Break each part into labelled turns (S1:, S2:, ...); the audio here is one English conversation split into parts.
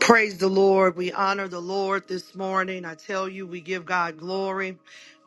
S1: Praise the Lord. We honor the Lord this morning. I tell you, we give God glory.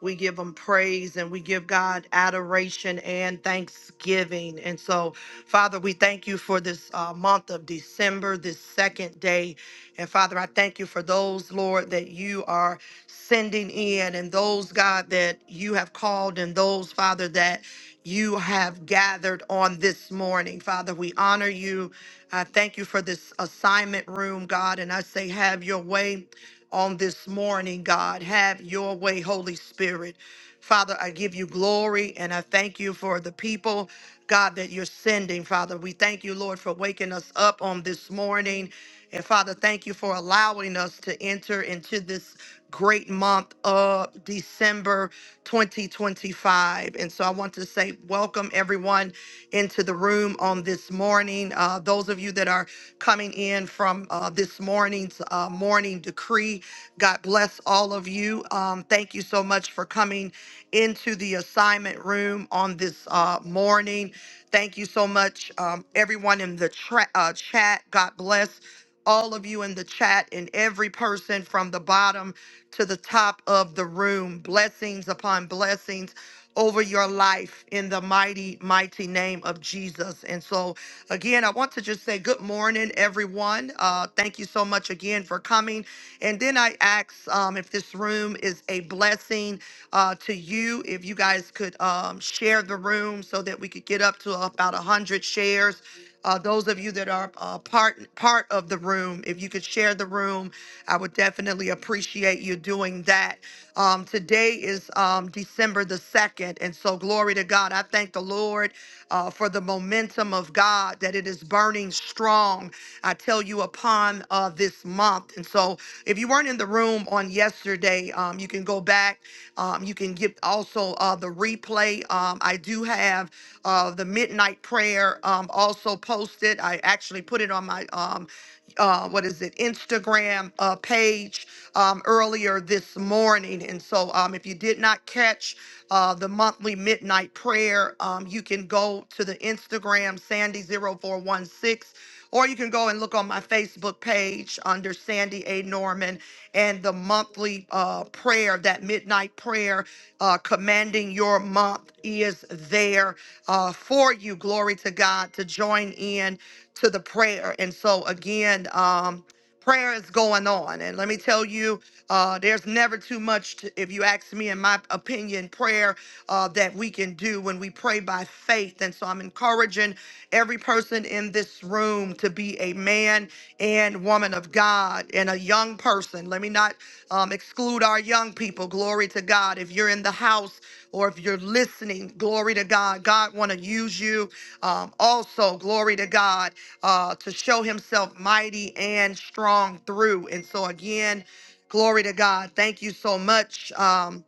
S1: We give him praise and we give God adoration and thanksgiving. And so, Father, we thank you for this uh, month of December, this second day. And Father, I thank you for those, Lord, that you are sending in and those, God, that you have called and those, Father, that you have gathered on this morning. Father, we honor you. I thank you for this assignment room, God. And I say, have your way on this morning, God. Have your way, Holy Spirit. Father, I give you glory and I thank you for the people, God, that you're sending, Father. We thank you, Lord, for waking us up on this morning. And Father, thank you for allowing us to enter into this great month of December 2025. And so I want to say welcome everyone into the room on this morning. Uh, those of you that are coming in from uh, this morning's uh, morning decree, God bless all of you. Um, thank you so much for coming into the assignment room on this uh, morning. Thank you so much, um, everyone in the tra- uh, chat. God bless all of you in the chat and every person from the bottom to the top of the room. Blessings upon blessings over your life in the mighty, mighty name of Jesus. And so, again, I want to just say good morning, everyone. Uh, thank you so much again for coming. And then I ask um, if this room is a blessing uh, to you. If you guys could um, share the room so that we could get up to about 100 shares uh, those of you that are uh, part part of the room, if you could share the room, I would definitely appreciate you doing that. Um, today is um, December the second, and so glory to God. I thank the Lord uh, for the momentum of God that it is burning strong strong, I tell you, upon uh, this month. And so, if you weren't in the room on yesterday, um, you can go back. Um, you can get also uh, the replay. Um, I do have uh, the midnight prayer um, also posted. I actually put it on my um, uh, what is it, Instagram uh, page um, earlier this morning. And so um, if you did not catch uh, the monthly midnight prayer, um, you can go to the Instagram, sandy zero four one six, or you can go and look on my Facebook page page under Sandy A. Norman and the monthly uh, prayer, that midnight prayer, uh, commanding your month is there uh, for you. Glory to God to join in to the prayer. And so, again, um, prayer is going on. And let me tell you, uh, there's never too much, to, if you ask me, in my opinion, prayer uh, that we can do when we pray by faith. And so I'm encouraging every person in this room to be a man and woman of God and a young person. Let me not um, exclude our young people. Glory to God. If you're in the house or if you're listening, glory to God. God want to use you um, also. Glory to God uh, to show himself mighty and strong through. And so, again, glory to God. Thank you so much. um,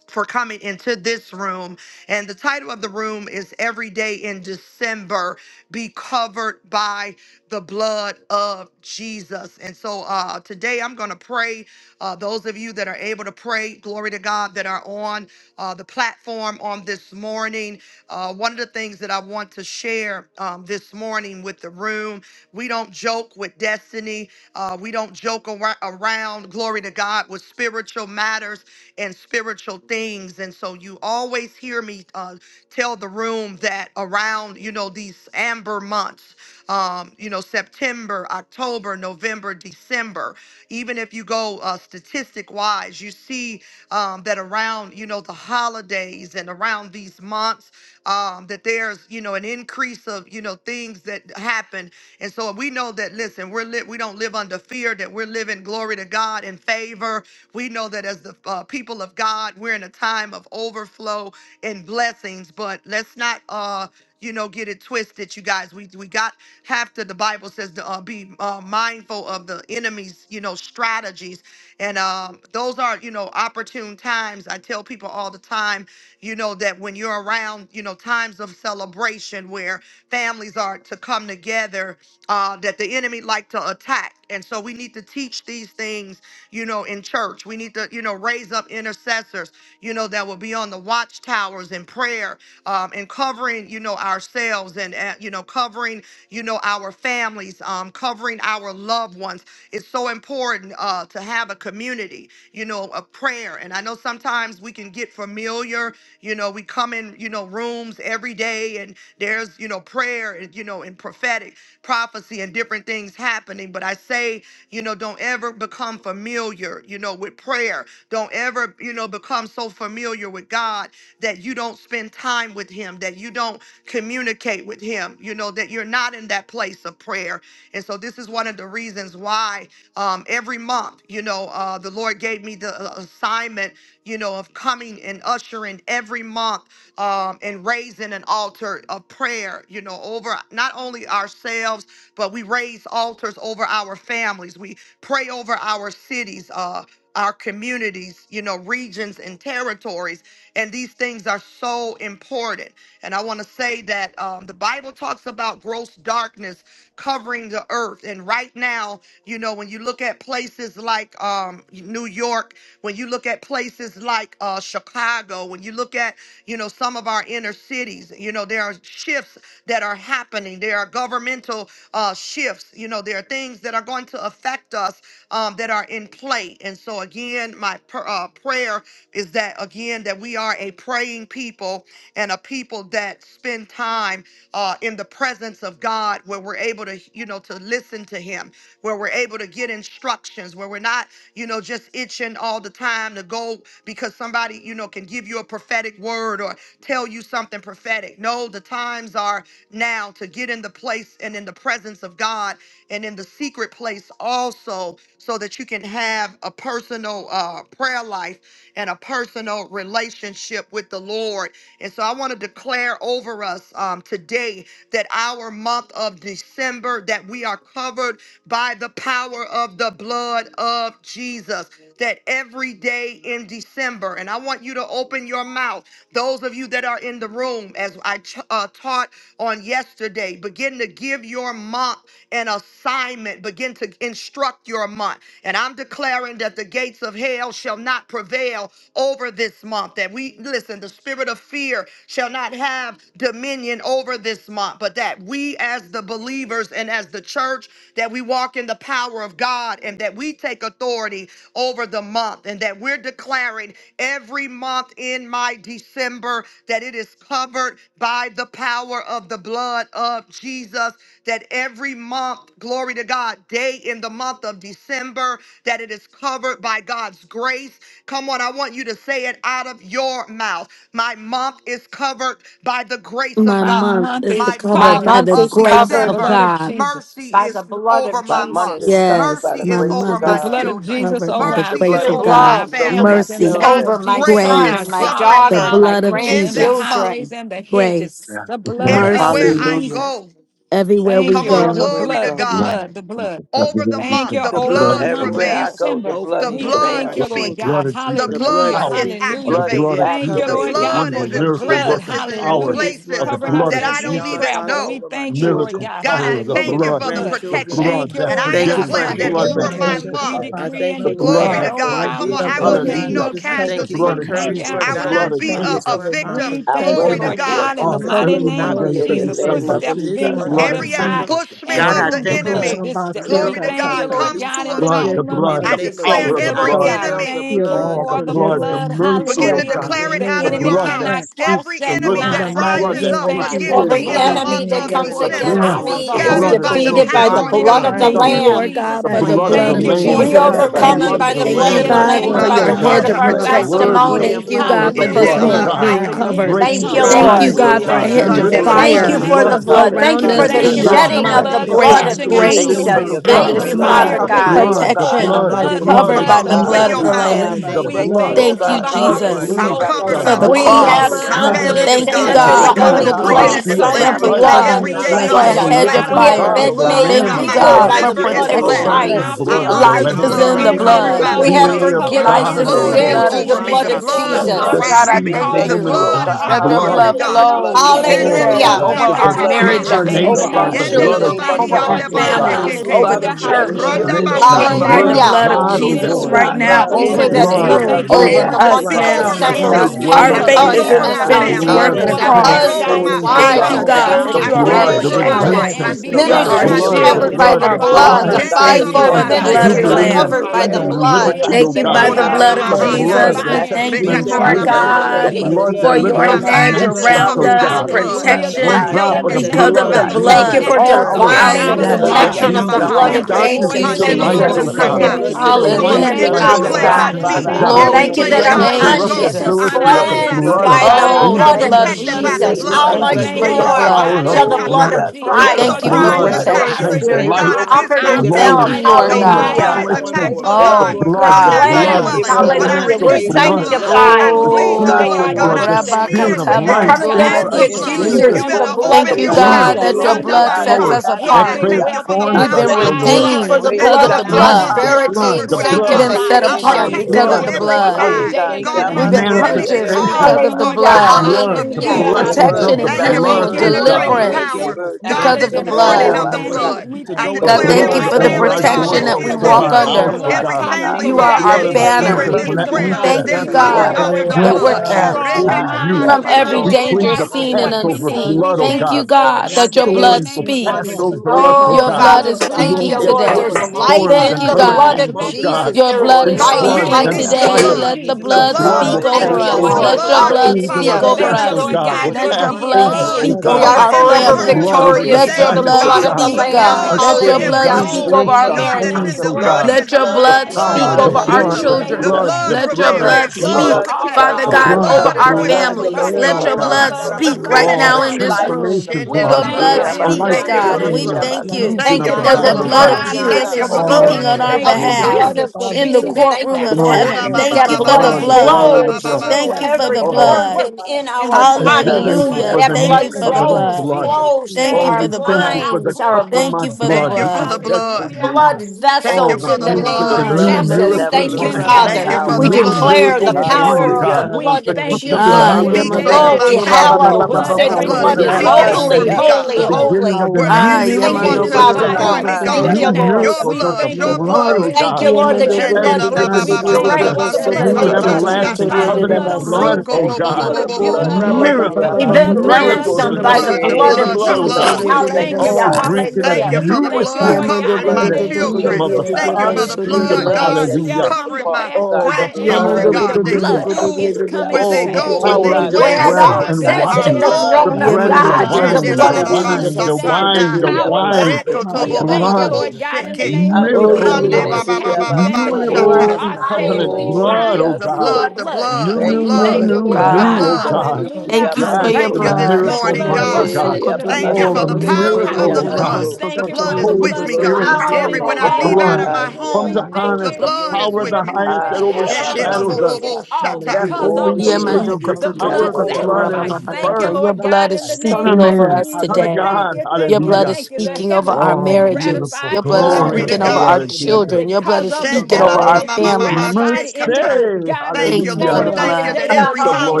S1: for coming into this room. And the title of the room is Every Day in December Be Covered by the Blood of Jesus. And so uh, today I'm going to pray. Uh, those of you that are able to pray, glory to God, that are on uh, the platform on this morning. Uh, one of the things that I want to share um, this morning with the room we don't joke with destiny, uh, we don't joke ar- around, glory to God, with spiritual matters and spiritual things. And so you always hear me uh, tell the room that around, you know, these amber months, um, you know, September, October, November, December, even if you go uh, statistic wise, you see um, that around, you know, the holidays and around these months, um, that there's, you know, an increase of, you know, things that happen. And so we know that, listen, we're lit, we don't live under fear, that we're living glory to God in favor we know that as the uh, people of God, we're in a time of overflow and blessings, but let's not, uh, you know, get it twisted, you guys. We we got have to. The Bible says to uh, be uh, mindful of the enemy's, you know, strategies, and um, those are, you know, opportune times. I tell people all the time, you know, that when you're around, you know, times of celebration where families are to come together, uh, that the enemy like to attack, and so we need to teach these things you know, in church. We need to, you know, raise up intercessors, you know, that will be on the watchtowers in prayer um, and covering, you know, ourselves and, uh, you know, covering, you know, our families, um, covering our loved ones. It's so important uh, to have a community, you know, of prayer. And I know sometimes we can get familiar, you know, we come in, you know, rooms every day and there's, you know, prayer and, you know, and prophetic prophecy and different things happening. But I say, you know, don't ever become become familiar, you know, with prayer. Don't ever, you know, become so familiar with God that you don't spend time with Him, that you don't communicate with Him, you know, that you're not in that place of prayer. And so this is one of the reasons why um, every month, you know, uh, the Lord gave me the uh, assignment, you know, of coming and ushering every month um, and raising an altar of prayer, you know, over not only ourselves but we raise altars over our families. We pray over our cities, uh, our communities, you know, regions and territories. And these things are so important. And I want to say that um, the Bible talks about gross darkness covering the earth. And right now, you know, when you look at places like um, New York, when you look at places like uh, Chicago, when you look at, you know, some of our inner cities, you know, there are shifts that are happening. There. There are governmental uh, shifts. You know, there are things that are going to affect us um, that are in play. And so, again, my pr- uh, prayer is that, again, that we are a praying people and a people that spend time uh, in the presence of God where we're able to, you know, to listen to Him, where we're able to get instructions, where we're not, you know, just itching all the time to go because somebody, you know, can give you a prophetic word or tell you something prophetic. No, the times are now to get in the place and in the presence of God and in the secret place also, so that you can have a personal uh, prayer life and a personal relationship with the Lord. And so I want to declare over us um, today that our month of December, that we are covered by the power of the blood of Jesus, that every day in December, and I want you to open your mouth those of you that are in the room, as I ch- uh, taught on yesterday, begin to give your month an assignment, begin to instruct your month. And I'm declaring that the gates of hell shall not prevail over this month. That we, listen, the spirit of fear shall not have dominion over this month, but that we, as the believers and as the church, that we walk in the power of God and that we take authority over the month and that we're declaring declaring every month in my December that it is covered by the power of the blood of Jesus. That every month, glory to God, day in the month of December, that it is covered by God's grace. Come on, I want you to say it out of your mouth. My month is covered by the grace
S2: My
S1: of
S3: My
S1: God.
S2: month
S3: month
S2: is
S1: My
S3: is
S4: My
S2: covered
S1: month
S3: covered
S2: by the
S4: month
S1: of
S4: is
S3: by
S2: grace
S3: the
S4: covered
S2: of
S3: blood
S1: December.
S3: of
S2: God.
S3: Jesus.
S1: Mercy
S4: by the
S1: is
S4: blood
S1: over
S4: of
S5: My
S1: my month.
S5: month is
S4: Jesus.
S5: covered
S2: Yes,
S5: by
S1: Mercy
S5: the
S2: my
S1: is
S5: grace of
S1: over
S2: month
S3: The
S1: my
S2: is
S5: God,
S3: blood of
S1: children.
S3: Jesus
S2: covered by
S3: over
S2: the
S3: our
S5: the
S1: Mercy is
S2: grace
S5: blood
S2: of
S5: of
S1: over
S3: children,
S1: my
S2: God.
S3: our
S5: Jesus
S4: Blood
S5: over
S1: family.
S5: my
S3: families, in the
S4: is
S2: Mercy,
S3: name
S5: children.
S1: God's
S4: over
S3: of
S4: my
S3: Jesus,
S1: grace
S3: on
S4: son
S1: is
S3: our
S4: and
S2: grace,
S4: my
S1: covering
S3: jobs,
S2: the
S4: daughter
S1: me
S4: and my
S2: blood of
S3: hallelujah,
S1: in
S3: in the
S1: this
S2: Jesus,
S1: month.
S3: highways
S4: grandchildren.
S3: and the hedges,
S2: grace,
S6: Yeah,
S3: the
S6: the blood
S3: blood
S6: of
S3: of
S1: Everywhere
S6: Jesus.
S2: mercy
S1: I
S7: Hallelujah.
S3: Jesus.
S1: go,
S2: everywhere
S3: Thank
S2: we
S1: come
S3: you
S1: on,
S3: for the
S2: go.
S7: Everywhere we
S1: glory to
S3: blood,
S7: go.
S3: the
S6: The blood
S1: God.
S6: of
S3: blood, the blood.
S6: Jesus. That's the
S1: Over the
S6: way we
S3: Thank
S1: month,
S6: go.
S3: you
S1: the
S7: The
S6: The
S3: over
S6: blood
S3: the
S7: blood
S1: blood
S6: of
S7: is
S3: month of
S7: over
S5: Everywhere
S6: Jesus.
S5: I
S1: prevails,
S5: go, the
S3: December.
S7: over
S5: blood
S1: the
S7: me,
S3: We
S6: The
S7: over
S1: blood
S3: thank
S7: my
S5: prevails.
S3: you,
S6: blood, the
S3: Lord
S7: children.
S1: speaks,
S6: blood
S3: God.
S6: of
S1: the
S6: Jesus.
S7: The
S6: The
S7: blood
S3: Hallelujah.
S1: blood
S6: power
S1: is
S7: speaks.
S5: The
S6: of the
S3: Hallelujah.
S5: blood
S7: The
S5: is
S6: blood of
S1: activated,
S7: blood
S3: Thank you,
S6: Jesus.
S1: the
S7: covers
S3: Lord
S6: The
S7: in
S5: activated.
S7: the
S3: God,
S1: blood
S3: for
S6: wonder,
S1: is
S7: name
S3: your
S1: in
S7: of
S6: miracle
S3: blood.
S7: Jesus
S6: working
S1: crevices and in
S7: over
S6: power
S3: Hallelujah.
S7: this
S6: of
S1: places
S6: the
S7: month,
S3: Covering
S7: Father,
S6: blood
S3: us
S1: that
S6: of
S7: and
S3: as
S1: I
S3: we
S1: don't
S7: beyond,
S6: Jesus.
S1: even
S7: Father,
S3: travel. We
S1: know.
S7: over my
S3: thank you, Lord
S7: children.
S6: Miracle
S3: God.
S1: God, I
S6: power of the
S7: over
S3: Hallelujah.
S1: thank you
S7: my
S3: The
S8: the
S6: blood.
S1: for the
S3: blood.
S8: Jesus
S6: The
S7: grandchildren.
S8: cover
S1: protection.
S7: I
S3: Thank
S6: blood
S8: my
S7: can
S3: you,
S6: that
S1: And
S8: life.
S3: Lord
S1: I
S7: thank you
S3: God.
S6: forgives.
S7: for
S6: The
S7: a
S1: declare that
S7: hedge
S8: The
S7: of
S6: blood that
S1: over
S8: my
S3: Hallelujah.
S1: my
S8: life is
S7: protection.
S1: month,
S3: We
S8: covered
S6: sanctifies.
S8: by
S7: I
S8: the
S3: decree
S7: thank
S3: and
S6: The
S7: you,
S8: blood of
S7: Lord
S6: blood
S1: glory
S3: declare it
S8: God.
S1: to
S7: God,
S6: that
S7: for
S3: over
S1: God.
S3: our
S1: Come
S6: cleanses.
S1: on,
S8: The
S3: month
S7: provision,
S1: I
S3: in
S1: will
S5: Thank
S3: the
S8: blood
S7: Lord
S5: you,
S8: of
S1: see
S7: God.
S3: name
S6: Hallelujah.
S1: no
S3: of
S8: Jesus
S5: Jesus.
S7: I
S6: The
S7: thank
S8: covers
S3: Jesus.
S7: you
S1: casualties.
S7: for
S8: my
S6: blood
S3: We
S6: of
S8: life,
S3: thank you,
S7: courage,
S6: Jesus.
S3: our
S7: Lord
S6: The
S1: I
S8: covers
S1: will
S7: God,
S8: my
S6: blood
S1: not
S3: children's
S6: of
S1: be
S7: for
S3: month.
S8: family,
S1: a,
S7: this
S1: a
S6: Jesus.
S7: month,
S8: covers my
S1: victim.
S7: Father.
S3: We
S5: I
S3: thank
S5: will
S3: you,
S1: Glory
S7: In
S8: possession,
S1: to
S7: the
S6: Over
S5: not
S3: Lord
S7: name
S5: be a
S7: of
S1: God.
S3: God, in the
S6: uh,
S5: victim.
S7: Jesus, we
S3: mighty
S8: covers
S7: will
S3: name
S6: 31
S7: not
S3: of
S8: all
S7: be
S6: days
S7: a
S5: In
S6: of
S5: the
S8: things
S3: Jesus.
S7: victim
S8: that
S5: name
S8: has
S6: December.
S5: of
S7: in
S3: Footsteps
S8: been
S7: this
S3: being
S5: Jesus,
S8: given
S7: month of
S6: Blood of
S8: unto
S1: Every
S3: ordered
S8: me.
S3: by
S7: December.
S6: Jesus. The
S1: ambushment
S3: and
S7: God,
S6: blood
S1: of
S7: I
S6: of
S1: the
S3: through the
S7: thank you
S6: Jesus
S7: that
S3: blood
S1: enemy,
S3: this day. We
S1: glory to
S7: miracles
S3: thank you,
S1: God,
S7: being
S8: Kukumbaksantakata.
S3: Lord
S1: comes
S7: released,
S1: to
S3: God, in
S1: a
S3: the
S7: Father.
S6: blood,
S1: naught.
S8: This
S6: the
S3: name of
S8: month
S7: In
S6: blood,
S7: the
S8: of
S1: I
S6: the
S7: name
S3: Jesus.
S7: of
S8: December
S1: declare
S6: power
S3: Thank
S6: of
S7: Jesus,
S8: is
S6: the
S3: you,
S7: I
S1: every
S3: Lord
S6: blood,
S8: covered
S3: God.
S8: by
S7: expel the
S1: enemy,
S3: Thank you
S8: healing
S7: blood
S6: oh,
S8: and
S6: the
S3: for
S7: of
S3: the
S6: blood, the
S7: Jesus
S8: deliverance
S3: blood.
S8: and
S6: mercy,
S1: begin
S7: over
S6: oh
S1: to
S3: Hallelujah.
S7: my
S8: refreshing,
S6: God,
S1: declare it
S3: The
S7: family,
S1: out
S6: the
S1: of
S8: renewing
S7: Lord
S3: enemy
S1: your
S8: and
S7: God
S6: blood
S1: mouth.
S6: that
S3: cannot
S8: strength.
S3: cross
S1: Every
S6: speaks
S3: that
S7: over
S1: enemy
S8: And
S7: my
S8: the
S1: that
S6: deliverance,
S3: line.
S6: the
S8: mighty
S6: blood
S1: rises
S3: We
S6: that
S7: finances,
S8: name
S1: up
S8: of
S7: over
S3: thank
S6: speaks
S7: our
S3: you for
S1: against
S7: health,
S3: the
S8: Jesus,
S1: me
S6: healing,
S4: Every
S6: oh
S1: in the
S8: every
S7: Father.
S3: blood.
S6: God,
S3: We
S1: month
S4: enemy
S8: enemy
S4: that
S3: thank
S1: of
S3: you
S7: In
S8: that
S7: the
S4: comes
S8: was
S3: for
S6: the
S3: the
S7: name of
S1: December,
S4: against
S6: blood,
S8: formed
S3: power of
S8: of
S7: Jesus,
S4: me
S3: the
S6: the
S4: is
S7: every
S3: Holy
S6: blood
S8: coming
S1: scattered
S6: of
S1: by
S8: to
S3: Ghost
S1: the
S7: evil
S4: defeated
S3: this
S6: Jesus,
S4: by
S6: the
S4: the
S7: plot
S1: power
S8: existence
S1: of
S3: morning
S8: and
S6: blood
S3: in
S4: blood
S6: of
S3: the
S4: of
S1: God.
S8: trying
S4: the
S7: and
S2: Thank
S6: God,
S3: name
S8: to
S2: you,
S3: of
S7: every
S2: Lord
S4: Lamb.
S7: uh,
S3: Jesus.
S2: God,
S6: the
S2: for
S8: That
S2: the
S6: blood
S7: plan
S6: of
S2: blood
S6: the
S7: of
S3: Thank
S2: of
S5: every
S7: the
S3: you
S8: me,
S3: for
S6: Lamb,
S4: We
S5: enemy
S7: enemy
S3: your
S8: my
S2: Jesus.
S6: the
S5: that
S7: has
S4: overcome
S5: rises
S7: been
S4: him
S6: blood
S8: family,
S5: up
S3: directive
S6: of
S4: by
S6: the
S4: the
S3: this
S2: Thank
S4: blood
S5: against
S2: you,
S3: day
S4: of
S7: expelled
S6: Lamb
S3: in
S5: me
S4: the
S6: that
S7: by
S3: the
S8: my
S5: in
S7: the
S5: the
S2: God,
S4: Lamb
S3: name
S4: and
S2: for
S1: Ora
S5: month
S6: speaks,
S4: by
S7: blood
S3: of
S1: ba
S6: oh
S2: your
S5: of
S4: the
S7: of
S8: bloodline,
S4: word
S2: hedge
S6: God,
S8: my
S4: of
S2: of
S3: Jesus
S1: shata
S4: our
S1: na
S5: December
S1: na
S7: Jesus
S5: is
S3: throughout
S1: ba
S8: ministry,
S3: the
S7: over
S1: ha.
S8: my
S7: my
S2: protection.
S3: month.
S6: worthy the
S8: work
S5: defeated
S2: Thank
S4: testimony.
S2: you,
S7: family.
S5: in
S6: power of
S2: God,
S8: is
S6: the
S2: for
S5: Jesus'
S7: In
S3: Hallelujah.
S8: cut
S1: Ende
S7: the
S2: this
S6: blood,
S1: la
S3: And
S6: oh
S7: name
S5: name.
S1: ba
S2: month
S8: off
S7: of
S1: ha
S6: God,
S3: throughout
S2: being
S3: the
S8: now in
S7: Jesus,
S8: the
S2: covered.
S3: years to
S6: breaks
S4: Thank
S8: name
S6: the
S4: you,
S8: of
S3: come,
S5: Yeah,
S2: Thank
S7: Rama
S3: God,
S2: you,
S6: chains,
S4: Lord.
S8: Jesus.
S3: we
S6: oh
S2: God,
S5: Yabaso.
S2: for a
S6: God,
S3: thank you
S6: that
S8: No
S2: hedge
S3: this
S2: of
S1: la
S5: Thank
S8: weapon
S1: la
S3: day
S5: you,
S6: liberates
S3: in
S4: Thank
S6: the
S3: the
S4: you
S8: formed
S2: fire
S4: for
S3: name
S8: against
S4: the
S6: blood
S5: Jesus.
S3: of
S8: me
S4: blood.
S8: shall
S3: Jesus.
S7: Suryandarabashandirabaseke.
S4: Thank you
S5: Hallelujah
S2: around
S5: for
S2: us
S4: for
S6: that
S5: your
S4: the
S8: prosper.
S7: I
S3: Thank
S2: in
S8: No
S3: you
S5: divine
S7: call
S3: for
S2: this
S8: weapon
S6: forgives
S3: the
S7: out
S4: shedding
S7: his
S6: and
S8: formed
S4: of
S2: month.
S4: the
S3: blood
S5: protection,
S7: name,
S5: oh
S8: against
S2: Great
S4: blood
S5: God.
S7: Terry
S8: my
S6: casts
S4: of
S3: snatching
S6: away
S3: our
S7: Lorenzo
S5: Thank you
S2: grace
S5: for
S6: sins,
S3: children
S8: uh,
S7: William.
S4: Jesus.
S5: your
S6: oh
S2: in
S3: out
S6: God.
S3: of
S7: The
S4: Thank
S3: the
S2: this
S4: you,
S8: bloodline
S5: covering, oh
S8: shall
S7: blood is
S3: fire.
S4: Father
S5: God.
S2: month.
S6: The
S3: We
S4: God.
S5: Thank
S8: prosper.
S7: upon
S5: you,
S3: thank you
S5: oh
S7: him,
S6: blood, the
S3: for
S5: God.
S8: In
S7: the
S3: the
S2: Protection
S8: the
S6: blood,
S7: blood
S6: the
S7: of
S8: mighty
S5: Hallelujah
S3: blood, the
S5: for
S8: name
S6: blood
S2: covered
S7: Jesus
S8: of
S1: Come
S5: being
S6: of
S2: by
S3: blood,
S1: on,
S3: the
S2: the
S7: over
S5: God,
S1: open
S6: Jesus.
S2: blood
S8: Jesus,
S3: blood,
S5: oh
S7: him.
S2: of
S3: the
S1: your
S8: we're
S6: We
S2: the
S5: God.
S1: mouth.
S7: In
S3: blood.
S8: covered
S7: the
S2: Lamb.
S6: plead
S8: by
S6: the
S8: the
S7: name
S3: We
S7: of
S5: Thank
S6: blood.
S5: you,
S3: thank
S8: blood.
S5: oh
S3: you
S7: Jesus,
S2: Thank
S7: I
S3: for
S2: you,
S8: The
S5: God.
S3: the
S7: thank
S8: blood
S6: We
S7: you for
S3: harvest
S8: of
S7: a
S3: of
S5: Hallelujah
S2: Jesus,
S5: for
S1: I'm
S6: plead
S7: hedge
S8: Jesus
S7: of
S3: souls
S5: wrapping
S1: covered
S6: the
S5: your
S8: covers
S2: for
S1: by
S3: coming
S7: protection
S1: the
S2: the
S8: us.
S5: arms
S6: blood
S3: in,
S4: We
S3: the
S1: blood.
S6: of
S7: that's
S5: around us,
S4: have
S8: This
S2: cross.
S5: oh
S3: blood,
S1: My
S3: the
S7: surrounding
S5: God.
S6: Jesus.
S7: him
S1: family
S8: covenant
S3: blood, the
S4: confidence
S1: is
S4: to
S2: Thank you,
S1: God.
S3: blood,
S7: that
S5: Thank
S3: the
S7: you
S4: enter
S5: you,
S8: protection,
S1: We
S4: the
S2: God,
S5: oh
S9: Lord,
S3: blood
S1: come
S7: release
S2: for
S1: in
S5: God.
S6: Yahshua,
S3: of
S4: holy
S2: the
S7: your
S1: agreement
S8: hallelujah.
S7: warring
S5: Hallelujah
S3: Jesus
S1: and
S4: place
S5: for
S2: cross.
S6: Hamashiach,
S4: by
S6: the
S4: the
S7: angels,
S3: covering
S2: Thank
S5: divine
S1: declare
S8: This
S2: you,
S7: Lord
S3: them.
S6: Christ,
S7: God,
S1: that
S4: blood
S2: God,
S5: protection,
S1: every
S4: of
S8: covenant
S5: oh
S3: We
S7: not
S9: Lord,
S1: day
S5: God, in
S2: for
S3: thank
S7: only
S6: Son
S1: God
S3: you,
S2: a
S5: the
S7: on
S6: of
S8: blessing,
S6: the
S1: is
S4: Jesus.
S8: this
S5: name
S3: Lord
S7: him,
S5: of
S2: hedge
S7: but
S3: God,
S2: of
S7: my
S4: We
S6: living
S1: blessed.
S8: covenant
S3: all
S4: have
S7: son,
S5: Jesus,
S3: on
S9: Lord,
S2: fire.
S6: God,
S5: oh
S3: this
S4: been
S6: the
S7: Terrell
S8: goodness,
S1: Glory
S5: God.
S4: made
S3: call,
S1: to
S2: Thank
S6: Lamb
S3: our
S1: God.
S2: you,
S6: of
S1: My
S7: Lorenzo
S4: near
S3: children,
S2: God,
S5: Lord,
S6: God,
S4: by
S5: we
S3: our
S2: for
S4: the
S8: protection,
S7: Williams,
S1: December
S5: give
S1: is
S5: you
S9: God,
S4: blood
S8: covers
S3: children's
S6: the
S4: of
S8: and
S7: over
S9: we
S7: my
S9: thank
S5: glory.
S1: blessed.
S3: children,
S2: protection.
S9: you,
S6: lion
S3: our
S8: protects.
S7: brother,
S9: Lord,
S4: Christ.
S5: We
S1: I'm
S6: blood of the
S7: Joseph
S5: honor
S1: under the
S3: families
S8: In
S2: Life
S8: the
S2: is
S5: you
S7: Bernard
S6: Lamb,
S5: and
S1: blood.
S2: in
S5: we
S8: mighty
S1: I'm
S2: the
S9: for
S7: Hardy.
S3: friends
S5: give
S7: I
S8: name
S9: your love,
S5: your
S8: of
S3: and
S1: covered
S2: blood.
S7: call
S6: the
S1: by
S5: name
S9: God.
S5: the
S1: the
S7: out
S3: loved
S4: We
S7: their
S4: have
S8: Jesus,
S3: ones
S6: DNA
S1: blood.
S5: praise,
S7: names,
S6: of
S5: oh
S3: covered
S7: Father,
S1: The
S5: God.
S4: forgiveness
S2: Life
S3: in
S4: of
S2: is
S6: God,
S3: the
S6: O
S2: in the
S5: Lord,
S1: blood
S7: before
S6: Lord,
S5: you
S3: blood.
S4: sin
S1: is
S2: blood
S5: are
S7: you,
S4: through
S2: of
S3: We
S4: the
S1: over me.
S7: Father.
S5: worthy,
S3: thank
S4: blood
S1: The
S7: I
S3: you
S4: of
S7: put
S3: for
S9: We
S2: Jesus.
S8: against
S7: the
S1: blood
S3: the
S6: the
S7: blood,
S9: Glorify
S4: Jesus.
S5: Jesus.
S9: you,
S3: harvest.
S2: God, I
S1: surrounds
S3: We
S8: concubinage,
S6: seed
S5: We
S7: the
S1: me.
S6: of
S8: that
S6: the
S2: thank
S7: blood
S3: call
S8: the
S1: The
S7: of
S5: thank
S2: you
S6: woman,
S9: magnify
S6: O
S5: you,
S3: forth
S9: you,
S3: the
S5: oh
S7: Jesus,
S1: blood
S6: God,
S1: is
S6: the
S5: God,
S1: my
S2: that
S7: the
S3: harvest
S2: your
S3: in
S7: blood
S3: the
S6: blood,
S1: portion,
S2: blood
S5: hallelujah,
S7: that
S5: that
S9: God.
S5: the
S3: name
S1: God.
S7: speaks,
S3: of
S5: blood
S9: We
S2: flows
S7: the
S5: covers
S3: Jesus.
S9: wonder,
S5: us, oh
S6: oh, the,
S7: sprinkled
S2: today
S3: We
S1: Shendelebo
S4: Hallelujah.
S5: God.
S6: the,
S8: blood
S7: blood
S8: of
S2: over
S3: thank
S6: the,
S7: that
S3: you
S5: The
S2: our
S7: speaks
S5: blood
S1: sakatana
S3: for
S6: the
S8: Jesus,
S9: we
S7: better
S3: this
S8: the
S5: protects
S1: maha.
S7: than
S2: marriages,
S3: day
S5: us,
S9: wonder,
S8: blood
S3: in the
S2: over
S5: oh
S8: of
S6: incarnation
S2: our
S7: things
S6: of
S3: name
S5: God,
S7: of
S6: the
S3: of
S5: in
S9: Lord,
S5: the
S8: Jesus,
S6: blood
S9: to
S3: Jesus.
S6: of
S1: Yendelelo
S7: Abel,
S2: children,
S5: name
S7: Lord
S5: of
S3: Thank
S9: you,
S3: you,
S2: over
S7: God.
S9: Lord,
S6: Jesus,
S2: our
S3: Lord
S8: over
S5: Jesus,
S6: O
S9: God.
S5: oh
S7: I
S3: God.
S8: my
S6: God,
S5: God.
S8: family,
S7: thank
S2: families,
S7: you,
S2: over
S8: over
S2: the
S7: Father,
S5: Father,
S3: Hallelujah.
S8: my
S6: the
S7: for
S5: we
S7: the
S5: are
S9: Let it
S2: church.
S9: on
S3: Hallelujah.
S7: blood,
S8: head,
S9: our
S1: Randa
S5: shielded, oh
S6: incarnation
S3: In
S2: We
S6: of
S7: for
S5: God,
S7: the
S6: the
S3: this
S9: nation,
S5: from
S1: basande.
S2: apply
S6: Word
S2: the
S7: blood
S5: hurt,
S6: of
S3: month,
S4: Hallelujah.
S2: blood
S5: harm,
S2: of
S5: and
S8: over
S6: God,
S3: souls
S7: atonement,
S6: O
S8: my
S5: danger,
S7: Lord
S3: being
S2: Jesus
S5: oh
S9: to
S6: Lord.
S7: God,
S2: right
S5: God,
S3: won
S7: that you
S3: by
S2: now
S8: siblings,
S3: the
S9: God,
S4: We
S6: The
S9: and
S5: in
S2: over
S4: say
S7: purchased.
S5: the
S3: millions.
S2: this
S4: that
S8: hallelujah,
S3: We
S5: name
S7: It
S6: blood,
S8: my
S7: is
S4: every
S2: room,
S6: the
S5: of
S7: the
S3: thank you
S6: word
S4: day in
S3: for
S2: over
S6: made
S4: the
S8: children,
S7: currency
S1: I
S5: Jesus,
S3: this
S2: us
S4: month
S7: that you
S1: speak
S4: of
S6: flesh,
S3: day
S6: the
S9: to
S5: Father.
S1: over
S9: the
S2: now.
S7: use,
S8: my
S6: flesh
S7: Lord
S4: December
S9: blood
S3: in the
S5: God,
S6: made
S9: of
S4: is
S7: God
S1: myself.
S5: we
S9: our
S8: grandchildren,
S6: word,
S2: Our
S6: oh
S3: name
S9: hands,
S1: I
S8: my
S5: thank
S4: covered
S7: in
S3: of
S7: the
S2: faith
S6: God.
S5: you
S1: speak
S8: great
S2: is
S4: us
S7: name
S2: in
S1: over
S5: now,
S7: of
S2: the
S3: Jesus.
S4: and
S1: my
S6: The
S5: God.
S3: We
S4: our
S7: Jesus.
S8: grandchildren,
S5: We
S2: finished
S7: And
S8: my
S7: I
S3: thank
S1: family.
S5: honor
S3: you
S2: work
S6: blood
S2: of
S4: families,
S2: the
S7: thank
S6: that
S5: you
S3: for
S7: you
S1: I
S3: the
S4: our
S9: of
S7: for
S8: bloodline
S7: the
S5: now.
S1: speak
S5: We
S8: is
S2: cross.
S9: the
S7: hedge
S1: over
S7: of
S3: paradigm
S4: husbands,
S9: Lord,
S5: worship
S8: covered
S1: my,
S6: transforms,
S8: by
S6: oh
S1: my
S5: you
S3: shift
S7: protection
S8: the
S2: Thank
S4: wives,
S5: now,
S9: God,
S2: you,
S3: in
S4: our
S6: God.
S5: oh
S8: blood
S1: husband.
S3: this
S8: of
S5: God.
S2: God,
S7: around
S6: The
S2: that
S7: my
S3: month
S4: children,
S1: I
S2: you
S3: in
S8: Jesus,
S2: are
S3: the
S5: In
S8: my
S2: our
S1: speak
S5: the
S7: family,
S6: blood,
S3: name
S6: the
S1: over
S3: of
S5: name
S7: Father,
S1: my
S3: Jesus
S5: of
S4: grandchildren,
S7: this
S1: wife.
S2: protection.
S1: I
S6: redemption,
S7: month,
S3: and
S8: finances
S5: Jesus,
S8: and
S5: oh
S1: speak
S2: You're
S9: here,
S7: that
S8: my
S5: God,
S6: the
S3: beyond.
S1: over
S7: you'll
S2: our
S5: have
S8: bank
S7: do
S1: my
S4: ministries
S9: God,
S5: your
S9: we
S6: blood,
S9: speak
S6: the
S5: way
S7: miracle
S4: covered
S2: shield.
S5: in
S8: accounts
S5: us
S4: by
S1: children.
S9: the
S2: You're
S6: blood,
S3: Hallelujah.
S4: the
S5: and
S2: our
S6: the
S7: signs
S9: blood of
S7: and
S5: through
S3: Father,
S5: us,
S4: blood,
S8: My
S4: the
S6: blood,
S7: wonders,
S5: oh
S2: buckler.
S3: we
S5: God,
S7: that
S3: thank
S2: Thank
S1: Shendela
S3: you,
S8: savings
S2: you
S7: we'll
S4: fivefold
S6: by
S2: for
S5: as
S3: Lord
S1: baba
S2: the
S7: see
S5: we
S3: God.
S7: your
S2: blood
S8: accounts,
S2: of
S5: yield
S2: the
S4: ministers
S1: seke.
S8: my
S5: our
S6: jubilee
S9: Lord,
S7: miracles,
S2: Lamb.
S6: and
S4: covered
S5: vessels
S3: Hallelujah.
S4: by
S7: Father,
S3: In
S4: the
S5: unto
S6: freedom
S7: that
S9: God.
S3: You
S8: credit
S7: will
S6: and
S5: you,
S3: we
S7: come
S5: oh
S4: blood.
S3: live,
S6: liberty,
S8: accounts
S5: God.
S7: forth
S6: oh
S2: Thank
S8: is
S3: move,
S2: you
S3: and
S2: by
S6: God.
S8: covered
S7: in
S2: the
S1: Ora
S7: the
S8: by
S1: la
S5: Sanctify
S3: have
S8: the
S1: la
S2: blood
S7: name
S2: of
S9: Thank
S3: our
S6: The
S8: blood
S5: and
S8: of
S7: of
S9: you,
S5: meet
S3: being
S5: for
S1: bahanda.
S9: Lord.
S8: Jesus.
S6: blood
S2: Jesus.
S5: the
S8: Be
S6: that
S3: by
S2: We
S7: Jesus.
S3: and
S6: sets
S5: master's
S2: thank
S7: We
S8: No
S2: you,
S6: men
S5: use,
S3: through the
S7: thank
S1: Rekatana
S7: you
S2: Lord
S1: la
S5: Father,
S8: tampering,
S6: free.
S7: for
S5: in
S8: with
S7: the
S3: blood
S5: the
S1: maha.
S3: of
S8: it
S6: The
S2: God,
S7: blood,
S5: name of
S8: only
S7: the
S3: Jesus.
S6: blood
S8: be
S6: that
S2: for
S7: blood.
S5: Jesus,
S3: You
S7: We
S2: your
S1: My
S3: have
S5: oh
S6: liberates
S7: apply
S8: increased.
S5: God.
S7: the
S2: hedge
S1: mind
S3: equipped
S1: is
S7: blood
S8: And
S3: us.
S6: nations,
S5: Father,
S2: around
S6: oh
S1: covered
S5: we
S8: bills
S1: by
S8: will
S2: us,
S1: the
S7: in
S5: thank
S7: the
S6: God
S8: pay
S5: you, oh
S7: name
S1: blood.
S5: God,
S7: of
S3: Hallelujah.
S8: down
S5: that
S8: in
S7: Jesus.
S1: My
S3: This
S6: one
S2: protection
S8: this
S7: I
S5: eyes
S3: day
S1: health
S6: drop
S7: thank
S3: in
S6: of
S7: you
S3: the
S6: the
S5: haven't
S1: is
S7: that
S8: monthly
S7: the
S5: seen,
S2: because
S3: name
S1: covered
S6: blood
S5: oh
S2: of
S3: of
S7: blood
S2: the
S1: by
S6: of
S1: the
S5: God,
S7: is
S3: Jesus,
S5: neither
S4: Thank
S7: used
S6: Jesus,
S1: blood.
S4: you
S2: blood
S7: as
S8: special
S6: the
S7: a
S4: for
S5: ears
S3: snatching
S2: all
S5: heard,
S7: token,
S6: power
S3: souls
S7: Lord
S8: in the
S2: throughout
S7: God,
S3: out
S4: divine
S5: neither
S3: of
S9: Yeah,
S2: this
S1: Yendelabo
S3: the
S8: name
S5: has
S6: that
S5: it
S8: of
S7: over
S9: na, na,
S7: our
S3: fire.
S2: month.
S5: entered
S9: na,
S4: protection
S1: shatana
S4: of
S5: into
S6: redeems
S4: the
S5: the
S3: We
S8: Jesus.
S6: us
S7: houses,
S9: na,
S4: blood
S5: heart
S2: We
S6: from
S4: of
S3: thank
S5: of
S7: Father.
S1: bahaya.
S3: you
S5: man
S2: thank
S5: the
S7: For
S3: for
S6: darkness
S3: it
S2: you,
S7: you
S4: Jesus.
S8: In
S5: thing
S6: into
S3: this
S8: the
S7: say
S4: Thank
S5: that
S4: you
S7: that
S5: you
S3: day
S6: light,
S4: for
S8: name
S3: in
S9: yeah, na, na, na, na,
S7: when
S3: the
S5: have
S4: the
S8: of
S1: Handelolobo
S6: oh
S7: you
S2: Jesus.
S9: yeah,
S7: see the
S6: God.
S3: name
S9: na,
S5: prepared
S9: na,
S3: of
S1: satan.
S7: blood,
S9: na,
S8: Jesus.
S4: forgiveness
S7: you
S4: of
S5: for
S6: The
S7: will
S3: Jesus.
S5: them
S1: Come on,
S6: light,
S9: yeah.
S5: that
S7: pass
S2: Hallelujah,
S1: begin
S4: sin,
S3: Thank
S1: to
S5: love
S3: you,
S6: like
S7: over
S5: you,
S8: In
S7: it,
S4: Father
S5: oh
S8: the
S3: Lord
S1: declare
S7: Father.
S2: Jesus.
S5: God.
S1: my
S3: God,
S4: God.
S8: name
S3: in
S6: substance,
S8: of
S3: the
S7: I
S6: oh
S5: Father,
S1: feet.
S5: I
S9: Thank
S7: thank
S3: name
S7: you
S6: God.
S9: you,
S8: Jesus.
S3: of
S7: that
S1: Every
S2: Glory
S5: thank
S7: the
S4: Thank
S9: Lord.
S2: to
S4: you
S3: Jesus,
S4: that
S6: The
S1: place,
S5: you,
S8: Shekura
S2: your
S3: for
S7: blood
S4: our
S9: Thank
S7: is
S1: God,
S3: your
S1: I
S2: name,
S7: covering
S9: you,
S8: bakasa
S7: us.
S5: hallelujah,
S1: go,
S4: conscience
S3: success
S9: Jesus.
S4: is
S8: tebe
S1: I'm
S7: The
S3: upon
S5: for
S2: Jesus.
S6: incorruptibility
S3: our
S6: of
S7: blood
S6: the
S1: covered
S9: the
S8: tebe.
S7: is
S5: loving
S1: by the
S4: cleansed
S9: blood
S5: me,
S6: blood
S3: businesses
S5: oh
S6: of
S4: by
S7: protecting
S1: blood.
S4: the
S5: God.
S7: us,
S3: by
S5: I
S7: Lord
S3: and
S2: Oh,
S7: God.
S1: I'm
S9: prevails.
S2: the
S4: blood
S7: The
S5: thank
S3: through
S4: of
S3: the
S6: Jesus.
S2: blood
S8: Kakuna
S7: blood
S2: of
S5: you,
S1: protected
S3: blood
S1: by
S3: of
S7: heals
S1: the
S7: us.
S4: Jesus.
S2: Jesus. We
S8: bakuna
S3: Jesus.
S5: yeah,
S4: How
S1: blood.
S7: The
S8: dabo.
S2: thank
S7: blood
S9: Yanana,
S4: much
S2: you for
S3: Thank
S8: Kura
S3: you,
S6: The
S2: your
S7: cleans
S5: Abasoya,
S3: Lord
S7: us.
S4: more
S1: Shekababa
S7: The
S8: bahaya
S2: blood.
S3: God,
S6: power
S3: in
S6: of
S7: blood
S4: shall
S3: the
S6: the
S4: the
S5: oh,
S8: sata.
S3: name
S4: blood
S1: shekata.
S3: of
S7: delivers
S4: of
S6: blood.
S7: us,
S2: We
S7: Lord
S3: Jesus
S1: No
S5: Ndiandoya
S7: God.
S6: The
S8: The
S3: for
S2: thank
S4: Christ,
S2: you
S7: The
S2: for
S9: Thank
S8: blood
S1: surprise
S8: of
S6: blood
S9: you,
S7: blood
S4: using
S3: Jehovah
S6: that
S5: Rabasataya,
S4: your
S7: brings
S1: attacks.
S8: Jesus
S9: Jesus.
S3: Jireh.
S7: us
S6: shines
S5: for
S2: protection.
S3: You
S4: spirit,
S7: favor,
S8: covers
S5: every
S6: light,
S1: God,
S3: are
S5: open
S7: Father.
S1: against
S4: offered
S1: my
S2: We
S3: our
S5: door,
S7: Just
S8: every
S5: God,
S7: like
S2: thank
S7: you
S4: himself?
S8: day.
S2: you,
S6: glory,
S1: children.
S5: every
S3: provider.
S7: told
S2: Lord
S8: This
S1: No
S5: closed
S9: Thank
S8: month,
S7: Moses,
S5: door,
S3: By
S2: God.
S7: you
S9: you,
S4: Hallelujah.
S5: God.
S3: and
S7: have
S1: surprise
S5: I
S9: Lord.
S3: through
S7: one
S3: the
S6: immortality.
S5: thank
S1: attacks,
S7: more
S1: oh
S5: you.
S7: blow,
S3: blood,
S6: The
S1: God.
S2: Oh,
S3: we
S7: Lord
S4: We're
S7: God,
S8: is
S6: blood,
S1: Come
S3: claim
S6: the
S3: the
S8: going
S1: nigh
S2: God,
S8: to
S1: my
S7: that
S2: you
S7: you're
S6: blood,
S2: are
S6: the
S4: cleansed.
S1: dwelling,
S3: promises
S7: giving, oh
S3: of
S1: but
S2: good.
S7: God,
S1: I
S3: God
S4: Hallelujah.
S7: and
S6: supernatural
S4: We're
S3: this
S1: release
S7: Pharaoh
S1: the
S3: morning.
S7: will
S6: blood,
S1: blood.
S7: let your
S1: I
S4: sanctified.
S6: the
S3: Hallelujah.
S7: people
S1: plead
S5: Oh
S1: the
S7: go.
S5: God,
S3: They
S5: for
S6: spiritual
S3: are
S1: blood.
S2: Oh,
S1: God,
S5: all
S7: Father,
S6: blood,
S1: I'm
S5: that
S6: the
S3: yes
S7: we
S8: help
S3: and
S7: thank
S5: you're
S7: you
S5: doing,
S6: spirit
S8: every
S7: for
S1: smeared
S6: of
S7: the
S5: oh
S4: We
S3: amen.
S5: God,
S8: account.
S1: today
S6: life
S7: blood,
S4: come
S2: Rabakatamando
S6: in
S7: Father,
S3: God,
S5: all
S4: against
S1: in
S4: the
S5: that
S1: the
S3: we
S7: in
S6: Christ
S7: the
S3: thank
S1: blood.
S5: you're
S2: Rebekete.
S7: name
S3: you
S5: still
S4: accuser
S7: of
S8: Hallelujah.
S6: Jesus.
S1: You
S5: yet
S3: for
S4: through
S3: the
S4: the
S1: better
S5: going
S7: Jesus
S5: to
S3: blood
S4: blood
S2: Thank
S6: The
S1: open
S5: do,
S4: of
S2: you,
S3: this
S7: and
S5: I
S1: your
S7: that
S5: give
S7: the
S3: day
S6: blood
S5: you
S2: God,
S3: in
S1: mouth.
S3: the
S2: that your
S4: Jesus.
S7: children,
S3: name
S5: glory.
S1: Handa
S7: our
S3: of
S2: blood
S5: I
S2: sets
S7: family,
S3: Jesus.
S1: basha.
S6: power
S2: us
S7: God, is
S1: God,
S6: that
S1: I
S7: being
S3: Healthy,
S2: apart.
S1: thank you
S7: released
S1: for
S3: wealthy,
S1: the
S6: transforms
S5: I
S7: with
S3: and
S2: We've
S5: give
S2: been
S6: us,
S1: power
S6: O
S5: your
S1: of the
S7: favor,
S3: wise.
S5: name
S4: Thank
S7: Lord
S6: Lord.
S4: you
S5: the
S7: God.
S1: blood.
S4: for
S2: redeemed
S4: the
S7: We're
S5: praise,
S1: That
S2: because
S3: Hallelujah.
S4: blood
S6: The
S2: of
S7: coming
S5: God.
S2: the
S1: God,
S4: of
S1: my
S7: out
S3: In
S6: blood,
S7: with
S5: I
S1: month
S3: this
S2: blood.
S6: the
S1: is
S7: silver
S3: month
S5: honor
S4: prosperity
S3: and
S7: and
S1: covered
S6: blood,
S4: and
S6: the
S1: with the
S3: throughout
S7: gold,
S2: We've
S3: our
S2: been
S6: blood,
S7: Father,
S1: blood.
S2: set
S3: lives,
S1: I'm
S7: in the
S6: the
S2: apart
S3: we
S8: With
S4: sanctification.
S7: name
S5: you.
S8: the
S1: protected
S7: of
S2: because
S3: thank
S5: Jesus.
S2: of
S1: on
S6: blood,
S3: you
S2: the
S6: the
S8: blood,
S7: Jesus.
S1: every
S7: And
S3: for
S2: blood.
S3: this
S7: Father,
S6: power,
S5: Hey,
S1: side,
S7: we
S3: day
S5: God.
S3: in
S8: the
S3: the
S7: thank you
S1: God,
S6: the
S2: We've
S1: from
S3: name
S1: the
S2: been
S8: platform
S3: of
S7: for
S1: enemy
S7: the
S8: passes
S3: Jesus.
S5: Yamandonde.
S2: purchased
S7: blood
S8: over.
S1: because
S3: Thank
S6: manifestation,
S2: because
S3: you,
S2: of the
S3: Lord
S1: of the
S4: Hallelujah.
S6: the
S7: the
S3: God.
S2: blood.
S1: blood
S7: blood,
S1: of
S6: blood,
S7: the
S6: the
S4: Hallelujah.
S3: Hallelujah.
S7: blood,
S9: Yeah,
S7: the
S1: Jesus.
S5: Oh,
S8: Sickness
S6: blessings
S7: blood.
S5: worthy,
S2: Protection
S6: of
S3: Hallelujah.
S6: the
S2: and
S8: passes
S1: Thank
S9: Yanana,
S1: you
S5: God,
S7: Father,
S1: for
S2: healing
S7: I
S6: blood,
S8: over
S1: the
S3: Thank
S2: and
S3: you
S8: me.
S6: O
S7: thank you
S3: for
S5: worthy,
S7: that
S3: your
S7: the
S6: God.
S8: Disease
S1: penetrating
S8: just
S7: blood
S5: worthy,
S2: deliverance
S3: wisdom,
S7: gave
S1: power,
S7: us
S8: passes
S5: worthy,
S9: Thank
S8: over
S1: God,
S2: because
S3: knowledge,
S2: of
S8: me.
S7: access
S1: this
S2: the
S3: and
S9: you,
S5: Jesus.
S7: and
S9: Lord.
S8: Death
S1: morning
S2: blood.
S9: Thank
S6: Oh,
S8: and
S1: of the
S7: boldness,
S6: Lord,
S9: you,
S7: Lord
S9: Lord.
S7: God,
S5: Yabaso.
S3: understanding.
S1: blood.
S8: destruction
S3: We
S7: to
S1: I
S7: go
S3: thank
S8: passes
S6: the
S3: you,
S2: God,
S7: into
S1: declare
S3: Lord
S7: your
S8: over
S2: thank you
S5: Oh,
S6: blood
S1: every
S8: me.
S3: God,
S2: for
S7: most
S2: the
S5: no
S9: Yanana,
S3: in
S6: over
S1: family,
S6: our
S3: this
S5: weapon
S7: holiest,
S1: God,
S8: Because
S9: Yanana,
S2: protection
S3: month.
S1: that's
S8: I'm
S2: that
S5: formed
S2: we
S6: doorposts
S7: holiest
S1: in
S6: of
S8: covered
S1: this
S2: walk
S3: Covered
S8: by
S7: place,
S5: against
S6: our
S8: the
S5: us
S3: in
S7: Lord
S3: the
S1: room,
S6: house,
S5: shall
S7: God.
S2: under.
S6: oh
S8: blood
S3: blood,
S1: every
S6: God,
S5: prosper,
S7: In the
S9: Thank you,
S5: God.
S1: family,
S3: cognitive
S2: You
S7: name
S6: the
S7: of
S2: are
S1: Father,
S2: our
S6: blood
S1: that's
S5: In
S3: faculties
S6: of
S8: of
S5: the
S7: Jesus,
S5: name
S3: covered
S6: Jesus.
S1: hearing
S2: banner.
S8: sickness
S7: it
S5: of
S1: this
S6: When
S3: in
S7: is
S8: can
S6: that
S3: the
S8: pass
S1: prayer,
S6: angel
S3: blood.
S7: because
S6: of
S2: Thank
S8: over
S7: of
S1: they're
S5: Jesus,
S6: death
S2: you,
S7: the
S3: We
S8: me.
S3: thank
S1: covered
S5: yeah,
S6: comes,
S3: you,
S2: God,
S7: blood,
S1: under
S3: Lord
S1: the
S8: Accident
S6: you
S7: the
S3: God.
S2: that
S6: will
S8: pass
S2: we're
S5: Basoya,
S1: blood.
S7: blood,
S6: pass
S7: the
S8: over
S2: kept.
S8: me.
S3: Strong
S6: over
S7: blood, the
S5: and
S3: minds,
S6: you.
S3: the
S2: from
S7: blood, the
S2: every
S5: Yamando,
S8: Incident
S3: mind
S6: We
S7: blood.
S3: of
S8: pass
S6: plead
S2: danger
S6: the
S1: Rekatamashetobobosha.
S3: Christ
S7: I
S3: is
S8: over
S2: seen
S8: me.
S2: and
S3: what
S7: plead
S8: The
S7: the
S3: we
S6: Passover
S3: need.
S7: blood
S2: unseen.
S7: of
S3: We
S6: blood,
S8: prophecy
S6: oh
S2: Thank
S3: thank
S8: pass
S2: you,
S3: you
S6: God.
S7: Jesus.
S3: for
S8: over
S2: God,
S7: And
S3: this
S8: me.
S7: I
S2: that your
S3: day in the
S7: declare
S2: blood
S6: Storms will
S3: name
S7: Jude
S3: of
S8: The
S7: 1
S6: pass
S3: Jesus.
S7: and
S8: door
S2: speaks.
S8: that
S7: 2
S6: over
S8: pass
S7: over
S6: us,
S3: Thank
S7: my
S6: oh
S3: you
S8: out
S4: Oh,
S2: Your
S3: for
S6: God.
S7: family,
S2: blood
S3: your
S4: Father,
S8: pass
S2: is
S7: Lord
S6: We
S7: God
S8: over
S4: thank
S3: blood
S6: won't
S4: you,
S2: speaking
S8: me.
S3: has
S6: get
S7: that you
S4: Lord.
S6: caught
S2: today.
S7: give
S4: There's
S6: in
S7: us
S4: a
S3: afforded this
S8: Because
S4: life
S8: of
S3: for
S6: storms
S8: the
S2: Thank
S7: multiplied
S4: in
S6: and
S2: you,
S4: the
S3: us.
S7: mercy,
S8: blood
S3: We
S8: of
S4: blood
S2: God,
S6: hurricanes,
S4: of
S6: oh
S3: bless
S8: Jesus.
S3: your
S7: multiplied
S6: God,
S4: Jesus.
S2: your
S4: There
S3: name
S4: is
S7: peace,
S5: oh,
S2: blood
S7: and
S6: and
S2: is
S3: this
S8: The
S1: Come
S5: yeah,
S1: on,
S9: Lord.
S4: life,
S1: we
S8: blood
S3: day
S6: floods
S3: in
S8: of
S7: multiplied
S2: speaking
S3: the
S6: and
S4: life
S1: release
S7: love.
S5: Basoya.
S1: the
S8: Jesus.
S3: name
S2: today.
S4: giving.
S3: of
S6: fires.
S1: blood,
S7: In
S2: Let the
S3: Jesus.
S1: the
S6: The
S8: Hallelujah
S7: Jesus'
S2: blood
S1: blood
S7: name
S6: blood
S7: I
S2: speak
S6: will
S1: over
S7: pray.
S9: Thank
S3: Thank
S2: over
S6: pass
S1: this
S4: Thank
S3: you
S8: The
S4: you,
S5: Hallelujah,
S3: for
S1: room,
S2: us.
S8: blood
S1: the
S3: your
S6: over.
S8: of
S4: Lord.
S2: Let your
S5: Jesus.
S3: blood
S1: blood,
S6: The
S8: Jesus,
S7: Hallelujah.
S2: blood
S8: the
S3: covenant.
S6: angel
S1: Father,
S7: And
S2: speak
S6: of
S4: Hallelujah.
S7: let
S8: blood
S7: it
S1: over
S2: over
S6: death,
S3: Thank
S8: of
S1: this
S3: you,
S7: not
S6: oh
S2: us.
S7: only
S3: Lord
S7: be
S6: God,
S8: Jesus,
S7: for
S3: God.
S6: will
S1: assignment
S3: Your
S2: Let
S7: this
S2: your
S6: pass
S1: room,
S7: month,
S1: the
S3: DNA
S7: Lord
S2: blood
S6: over,
S8: the
S7: God,
S1: blood
S3: is
S6: oh
S8: blood
S2: speak
S7: but
S8: of
S4: We
S6: God
S3: in
S2: over
S7: for
S4: are
S1: over
S3: your
S2: our
S8: Jesus
S7: the
S1: every
S3: blood
S6: the
S4: forever
S3: and
S7: months
S3: we're
S8: survives
S7: and
S1: person
S2: families.
S6: blood
S7: the
S1: on
S8: that
S1: the
S6: over
S3: covered
S7: years
S6: the
S4: victorious
S7: to
S3: in
S2: Let
S3: it.
S8: covenant,
S4: through
S2: your
S4: the
S8: that
S7: come.
S1: stage,
S6: diamonds, oh
S2: blood
S4: blood
S7: It
S1: God,
S3: Father,
S8: divine
S4: of
S7: is
S4: the
S6: God,
S2: speak,
S3: we
S1: the
S8: covenant
S3: thank
S4: Lamb.
S3: you
S2: God.
S6: our
S7: eternal,
S1: blood
S3: this
S2: Let
S1: over
S8: of
S2: your
S7: Father.
S6: cities,
S3: day in
S1: every
S3: the
S2: blood
S6: our
S4: Hallelujah.
S7: In the
S8: agreement,
S2: speak
S3: name
S8: of
S1: home,
S3: of
S2: over
S6: streets,
S7: name
S2: our
S7: of
S6: our
S3: Jesus.
S1: God,
S8: protection
S1: that's
S3: Thank
S7: Jesus,
S8: and
S6: homes,
S1: in
S3: you
S2: marriages.
S7: the
S1: the
S6: oh
S3: for your
S7: blood,
S8: freedom.
S6: God,
S7: the
S1: audience,
S2: Let your
S7: blood,
S1: Lord,
S6: the
S7: the
S1: the
S2: blood
S3: divine
S8: And
S7: blood.
S8: that's
S2: speak
S6: power,
S1: blood
S6: the
S1: of
S8: what
S2: over
S8: of
S3: protection
S7: Thank
S2: our
S8: our
S9: you,
S7: you
S3: this
S6: blood,
S1: Jesus.
S5: Hallelujah,
S7: for
S6: the
S7: the
S8: time
S9: God.
S3: day
S8: is
S3: in
S1: The
S2: children.
S3: the
S8: the
S7: blood,
S5: Jesus.
S6: blood,
S1: blood
S6: the
S3: name
S2: Let
S3: of
S7: the
S8: time,
S2: your
S6: blood
S8: my
S3: Jesus.
S9: We
S1: prevails,
S7: blood,
S6: of
S1: the
S2: blood
S8: time,
S7: the
S1: blood
S3: Over
S9: appreciate
S6: Jesus,
S5: Lord,
S7: blood,
S2: speak,
S9: the
S7: the
S5: keep
S3: all of
S1: protects,
S5: our
S2: Father
S3: us,
S6: the
S1: the
S3: our
S7: power
S2: God,
S5: children
S7: of
S6: blood,
S2: over
S7: the
S6: the
S1: blood
S3: family,
S5: covered,
S1: is
S2: our
S5: oh
S8: God,
S7: blood
S1: with
S7: of
S3: friends,
S6: blood
S1: us,
S5: God,
S6: of
S3: and
S6: the
S1: oh
S5: in
S7: Jesus.
S5: the
S2: families.
S3: loved
S1: God,
S6: Lamb,
S1: your
S5: name
S2: Let
S6: oh
S3: ones,
S2: your
S5: of
S3: the
S6: God,
S1: blood,
S8: the
S2: blood
S3: blood, the
S5: Jesus.
S1: the
S7: Oriandarabasa.
S8: mountain
S2: speak
S8: of
S3: blood
S8: the
S2: right
S5: Yeah,
S6: oh,
S1: finished
S7: There
S2: now
S6: the
S3: makes
S7: is
S8: God.
S2: in
S3: a
S1: work.
S2: this
S5: Basoya.
S7: life in
S3: difference.
S2: room.
S7: the
S8: We
S6: transformation
S3: We
S8: thank
S2: Your
S7: blood.
S8: you,
S6: blood,
S3: thank
S2: blood
S3: you
S8: Father
S5: Yeah,
S6: a
S3: this
S1: Shendelalabahaya.
S8: God.
S2: speaks,
S3: day
S1: Thank
S3: in
S1: you
S3: the
S5: Abandonde,
S2: God,
S1: for the
S2: and
S5: Yere,
S2: we
S6: life-giving
S3: name of
S5: yeah,
S8: The
S1: blood.
S2: thank
S7: Darabakoriandarabashete.
S8: blood
S5: Baso.
S2: you
S3: Jesus.
S6: infusion
S1: Thank
S4: Thank
S1: you
S8: speaks
S6: of
S4: you
S6: the
S8: for
S1: for
S4: for
S3: Thank
S1: the
S2: that
S3: you,
S2: the
S4: the
S6: blood
S7: Iyandaraba,
S8: every
S6: of
S3: Lord
S1: blood.
S2: blood of
S6: God,
S8: weapon
S3: God.
S4: virtue,
S8: that's
S1: Thank
S2: Jesus
S1: you
S2: is
S4: the
S1: for
S8: found
S7: shoriyandaraba.
S1: the
S8: at
S3: Hallelujah
S8: your
S2: speaking
S1: blood
S6: oh,
S2: on
S6: the
S1: this
S2: our
S4: virtue
S3: Thank
S4: of
S3: you,
S1: morning,
S4: the
S1: God.
S6: hallelujah,
S2: behalf
S8: From
S4: blood
S8: the
S3: Jesus,
S4: of
S3: for
S8: bottom
S2: in the
S8: to
S3: being
S4: Jesus.
S8: the
S3: that
S4: Thank
S2: courtroom
S8: top,
S4: you,
S2: of
S8: from
S4: Lord,
S6: blood
S8: the
S6: of
S1: Ora
S3: sacrifice
S2: heaven.
S8: left
S1: ba
S4: that
S6: Jesus,
S1: ba
S3: this
S2: Thank
S8: to
S4: that
S6: the
S2: you
S1: ba
S8: the
S1: ba
S2: for
S3: morning
S2: the
S4: blood
S1: ba
S6: blood, the
S8: right,
S3: and your
S1: shake.
S8: from the
S2: blood.
S1: shekora
S6: blood,
S3: blood
S6: the
S1: ba
S8: right
S4: flows
S1: ba
S8: to
S6: blood,
S8: the
S1: ba
S3: covering
S4: through
S2: Thank
S1: sa.
S8: left,
S3: us.
S2: you
S8: from
S2: for
S3: The
S8: the
S2: the
S4: every
S6: oh.
S8: top
S3: blood
S8: to the
S2: blood.
S4: organ
S8: bottom.
S4: in
S3: works. And
S4: our
S3: we
S6: Thank
S5: Yes,
S6: you,
S3: thank you
S5: God,
S4: bodies.
S6: thank
S3: for
S6: you
S3: it
S5: yeah,
S8: everyone,
S2: Hallelujah.
S6: for
S3: this
S6: the
S4: That
S2: Thank
S3: day
S8: Father,
S6: new
S5: Baso.
S3: in
S4: blood
S2: you
S3: the
S8: in
S2: for
S8: the
S2: the
S3: name
S6: covenant
S3: of
S4: flows,
S8: mighty
S2: blood.
S6: blood.
S8: name
S3: Jesus.
S8: of
S4: flows through
S2: Thank
S8: Jesus.
S6: Oh,
S2: you
S3: Thank
S4: our
S2: for
S3: you
S6: we
S2: the
S3: for
S6: thank
S3: the
S6: you
S8: Lord,
S2: blood.
S6: for the
S8: we
S4: minds,
S3: outpour
S6: cup
S4: Our
S6: of
S2: Thank
S3: of
S6: my
S2: you
S3: the
S2: for the
S6: blood,
S1: Thank
S3: blood.
S1: you
S6: which
S1: for
S6: is
S2: blood.
S1: the
S8: thank you,
S6: shed for
S1: blood.
S8: Father
S3: Hallelujah,
S6: you.
S8: God.
S4: blood
S3: hallelujah,
S1: Thank
S6: Oh,
S1: you
S8: The
S4: vessels
S6: the
S1: for
S4: in
S1: the
S4: the
S8: blood
S3: hallelujah.
S8: of
S6: banquet,
S4: name
S5: The
S6: the
S4: of
S2: Ah,
S1: blood.
S8: Jesus,
S6: new
S5: blood that
S4: Jesus.
S2: Yamando
S3: Establishing
S5: never
S6: miracle
S4: Thank
S3: things
S4: you,
S3: in
S8: the
S2: Kotora
S5: loses
S6: wine,
S5: its
S3: heaven
S8: blood
S1: Thank
S4: Father.
S2: Basi,
S3: and
S8: of
S1: you
S6: the
S1: for
S4: We
S1: the
S5: power.
S2: Yamando
S9: work
S6: new
S8: Jesus,
S2: Kotori
S1: blood.
S3: establishing
S4: declare
S6: miracle
S4: the
S3: things in
S6: blood, oh
S3: earth.
S4: power
S8: the
S2: Edebasi.
S4: of the
S5: Hallelujah.
S6: God.
S8: blood
S3: We
S8: of
S4: blood
S6: The
S8: who
S4: of
S8: that
S6: cup
S3: thank
S8: we
S3: you
S1: The
S6: of the
S8: take
S3: for
S4: Jesus.
S1: blood
S2: Ah,
S8: the
S6: new
S5: Father,
S6: and
S3: this
S8: who
S5: we
S8: the
S1: speaks
S3: day,
S2: Yamando
S5: thank
S1: over
S8: blood,
S4: Oh,
S3: that
S1: my
S4: we
S5: you.
S6: everlasting
S2: Kotora Baba
S6: covenant,
S3: powerful
S6: oh
S1: family.
S8: the
S4: hallow.
S2: Baba
S4: We
S3: blood
S6: God.
S4: say
S5: Thank
S1: The
S4: the
S5: you
S1: blood
S8: power
S5: for
S2: Kotori
S3: bringing
S1: is
S4: blood
S5: the
S8: in
S4: is
S8: the
S6: Yes,
S3: life
S1: speaking
S6: the
S5: blood.
S3: back to
S1: over
S4: holy,
S8: blood,
S2: Edebasi.
S1: me,
S6: thing,
S3: dead
S4: holy,
S6: the
S1: God.
S3: loved
S8: the
S5: Yabaso.
S3: ones.
S6: beginning
S4: holy.
S6: of the
S8: power
S1: Where the
S8: of
S6: new
S3: Father,
S2: Ah,
S8: the
S1: enemy
S3: you
S1: would
S3: did
S4: Thank
S3: it
S4: you,
S1: want
S8: blood,
S6: miracles,
S2: Yamando
S3: in
S1: to
S3: the
S6: oh
S5: Yeah,
S8: the
S4: Father
S6: God.
S8: blood
S5: God.
S3: Bible.
S2: Kotori
S1: destroy
S8: of
S4: God.
S3: You're
S1: me,
S5: Ah,
S2: Kotori
S3: doing
S4: Thank
S1: God.
S6: New
S3: it
S4: you,
S8: Jesus,
S3: now.
S5: yabaso,
S4: Lord.
S1: Your
S5: yeah.
S6: miracles
S3: We
S2: Edebasi.
S8: the
S6: of the
S1: blood,
S3: thank you
S8: blood
S1: your
S8: of
S3: for
S6: blood,
S5: Thank
S1: blood.
S6: oh
S3: this
S5: you,
S4: Thank
S6: God
S4: you,
S8: Jesus.
S3: day in
S4: Lord,
S3: the
S4: that
S2: Yamando
S5: Jesus.
S4: your
S3: name of
S6: every
S4: blood
S1: Shandela
S5: Glory
S1: ba
S2: Kotori
S8: Thank
S3: Jesus.
S5: to
S4: brings
S1: ba
S8: you,
S6: time
S3: We
S6: we
S1: ba
S5: God.
S1: ba
S6: think
S8: Father
S3: thank
S1: ba
S6: of
S3: you
S1: ba
S6: the
S8: God,
S3: for
S1: ba
S4: strength
S3: the
S8: for
S9: in
S4: in
S8: the
S4: the
S5: Adiando,
S3: blood,
S6: new
S3: the
S6: and
S1: sheka
S4: name
S8: blood.
S1: ba
S4: of
S3: blood. We
S6: everlasting
S3: apply
S4: Jesus.
S2: Kotori
S8: Thank
S3: the
S1: shata.
S5: yarabasataya.
S9: the
S8: you,
S9: name
S3: blood
S9: of
S6: covenant
S8: Father
S3: on
S9: the
S2: Edebasi.
S8: God,
S6: blood,
S9: Lord.
S8: that
S3: those
S1: Roko
S8: your
S6: oh
S3: that
S5: Thank
S1: to bo
S5: you
S8: blood
S1: bo
S3: people
S6: God.
S5: for
S1: bo
S5: the
S3: have
S1: bo
S8: covers
S1: bo
S3: given
S5: blood,
S8: the
S1: bo
S3: up
S2: Ora
S8: earth,
S5: Lord.
S8: it
S3: on.
S1: she.
S2: baba
S3: The
S8: covers
S6: Miracles,
S2: baba
S4: We've
S8: every
S4: been
S3: blood, the
S5: Yabaso.
S2: gotoria
S9: We
S2: de
S3: blood,
S8: nation,
S3: the
S6: miracles
S4: ransomed
S1: The
S6: in the
S4: by
S8: language,
S3: blood
S9: thank
S4: the
S3: of
S2: debaso
S1: blood,
S9: you.
S8: tribe,
S1: the
S8: the
S6: power
S4: blood
S6: of the
S3: Jesus
S4: of
S5: Yeah,
S2: kototo
S1: blood, the
S5: the
S6: blood,
S8: people.
S6: oh
S3: works.
S5: blood
S1: blood
S4: Jesus.
S6: God.
S1: of
S2: kotoria
S3: We
S5: that
S2: de
S8: We
S3: thank you
S1: Jesus.
S8: thank
S6: Oh,
S4: Hallelujah.
S8: you,
S3: for
S2: debasi.
S5: sanctifies, the
S3: this
S8: Father
S6: drinking it
S5: blood
S8: God.
S1: Thank
S3: day.
S1: you
S4: Hallelujah.
S5: that
S3: We
S1: for
S6: new
S1: the
S6: with
S3: thank you,
S1: blood
S6: you
S3: Lord
S5: purifies, the
S2: Yamando
S3: God,
S1: covering
S3: in
S6: in
S5: blood
S3: the
S1: my
S6: the
S5: that
S8: No
S3: name
S2: kototo
S3: of
S8: blood
S6: kingdom
S1: children.
S5: heals,
S6: of
S3: Jesus.
S2: kotoria
S6: the
S5: oh
S2: de
S9: Yes,
S8: to
S3: We
S1: Thank you
S5: God, uh,
S3: can
S8: than
S1: for
S6: Father's
S1: the
S8: that
S2: debasso,
S8: we
S5: the
S2: ria
S3: decree a
S2: de
S6: kingdom.
S1: blood,
S8: thank
S3: thing
S5: blood
S3: and
S1: God,
S3: it
S5: that
S2: debasi.
S3: shall
S6: Hallelujah.
S5: sets
S3: come to
S1: covering
S5: apart,
S1: my
S5: oh
S3: pass
S5: God,
S6: Oh,
S5: the
S6: the
S3: by and
S6: power
S1: grandchildren,
S6: of
S5: blood,
S2: Yamando
S3: through
S6: the
S8: you,
S3: the
S1: God. They
S5: that's
S8: Father
S2: kototo
S6: communion
S5: here,
S3: blood.
S8: God,
S5: my
S6: cup.
S2: kotoria
S1: school,
S3: It's
S5: soul,
S2: de
S5: yeah.
S3: coming
S1: where
S3: to
S1: they
S6: Oh,
S2: debasso,
S6: the
S3: pass.
S1: go, where
S5: oh
S8: whether
S2: kotoria
S6: power
S1: they
S3: We
S6: of
S8: to
S2: de
S5: God,
S6: your
S4: We
S5: that
S3: thank
S1: dwell,
S4: have
S3: you
S6: bread
S3: for
S2: debasi.
S1: God.
S5: delivers,
S3: it Lord,
S6: and
S3: this
S5: God,
S4: access
S8: turn
S5: the
S1: Our
S4: to
S3: day
S8: the
S6: wine.
S3: in
S4: the
S3: the
S8: corner,
S5: blood,
S6: The
S3: name
S4: throne
S1: homes.
S3: of
S4: of
S6: bread and
S2: Yamando
S6: the
S3: Jesus,
S4: God through
S2: kototo
S4: the
S3: no
S9: yes.
S5: Atayamando
S6: wine,
S4: blood
S6: the
S3: foe
S4: of
S2: kotoria
S3: can
S2: de
S8: Father,
S6: wine,
S5: Yarabasi,
S6: the
S4: Jesus.
S2: debasso,
S3: withstand the
S6: wine,
S1: Shandelalabasatana.
S2: kotoria
S6: the
S2: de
S3: power of
S6: wine,
S2: debasso.
S3: God.
S5: Ikiababaso
S6: the
S8: Father,
S3: We
S8: that's
S3: thank you,
S6: blood.
S8: through
S5: Tayabasi,
S3: Lord
S8: the
S3: God, in
S8: blood
S3: the
S8: of
S5: I
S1: Rekotoboboboboboshake.
S3: name
S8: Jesus,
S3: of
S2: Oh,
S3: Jesus, the
S6: Miracle,
S2: yende
S8: Father,
S1: Rande
S6: Lord.
S1: ba
S5: andondere
S3: lawful
S2: debaso
S1: ba ba
S8: Father,
S2: kotoria.
S1: ba
S3: captives
S1: ba
S3: and
S6: New
S1: ba
S3: the
S6: and
S8: what
S4: We
S5: Iabasoya,
S4: eat
S8: it
S4: of
S3: captives
S8: was
S1: shata.
S4: his
S3: are
S6: everlasting
S2: Oh
S8: the
S4: body
S3: set
S8: blood
S4: and
S6: covenant
S8: of
S4: we
S3: free
S5: oh
S3: by
S4: drink
S6: blood,
S4: of
S8: Jesus,
S6: oh
S3: and
S1: The
S4: his
S3: through the
S6: God.
S1: blood,
S4: blood
S5: Ndiaso.
S1: the
S3: blood.
S4: today.
S1: blood,
S6: New,
S8: the
S1: the
S3: We
S6: new,
S5: Thank you
S6: new,
S8: blood
S5: for
S3: thank
S1: blood,
S8: of
S3: you,
S5: the
S6: new,
S4: Hallelujah.
S3: Lord
S5: blood,
S1: the
S8: Jesus,
S3: God.
S6: new,
S2: God.
S6: oh
S1: blood.
S5: Jesus,
S4: Hallelujah.
S6: God.
S8: the
S9: Yanana,
S3: Hallelujah.
S2: Thank you
S8: blood
S2: for
S6: Yes,
S8: of
S2: your
S6: the
S1: Thank
S3: Hallelujah.
S1: you
S5: Ikiabasoya.
S8: Jesus,
S1: this
S3: The
S2: blood.
S6: miracle
S1: morning,
S2: Yende
S3: blood
S6: month, oh
S1: God.
S3: works and
S2: debaso
S6: God.
S3: it
S5: Hey,
S8: the
S3: will
S8: blood
S1: Thank
S2: kotoria
S1: you
S2: de
S8: of
S6: Oh,
S3: never
S1: for
S6: the
S1: the
S5: Ababasonde
S3: lose
S2: debasso,
S8: Jesus
S3: its
S1: power
S5: Yerehi
S1: of
S6: miracle,
S3: power.
S2: kotoria
S1: the
S6: oh
S8: covers
S2: de
S8: the
S3: We
S1: blood.
S6: God.
S5: Abaso.
S2: debasso,
S1: The
S3: thank you
S6: The
S1: blood
S3: for
S2: kotoria
S8: possessions,
S3: the
S2: de
S1: is
S6: Holy
S1: with me,
S3: blood this
S1: God.
S6: Spirit,
S5: Glory
S8: the
S2: debasso.
S5: to
S3: morning
S8: blood
S5: your
S1: Every
S8: of
S3: in
S4: Powerful,
S1: when
S3: the
S5: name,
S1: I
S6: the
S8: Jesus
S3: name
S4: all
S1: leave
S5: God.
S3: of
S1: out
S6: blood
S8: covers
S1: of my
S2: Oh,
S8: my
S3: Jesus.
S5: Andi
S4: powerful
S6: comes
S3: We
S1: home,
S4: blood.
S3: thank
S6: upon
S8: finances,
S1: the
S3: you.
S6: us,
S5: Amandoya.
S8: the
S6: the
S3: and You
S1: blood
S8: blood of
S3: we
S1: is
S6: power of
S1: with
S6: the
S3: live,
S1: me.
S8: increase,
S3: move,
S6: highest
S3: and
S6: that
S8: the
S5: Ari
S3: have our
S8: multiply.
S3: being.
S6: overshadows
S2: Jesus.
S6: us.
S3: It's
S1: Shandelabobobo
S5: Ababasoya.
S3: all
S1: shata.
S6: That
S8: Hallelujah.
S3: because
S8: The
S6: holy
S3: of the
S8: blood of
S5: Only a
S8: Jesus
S6: seed,
S3: blood,
S6: the
S3: the
S8: covers
S5: city
S8: my
S6: power
S3: blood
S6: of the
S5: Andoya
S8: offering
S6: blood
S8: and
S6: that
S8: my
S6: is
S3: sacrifice.
S8: gift
S3: Thank
S8: and
S3: you,
S2: Yemandokotototokotorababakata.
S6: birth.
S8: my
S5: Rabasataya.
S2: Your
S3: Lord God,
S2: blood is
S3: in the
S8: sacrifices.
S6: Son of
S2: speaking
S3: name of
S2: over
S6: man,
S2: us
S6: son
S3: Jesus.
S6: of
S2: today.
S8: Hallelujah.
S3: Thank
S6: God,
S8: This
S3: you,
S8: is
S2: Your
S3: thank you,
S8: glory
S2: blood
S6: hallelujah.
S8: and
S2: is
S3: thank you. The
S8: good
S2: speaking
S8: for
S2: over
S8: the
S3: heavens
S2: our
S3: have
S8: service
S6: Oh,
S3: been
S8: to you.
S2: marriages.
S6: beautiful,
S2: Your
S3: ratified,
S2: blood is
S3: and
S1: Glory
S3: we
S6: glorious
S5: Ay,
S1: to
S2: speaking
S8: Hallelujah.
S2: over
S3: thank
S5: Aso.
S3: you.
S6: blood
S8: Still
S2: our
S1: God.
S6: of
S8: gonna have
S3: It's
S6: Jesus.
S2: children.
S8: left
S2: Your
S8: us to
S2: blood
S3: because
S2: is
S8: pick
S3: of the
S8: up
S2: speaking
S1: Shende
S8: my
S1: la
S2: over
S3: blood,
S1: la
S8: cup.
S6: Oh,
S3: and
S1: la
S2: our
S6: it's
S3: it's
S1: ma
S6: the
S1: ma ma ma
S2: families.
S3: ratified in
S8: Thank
S3: the
S8: you,
S1: Shendelalalalamamamashikata.
S3: earth.
S6: mercy.
S3: God,
S8: Father,
S1: Thank
S3: we
S8: For
S2: Thank
S1: you,
S8: the
S2: you for
S6: Hallelujah.
S3: thank
S1: Lord.
S2: the
S3: you
S5: Thank
S8: blood,
S5: you,
S3: this
S1: Thank you
S2: blood.
S1: that
S3: day in the
S4: Hallelujah,
S1: every
S6: Acts
S5: Jesus.
S6: of
S3: name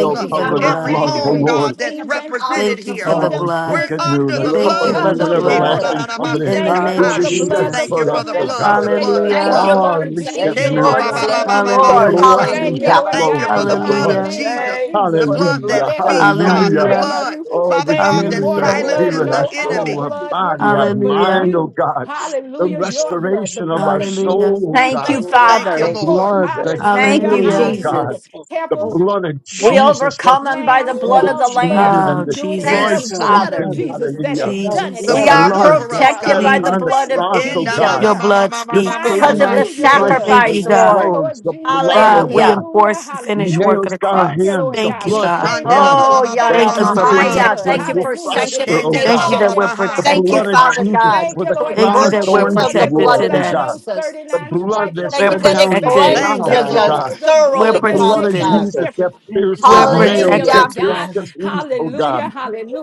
S3: of
S1: uh,
S8: the
S2: you for
S3: Jesus.
S2: the
S8: blood,
S6: covenant
S2: blood.
S1: every
S3: Thank
S6: love,
S3: you
S6: the
S3: for
S4: hallelujah.
S1: home,
S8: blood.
S4: We
S3: being
S6: Lord.
S1: God,
S4: sing
S1: that's
S4: of
S3: kings
S4: the
S3: and
S4: power
S1: represented
S4: of
S2: Thank
S3: priests,
S4: the
S2: you
S1: here,
S2: for
S4: blood.
S2: the
S6: Oh,
S3: kingdom
S6: we
S2: blood.
S6: drink
S1: we're
S6: it
S3: citizens.
S6: new,
S1: under
S6: the
S1: the
S3: It's
S6: cup
S2: Thank
S6: of
S2: you
S6: the
S1: blood.
S5: Glory
S2: for
S3: because
S6: new
S2: the
S5: to
S6: and
S3: of
S5: your
S3: the
S5: name,
S1: Sheko
S2: blood
S1: na
S3: blood.
S1: na
S5: God.
S6: everlasting
S1: na ma
S3: We
S6: covenant,
S2: in the
S3: thank you
S2: name
S6: which
S3: for
S2: of
S6: is
S1: Shekonanamasikata.
S3: the
S6: shed
S5: Hallelujah,
S3: blood, the
S2: Jesus.
S1: Thank you
S6: for
S5: Jesus.
S3: full
S1: for
S6: us,
S1: the
S6: oh
S5: Thank you
S1: blood,
S6: God.
S5: for
S1: the
S5: the
S1: blood,
S3: manifestation
S1: the
S5: blood,
S3: of the
S4: Thank
S2: Hallelujah.
S4: you,
S5: God.
S1: blood.
S3: blood
S6: Oh,
S4: Lord.
S3: of
S6: release that
S4: Thank
S3: Jesus
S5: Thank
S4: you,
S5: you
S3: in
S1: Sheko
S5: for
S3: our
S1: ba
S4: Lord.
S5: the
S6: miracle,
S1: ba ba
S3: lives
S4: Thank
S5: blood,
S1: ba
S4: you,
S3: this
S1: ba
S6: the
S1: ba
S3: day.
S4: Lord.
S5: Jesus.
S2: Hallelujah.
S1: sata.
S6: blessings
S5: Hey,
S3: Thank you,
S6: that
S4: Hallelujah.
S3: Lord
S1: Thank
S6: flow
S1: you
S3: God, in
S1: for
S6: from
S3: the
S1: the
S6: the
S5: Abasoya.
S1: blood
S3: mighty
S6: blood.
S1: of
S2: Hallelujah.
S3: name of
S1: Jesus,
S5: Thank you
S1: the
S3: Jesus.
S5: for
S3: We
S5: the
S1: blood that
S6: Hallelujah.
S5: blood,
S3: bless
S5: God.
S1: speaks,
S3: you. We
S1: God,
S5: Ati
S1: the
S6: Hallelujah.
S2: Hallelujah.
S3: praise
S1: blood,
S3: you.
S5: Abaso.
S6: Oh,
S1: Father
S3: Thank
S1: God,
S3: you
S1: that
S6: redeemed
S3: for the
S6: our
S2: Hallelujah.
S3: blood.
S1: silences
S6: spirit,
S5: Only
S8: blood
S6: our
S1: the
S3: No
S5: us,
S8: that you
S5: oh
S3: other
S6: soul,
S5: yeah.
S6: our
S1: enemy.
S8: speak
S3: blood would
S8: out of
S6: body, our
S3: work
S8: the
S3: but
S8: human
S2: Hallelujah.
S6: mind, oh
S8: being.
S3: you.
S6: God. The
S3: Hallelujah.
S8: All
S3: Your blood, the
S6: restoration of
S3: blood
S6: our
S3: of Jesus.
S2: Hallelujah.
S8: things
S6: soul, oh
S3: We
S4: Thank you,
S6: God
S3: thank you,
S1: Thank
S6: the
S1: you,
S3: Father,
S4: Father.
S5: Thank you,
S3: for
S1: Lord.
S3: it.
S8: we
S6: blood, the
S5: Jesus.
S8: just
S4: Thank
S3: Hallelujah.
S8: thank
S4: you,
S6: healing,
S2: Hallelujah.
S6: oh
S8: You
S6: God.
S8: are
S3: Hallelujah.
S4: Jesus.
S8: so
S6: the
S3: Heifers,
S8: holy.
S6: blood of
S4: We
S3: goats,
S6: Jesus that
S4: overcome them
S8: The
S4: by the
S3: lambs,
S4: blood
S8: blood
S4: of
S8: of
S4: the
S3: doves,
S8: Jesus.
S3: blood
S6: succeeded
S4: Lamb.
S6: and
S2: Oh,
S3: wouldn't do it. It's
S4: Thank
S3: the
S6: destroyed
S4: you,
S2: Jesus.
S1: Yes,
S8: The
S3: blood
S1: Lord.
S8: blood
S3: of
S4: Father.
S6: Satan.
S8: of,
S3: Jesus that
S6: Hallelujah.
S3: has
S8: the
S3: done it
S6: The
S1: The
S3: and
S4: We
S8: blood
S2: Jesus.
S3: it
S8: of
S4: are
S1: blood
S8: Jesus.
S6: blood
S3: works
S1: over
S6: that
S3: for
S1: us,
S4: protected
S6: shed
S3: us.
S1: God.
S4: by the
S3: We
S6: upon the
S4: blood
S2: Jesus.
S3: thank you
S4: of
S3: for
S6: cross,
S8: The
S1: In
S6: oh
S1: the
S8: blood
S1: ma
S8: of
S6: God.
S3: redeeming
S4: Jesus.
S2: Your
S1: ma ma ma
S3: us
S2: blood
S1: ma ma
S6: Your
S1: ma ma
S3: by
S2: speaks.
S1: ma
S3: and
S4: because
S5: Thank
S4: of
S1: ma
S6: 39
S5: you,
S4: the
S3: through your
S1: she.
S5: Jesus.
S3: blood.
S8: the
S6: stripes
S2: Thank
S6: that
S3: We
S2: you,
S4: sacrifice,
S8: blood of
S3: thank
S2: God.
S3: you,
S4: Lord.
S6: flows,
S3: Lord
S8: Jesus
S6: the
S3: Jesus.
S6: blood, oh
S2: God,
S8: Christ, the
S2: we
S4: Hallelujah.
S6: God.
S3: Hallelujah.
S2: enforce
S8: blood
S2: the
S6: You
S2: finished
S3: Hallelujah.
S2: work
S6: nails,
S2: of the
S6: scarred
S3: Thank you,
S2: cross.
S6: hands,
S8: of
S3: Lord
S6: the
S2: Thank
S3: God.
S2: you,
S3: We
S8: Jesus
S6: blood, the
S2: God.
S3: claim
S1: Shande
S3: our
S1: la
S6: blood,
S1: la la
S4: Oh,
S1: la
S3: healing
S1: la la
S6: that
S3: by
S4: Yana
S1: la
S2: Thank you
S3: and
S1: la
S2: for
S3: through
S8: Christ,
S6: everything
S3: the
S6: we
S1: baha.
S4: Mahaya.
S3: blood.
S6: touch
S4: Thank you
S2: protection.
S6: will
S4: for
S3: Hallelujah.
S8: and
S3: It,
S6: prosper, oh
S3: you've
S1: Shande la la
S2: Thank you
S6: God.
S1: la
S2: that
S1: la
S4: sanctification.
S2: we're
S3: already
S6: The
S1: baha.
S4: Thank you,
S2: protected.
S6: blood of
S3: sacrificed it.
S8: all
S4: Father
S8: the
S6: Jesus
S8: things
S4: God,
S3: Thank
S8: that
S6: for
S3: you,
S8: go
S6: the
S4: for
S8: down
S3: Lord
S2: Thank
S6: crown
S3: God,
S8: the
S2: you
S6: of
S3: for
S2: that
S8: stick
S3: the
S2: we're
S8: of
S4: virtue
S8: God,
S6: thorns
S4: of
S3: blood
S6: you
S4: the
S3: that
S2: protected
S4: blood
S6: wore,
S3: flowed
S4: of
S6: oh
S3: out of
S2: today.
S6: God.
S3: those
S4: Jesus.
S6: The
S3: 39
S8: and I
S6: blood
S3: stripes
S8: will
S6: that
S2: We're
S4: Thank you
S8: not
S6: shed
S3: upon
S4: that
S8: be
S3: your
S4: it
S6: down your
S3: back.
S2: protected.
S3: We
S5: Yes,
S4: cleanses
S6: brow,
S1: Thank you,
S3: thank
S6: oh
S3: you.
S5: God.
S4: us
S1: Lord.
S6: God
S3: It's the
S2: We're
S6: the
S3: blood
S4: thoroughly,
S3: that
S5: Thank
S6: blood
S5: you,
S4: Father
S6: of
S3: makes
S2: protected.
S3: the
S4: God.
S6: Jesus
S5: Jesus.
S6: that
S3: difference.
S8: Thank you,
S6: pierced those
S2: We're
S8: Lord, I'm going
S3: Thank
S8: to
S3: you,
S6: nails,
S5: Hallelujah.
S6: that
S2: protected
S3: Lord
S4: Hallelujah.
S6: pierced
S8: God,
S2: today.
S3: God.
S8: I'm
S6: the
S8: going
S6: feet,
S8: to
S6: oh
S8: God.
S3: Hallelujah.
S6: God.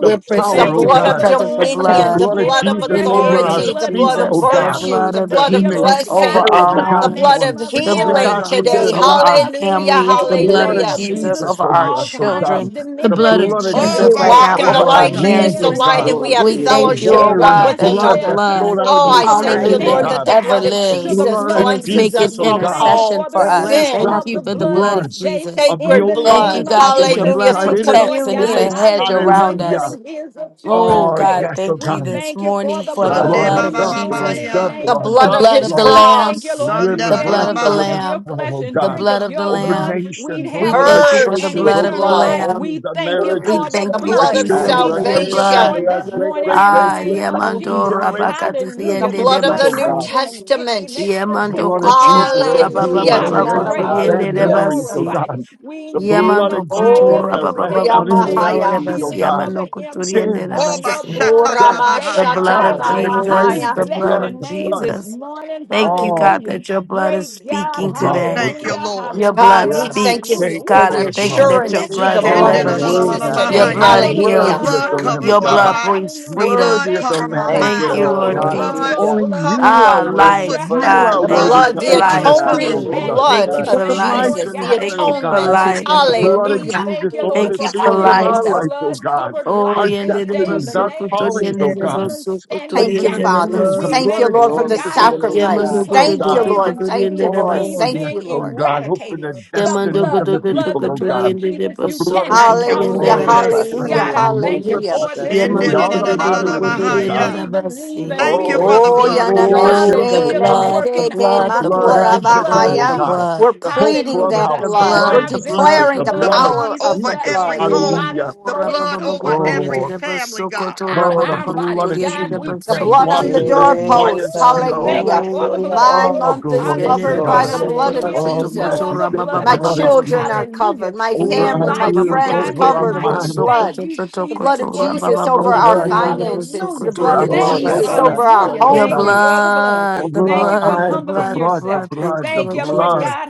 S6: The
S4: It's the
S6: power,
S3: Thank
S5: Thank
S6: oh
S5: you,
S3: you
S2: protected
S4: blood
S3: for
S4: of
S6: God,
S3: the
S2: because of
S5: Jesus.
S2: the
S3: thorns that
S6: the
S4: dominion,
S3: was
S4: the
S2: blood.
S6: blood of
S3: planted
S4: blood of
S3: on
S6: Jesus
S3: your
S2: in the
S6: over
S3: head. The
S2: name
S6: our
S4: authority,
S2: of
S4: the
S3: blood
S6: feet,
S4: blood of
S6: oh
S3: flowed
S2: Jesus, the
S3: down.
S6: God,
S4: virtue,
S2: blood
S3: We
S4: the
S2: of
S6: that
S4: blood
S3: thank
S6: we
S4: of
S3: you,
S6: may
S2: Jesus
S3: Lord
S2: over
S3: God,
S4: blessing,
S3: in the
S6: carry the
S2: our
S3: mighty
S4: the blood
S6: gospel
S2: homes,
S3: name
S6: and
S4: of
S3: of
S6: preach
S2: the
S6: the
S3: Jesus.
S2: blood
S1: Oh
S4: healing
S2: of
S6: gospel to
S1: God.
S6: the
S4: today.
S2: Jesus
S3: Just
S2: over
S3: for
S2: our
S6: nation.
S3: us this
S4: Hallelujah.
S2: families,
S6: The
S3: day,
S2: the
S3: in the
S2: blood
S6: blood
S2: of
S3: name
S6: of
S4: Hallelujah.
S3: of
S2: Jesus
S3: Jesus,
S6: Jesus
S2: over our
S6: over us, oh
S3: Alzheimer's
S6: God.
S2: children, the
S6: The
S3: dementia
S2: blood of
S6: blood
S3: is
S6: of
S3: de-
S4: If
S1: Oh
S4: we
S2: Jesus
S1: ba
S2: right
S6: Jesus
S1: ba
S4: walk
S2: now
S4: in the
S1: ba
S2: over
S6: over
S3: eradicated
S6: our
S2: our
S4: light,
S3: this
S4: He is
S1: son.
S3: day
S6: wounds,
S3: in
S4: the
S6: oh
S3: the
S2: marriages.
S4: light, and
S6: God.
S3: name
S4: we
S5: Glory
S3: of
S4: have
S5: to
S2: We
S5: your
S3: Jesus.
S6: The
S2: thank
S5: name,
S2: you,
S4: fellowship
S2: oh
S5: God.
S3: Every
S6: water and
S4: one
S6: the
S2: God,
S4: with
S3: cancer
S2: that your
S6: blood
S3: cell,
S6: that
S4: another.
S6: flowed
S2: blood,
S3: cancer
S6: out of
S4: Oh,
S6: your
S5: Thank
S4: I
S3: tissue
S5: you for
S4: thank
S3: must
S5: the
S6: side,
S4: you,
S6: oh
S4: Lord,
S2: hallelujah,
S5: blood.
S3: stand
S4: that the
S6: God.
S2: ever
S4: blood
S3: down
S4: of
S6: The
S3: to
S2: lives
S3: the
S4: Jesus
S6: blood
S3: blood
S6: of
S2: and
S3: of
S2: it's
S4: cleanses
S3: Jesus.
S2: making
S6: Jesus,
S4: us
S6: oh
S3: We
S4: from
S6: God.
S3: thank you
S2: intercession
S4: all
S3: for
S2: for
S3: the
S6: That
S2: us.
S6: last
S3: release
S2: Thank
S6: drop
S4: sin.
S3: of
S2: you
S3: the
S6: of
S2: for the
S3: blood
S2: blood of
S3: this
S6: blood
S3: day
S2: Jesus.
S6: of the
S3: in
S4: Sacred
S3: the
S6: old
S2: Thank you,
S6: covenant
S3: name
S4: blood.
S3: of
S2: God,
S6: system
S2: that
S6: when
S2: your
S6: you
S3: Jesus.
S4: Hallelujah.
S2: blood
S6: cried,
S4: Through
S3: Thank
S6: It
S3: you,
S6: is
S2: protects
S3: Lord
S2: and it's
S3: God.
S2: a
S4: communion,
S6: finished.
S2: hedge
S3: Hallelujah.
S2: around us.
S6: Hallelujah.
S3: Healing is the children's
S2: Oh
S6: Oh,
S2: God,
S3: bread.
S6: yes, oh
S2: thank
S3: We
S2: you
S6: God.
S2: this
S3: thank you for
S2: morning
S3: the
S6: The
S2: for the
S3: blood
S1: Shande
S2: blood
S6: blood,
S1: ba
S3: this
S2: of
S1: ba
S6: the
S5: Hallelujah.
S1: ba ba
S3: morning
S2: Jesus,
S6: blood,
S3: in the
S6: the
S1: ya.
S4: the
S3: name of
S6: blood,
S2: the
S4: blood
S6: the
S4: of
S3: Jesus.
S2: blood
S4: His
S2: of the
S6: blood.
S3: We thank
S2: Lamb,
S3: you,
S4: cross,
S3: Lord. You
S1: Shande
S2: the
S6: Rivers,
S1: la
S3: said
S1: la
S3: if
S2: blood
S6: let
S1: la
S2: of
S3: we
S2: the
S6: the
S3: eat
S1: ba.
S3: of
S6: rivers
S3: your
S2: Lamb,
S6: flow,
S3: flesh
S6: oh
S3: and
S2: the
S6: God.
S3: drink
S2: blood
S3: of
S2: of the
S3: your
S6: Over
S3: blood,
S2: Lamb.
S3: we'd
S6: nations,
S2: We
S3: have
S6: over our
S2: thank you
S3: life
S2: for the
S4: purged
S3: and
S6: churches,
S2: blood
S4: with
S2: of the
S6: over
S3: eternal
S6: our
S3: life.
S4: blood,
S2: Lamb.
S3: We
S6: homes, our
S3: thank you
S9: Glory,
S2: We
S3: for
S6: marriages,
S3: the
S4: the
S2: thank
S9: glory.
S2: you,
S6: our
S4: blood
S3: blood.
S4: of
S2: Jesus,
S6: children,
S3: We
S2: for
S6: our
S2: your
S3: thank you
S5: Ayabasoya.
S3: for
S2: blood.
S6: grandchildren,
S3: it
S4: salvation,
S6: our
S3: this
S6: great,
S9: Yanana,
S3: morning
S6: great,
S3: in the
S6: great,
S2: Ah,
S6: to
S3: name
S6: a
S3: of
S6: thousand
S2: yamando
S3: Jesus.
S6: generations into the
S4: the
S3: Hallelujah. The
S2: rabakatriende de
S4: blood of
S6: futures,
S4: the
S3: blood
S6: oh
S4: New
S6: God.
S3: works
S2: basi.
S3: in and it, it
S4: Testament.
S3: makes the
S6: The
S2: Yamando
S6: blood
S3: difference
S6: of
S3: in
S2: koto
S3: our
S6: Jesus that
S3: lives.
S5: Glory to
S6: heals
S4: Hallelujah.
S5: your
S6: and
S3: God,
S4: Do
S5: name,
S3: we
S4: not
S5: God.
S6: erases
S4: allow
S3: praise
S4: it.
S3: you.
S6: bad
S3: We
S2: rababababakotoriende de
S5: Hallelujah.
S6: memories, oh
S2: basi.
S3: glorify you.
S6: God.
S3: We
S6: The blood
S2: Yamando
S6: of
S3: magnify
S6: Jesus
S2: koto
S3: you
S6: that
S3: this
S4: Oh,
S6: rests
S3: day in
S6: out
S3: the
S5: Thank
S3: name
S5: you,
S2: rabababakotoriende
S4: Yamahaya.
S3: of
S2: de
S6: immorality, oh
S2: basi.
S3: Jesus
S5: Jesus.
S6: God.
S3: for
S2: Yamando
S3: the imprints
S2: kotoriende
S6: Sin,
S2: de
S3: of
S1: Oh ba
S3: your
S2: basi.
S6: sickness,
S1: sha ta
S3: blood
S1: la
S3: this
S1: la
S6: death,
S3: day
S2: The
S1: baha ya.
S3: upon
S2: blood
S3: our
S2: of
S6: hell, and the
S3: lives. We
S6: grave,
S2: Jesus,
S4: Oramashatalahaya.
S6: the
S2: the
S3: bless
S2: blood
S3: your
S6: blood,
S2: of
S6: the
S3: name
S6: blood,
S3: this
S2: Jesus.
S3: morning.
S2: Thank you,
S6: all
S2: God,
S3: Hallelujah.
S2: that your blood is
S3: Great God.
S2: speaking
S6: of love,
S2: today.
S6: oh
S1: Thank you,
S6: God.
S3: Hallelujah.
S1: Lord.
S2: Your
S4: God,
S2: blood
S4: we
S3: Hallelujah.
S6: Yeah,
S4: thank you
S2: speaks.
S3: Hallelujah.
S6: thank you
S3: Woo.
S4: for
S2: God,
S6: for
S4: the
S2: I
S6: the
S2: thank you
S3: We
S6: blood.
S2: that your
S4: assurance
S3: bless
S4: through
S3: your
S4: the
S2: blood
S5: Glory
S4: blood
S3: name
S5: to
S4: of
S6: Oh,
S3: this
S5: your
S2: delivers.
S5: name,
S6: worthy
S4: Jesus
S3: morning.
S6: is
S5: God.
S6: the
S2: Your
S4: today.
S3: Thank
S5: Thank
S3: you
S5: you,
S6: Lamb,
S1: Shendelalalalamahaya.
S3: for
S2: blood
S3: the
S5: Jesus.
S1: The
S4: Hallelujah.
S6: worthy
S3: blood.
S2: heals.
S6: is
S1: blood
S6: the Lamb of
S1: covers
S2: Your
S1: my
S6: God,
S3: Hallelujah.
S2: blood
S1: body.
S2: brings
S3: Hallelujah.
S1: The
S2: freedom.
S6: worthy
S1: blood
S6: is
S3: Thank
S6: the
S3: you
S1: cover
S3: for
S1: my
S3: the
S6: Lamb who
S5: Thank you,
S2: Thank
S1: mind,
S6: shed
S2: you,
S6: his
S5: Lord.
S1: God. The
S3: outpouring
S2: Lord
S6: blood.
S3: of
S1: blood
S3: your
S2: Jesus.
S5: Hallelujah.
S6: Only
S3: blood.
S1: cover,
S6: you are
S2: Ah,
S1: Father, my
S6: worthy.
S5: Thank you
S3: Hallelujah.
S2: life,
S5: for
S6: You
S1: footsteps.
S5: your
S1: The
S2: God.
S6: are
S4: The
S3: Hallelujah.
S2: Thank
S5: divine
S2: you
S6: worthy
S1: blood,
S4: blood,
S6: to
S2: for
S4: the
S3: Making
S6: open
S5: protection,
S3: us
S1: Father,
S6: the
S2: life.
S5: God.
S3: fresh
S1: covers
S6: seals
S5: Thank
S4: atoning
S5: you
S6: in
S1: me.
S3: and
S6: the
S5: for the
S3: new.
S4: blood
S2: Thank you
S3: We
S5: blood,
S6: book
S2: for
S4: of
S6: of
S3: thank you,
S5: Jesus.
S6: life
S2: life.
S3: Lord
S4: Jesus,
S6: in
S4: the
S3: God,
S6: heaven,
S3: in the
S2: Thank
S6: oh
S2: you for
S3: name
S6: God.
S4: atonement.
S9: Life
S3: of
S9: is
S2: life.
S9: in the
S6: The
S3: Jesus.
S6: blood of
S9: blood.
S3: We
S4: Hallelujah.
S3: thank
S6: Jesus
S3: you,
S6: over
S3: Lord,
S6: the
S2: Thank
S3: for
S2: you
S4: Hallelujah.
S3: us
S2: for
S6: seals of
S3: living a
S9: Yes,
S2: life.
S6: our
S4: Hallelujah.
S9: God.
S6: life, oh
S3: blood
S6: God.
S3: covered
S2: Oh,
S3: life
S6: Our
S3: this
S2: yende de
S3: day in
S6: destinies,
S3: the
S2: basu
S6: our
S3: name of
S9: Yes, yes.
S2: kuturi,
S6: callings,
S2: yende
S6: oh
S3: Jesus.
S2: de
S9: yes.
S6: God.
S3: Demons
S2: basu kuturi,
S3: standing
S4: Thank
S6: Open
S4: you,
S6: the
S2: yende
S9: In the
S3: down.
S2: de
S4: Father.
S6: seals, the
S9: blood.
S3: We
S2: basu.
S4: Thank
S6: blood
S4: you,
S3: thank
S6: of
S3: you,
S4: Lord, for
S3: Lord
S4: the
S5: Glory
S6: Jesus
S5: to
S3: God, and
S5: your
S6: over those
S5: name,
S3: evil
S2: Yamando
S5: God.
S4: sacrifice.
S6: seals, oh
S3: plot
S2: godo
S4: Thank
S2: do
S4: you,
S6: God.
S9: Yeah,
S2: do
S3: plans and
S4: Lord.
S9: no,
S2: godo
S4: Thank
S2: the
S4: you,
S3: screen
S2: da
S4: Lord.
S6: Oh,
S3: schemes
S4: Thank
S6: yes,
S2: basi.
S3: being
S4: you,
S6: oh
S4: Lord.
S6: God, open the
S3: eradicated. The
S2: Yamando
S6: destinies
S3: blood,
S6: of
S2: godo
S3: the
S6: the
S2: do do
S3: blood,
S6: people,
S3: the
S6: oh
S3: blood of
S6: God.
S2: godo the de
S3: Jesus.
S6: The
S3: You
S2: basso
S6: blood of
S3: cannot
S2: godo
S1: Thank
S6: Jesus
S1: you,
S3: cross
S4: Hallelujah.
S2: riende
S3: that
S6: over
S2: da
S1: Lord.
S6: this
S5: Hoya
S3: line.
S2: basi.
S4: Hallelujah.
S6: assignment
S3: God, I
S5: basoya.
S6: room. What
S3: thank
S5: Thank
S6: you're
S5: you,
S3: you
S4: Hallelujah.
S6: about
S3: for it
S6: to
S3: this
S5: Jesus.
S2: Yamando
S3: morning
S6: all
S3: in
S6: the
S3: the
S2: godo do
S3: name
S2: do
S3: of
S6: moderators,
S2: godo
S6: oh
S3: Jesus.
S2: riende
S6: God.
S3: We
S2: da
S1: Shendelalalalamahaya.
S3: believe
S2: basi.
S3: and
S1: Thank
S3: we
S1: you
S6: Oh,
S1: for the
S4: Oh,
S6: everyone in
S3: receive,
S1: blood.
S6: the
S2: Oh,
S6: audience,
S2: the
S4: Yanameshe,
S6: oh
S3: hallelujah, the
S6: God.
S2: blood, the
S3: working
S6: The
S4: Lemekete,
S3: of
S2: blood,
S3: the
S2: the
S6: blood,
S3: blood,
S4: Makura
S3: the
S6: every
S2: blood, the
S3: blood
S6: visitor,
S2: blood,
S3: of
S6: oh
S4: Bahaya.
S6: God.
S3: Jesus,
S4: We're
S6: The whole
S4: pleading
S3: hallelujah,
S4: that
S3: the
S2: the
S6: clubhouse, the
S4: blood.
S6: blood
S4: We're
S2: blood,
S6: of
S3: anti
S2: the blood, the blood,
S6: Jesus,
S3: venomous
S4: declaring
S2: the
S6: the
S4: the
S1: The
S3: blood
S6: blood
S2: blood.
S6: of
S3: of
S1: blood
S4: power of
S3: Jesus,
S4: the
S1: over
S3: the
S6: Jesus,
S1: every
S4: blood.
S1: home.
S6: hallelujah.
S3: antibodies
S2: Oh,
S1: The
S3: flowing
S1: blood
S3: through
S2: rababa
S1: over
S2: godo
S1: every
S2: riende
S6: Oh,
S2: de
S1: family,
S2: basso
S1: God.
S2: godo
S3: out of
S6: oh, the
S2: rababa
S3: our
S2: godo
S6: blood
S3: bodies.
S6: of
S2: riende
S3: God,
S2: de
S3: we
S6: Jesus
S4: The
S2: basso
S6: that
S3: praise
S4: blood
S3: you
S2: godo
S4: on
S3: this
S4: the
S6: washes
S2: riende
S6: us
S2: da.
S3: morning.
S6: white
S5: Yeah,
S4: doorposts.
S6: as
S3: Woo,
S5: God.
S3: we
S6: snow.
S5: Yeah,
S3: thank you
S4: Hallelujah.
S2: Oh.
S3: for the
S5: basoya.
S3: blood.
S4: My
S6: Oh,
S3: Woo,
S4: month is
S6: glory
S2: Yende
S6: to
S5: Yes,
S2: de
S4: covered
S3: hallelujah,
S6: God.
S5: Lord.
S4: by the
S5: In the
S2: basso
S4: blood
S5: name
S4: of
S2: godo
S5: of
S3: hallelujah.
S6: Oh,
S3: No
S6: yes,
S5: Jesus.
S4: Jesus.
S6: we
S3: other
S6: get the
S3: blood
S4: My
S3: will
S6: blood
S2: rababa
S6: of
S3: work.
S4: children
S2: godo.
S6: Jesus
S4: are
S3: Hallelujah.
S4: covered. My
S2: Your
S6: over
S3: None
S6: our
S4: family,
S2: blood,
S4: my
S3: like you,
S6: ears,
S4: friends
S3: God,
S6: over our
S3: none
S4: covered
S2: the
S3: like
S4: with the
S3: you.
S6: mind,
S3: Thank
S4: blood.
S3: you,
S4: The blood
S3: Jesus,
S4: of
S3: for
S4: Jesus
S3: your
S4: over our
S6: over
S3: blood.
S6: our nose,
S4: finances. The
S3: Hallelujah.
S6: over
S4: blood
S6: our
S4: of
S3: Thank
S6: mouth,
S3: you,
S5: Hoya
S4: Jesus
S6: over our
S4: over
S6: touch,
S4: our
S3: hallelujah.
S6: oh
S5: babasoya.
S3: Thank you
S6: God,
S3: for
S4: homes.
S3: the blood.
S6: over
S3: Thank
S6: our
S3: you for
S2: blood, the
S6: eyes, the
S3: humbling
S2: blood, the
S6: blood, the
S3: yourself.
S2: blood. Thank
S6: blood,
S2: you,
S6: the
S3: Thank
S2: Lord
S3: you, Lord
S6: blood,
S2: Jesus.
S3: God.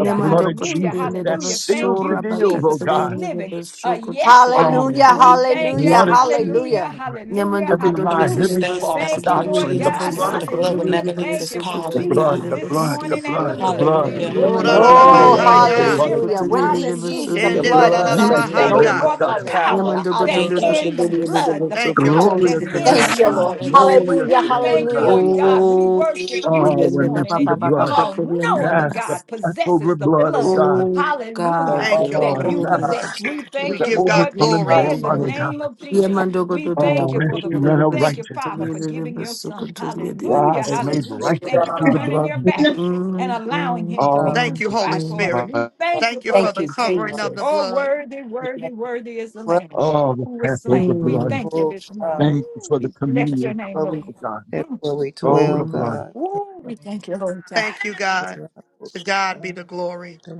S6: the blood of
S3: hallelujah,
S2: koturi
S6: Jesus
S2: ne de
S6: that
S3: hallelujah. Thank
S6: seals the
S3: you,
S2: basura
S6: deal, oh
S3: Jesus, for
S2: bakaturi
S6: God.
S2: ne de
S3: living
S2: basu
S3: a yes
S2: kotutu
S3: life.
S6: Oh,
S4: Hallelujah,
S3: We
S2: koturi ne
S3: thank you.
S4: hallelujah,
S6: blood
S2: basi.
S6: of Jesus
S4: hallelujah.
S3: Hallelujah.
S6: over
S3: Hallelujah.
S2: Nemando
S6: every
S10: to
S2: koturi
S10: be
S2: ne
S6: lie,
S3: Hallelujah.
S2: de
S6: every
S10: sustained
S2: basu
S6: false
S10: by the
S3: Thank
S10: blood
S2: koturi
S3: you,
S10: of
S2: ne
S3: Lord
S6: doctrine,
S2: de
S6: the
S3: God.
S10: Jesus,
S6: blood
S2: basu
S10: Lord. The
S6: of
S10: blood will
S2: koturi
S6: Jesus,
S3: Hallelujah.
S2: ne
S10: never
S2: de
S10: lose
S3: Thank
S10: its
S3: you
S2: basu
S3: for
S10: power,
S6: the
S9: no,
S2: koturi ne
S6: blood,
S3: Jesus
S2: de
S6: the
S10: God.
S3: this
S6: blood, the
S2: basi.
S3: morning and the
S6: blood,
S5: Mm,
S6: the
S3: blood.
S6: blood.
S5: mm,
S3: Woo,
S10: Hallelujah.
S5: The
S2: Nemando
S3: the
S5: blood of
S6: Oh,
S3: blood
S2: koturi
S4: Oh,
S5: Jesus.
S2: ne
S6: for
S2: de
S6: the
S3: makes
S9: no.
S3: the
S1: Orararamahaya.
S2: basu
S6: blood of
S4: hallelujah.
S3: difference.
S2: koturi
S4: When
S2: ne
S4: he
S2: de
S6: Jesus,
S4: sees
S2: basu
S3: Hallelujah.
S4: the
S2: ne
S5: The
S3: Woo,
S2: de
S4: blood, he
S5: blood
S3: we
S5: that
S2: basi.
S4: passes
S6: beautiful
S3: thank
S5: never
S3: you
S6: Lamb
S1: Shendelalalalamahanda.
S6: of
S3: for
S4: over.
S5: loses
S3: the
S6: God
S5: its
S3: power
S5: power.
S4: Hallelujah.
S2: Yamando
S5: The
S2: go do
S3: that's
S2: do
S10: Thank you,
S2: do do
S4: Hallelujah.
S5: blood.
S2: do
S3: in the
S2: do do do
S10: Jesus.
S3: blood,
S2: do do
S3: the
S1: Thank you,
S2: do to
S3: power
S2: be
S1: Lord.
S6: Glorious
S3: that's
S2: in the
S3: in
S6: Lamb
S3: the
S6: of
S4: Thank
S2: bus.
S4: you,
S3: name
S6: God,
S3: of
S4: Lord.
S3: Jesus.
S10: Hallelujah.
S6: glorious
S4: Hallelujah.
S3: We
S6: Lamb of
S3: thank
S5: Thank
S3: you,
S5: you,
S6: God.
S4: Hallelujah.
S3: Lord God.
S5: Jesus.
S3: We
S2: Oh,
S3: worship you
S6: Oh,
S3: this
S2: yende
S6: when I
S2: da
S3: morning
S2: ba
S6: see the
S2: ba
S3: and
S2: ba
S3: you
S2: ba
S6: blood,
S2: go to
S3: alone.
S2: be in
S3: No
S2: the
S3: other
S6: yes, the
S3: God
S2: bus.
S6: Passover
S3: possesses the
S6: blood, oh
S3: blood.
S9: Yes,
S6: God.
S2: Oh
S3: Hallelujah
S5: Thank
S2: God,
S5: you,
S1: Thank you,
S3: that
S6: Oh,
S5: Lord.
S2: oh
S1: Lord.
S9: oh
S3: you
S2: yende
S6: yes,
S2: da
S3: possess.
S9: God.
S2: bus so
S3: We
S2: go to
S3: thank
S1: We
S6: the
S9: Yes,
S3: you
S2: be.
S1: give
S3: for
S9: Lord.
S1: God
S3: this
S6: overcoming
S1: glory
S3: day
S9: Wow.
S3: in
S1: this
S3: the
S6: blood, oh
S1: morning.
S6: God.
S3: name of Jesus.
S2: Yamando go
S3: We
S2: do do do
S3: thank
S6: Oh,
S3: you
S2: go to be
S3: for the
S2: in the
S6: instrument
S3: blood.
S6: of
S2: bus
S3: Thank
S2: so
S3: you,
S2: go to
S3: Father,
S2: be in
S3: for
S6: righteousness.
S2: the
S3: giving
S2: bus
S3: your
S2: so go
S3: son.
S2: to be in the
S3: Hallelujah.
S6: Yes,
S2: bus.
S5: Thank you.
S6: made
S5: Jesus.
S3: Hallelujah.
S9: Oh, God, no, no,
S6: righteous
S3: Thank you for
S6: through the
S9: no.
S3: turning your
S6: blood.
S3: back
S9: Yes,
S3: and
S2: Mm
S3: allowing
S2: mm
S3: him to be
S6: Oh,
S9: God.
S1: Thank
S2: mm
S1: you, Holy
S3: crucified for
S2: mm
S3: us.
S1: Spirit.
S3: We
S6: my-
S9: God,
S3: thank you
S1: Thank you
S9: God,
S3: for
S1: for
S3: it
S4: Thank
S1: the
S4: you,
S3: this day.
S1: covering
S9: God.
S1: of the
S4: Jesus.
S3: Oh,
S1: blood.
S3: worthy,
S9: You
S3: worthy,
S9: got us
S3: worthy is the
S9: Well,
S3: Lamb
S6: oh, the
S3: who was
S6: Passover
S3: slain. We
S6: blood.
S2: mm.
S3: thank you
S9: oh
S3: this morning.
S9: God.
S6: Thank you
S3: Ooh,
S6: for the
S3: we bless your
S6: communion
S3: name,
S9: But
S6: cup,
S9: we,
S3: Lord.
S6: oh God.
S9: God.
S3: Mm.
S9: where we
S6: Oh,
S9: dwell,
S6: the
S2: mm.
S6: blood.
S9: God. Yes,
S3: Ooh, we
S9: Lord.
S3: thank you, Lord God.
S1: Thank you, God. To
S9: Yes,
S1: God be the glory.
S9: Lord.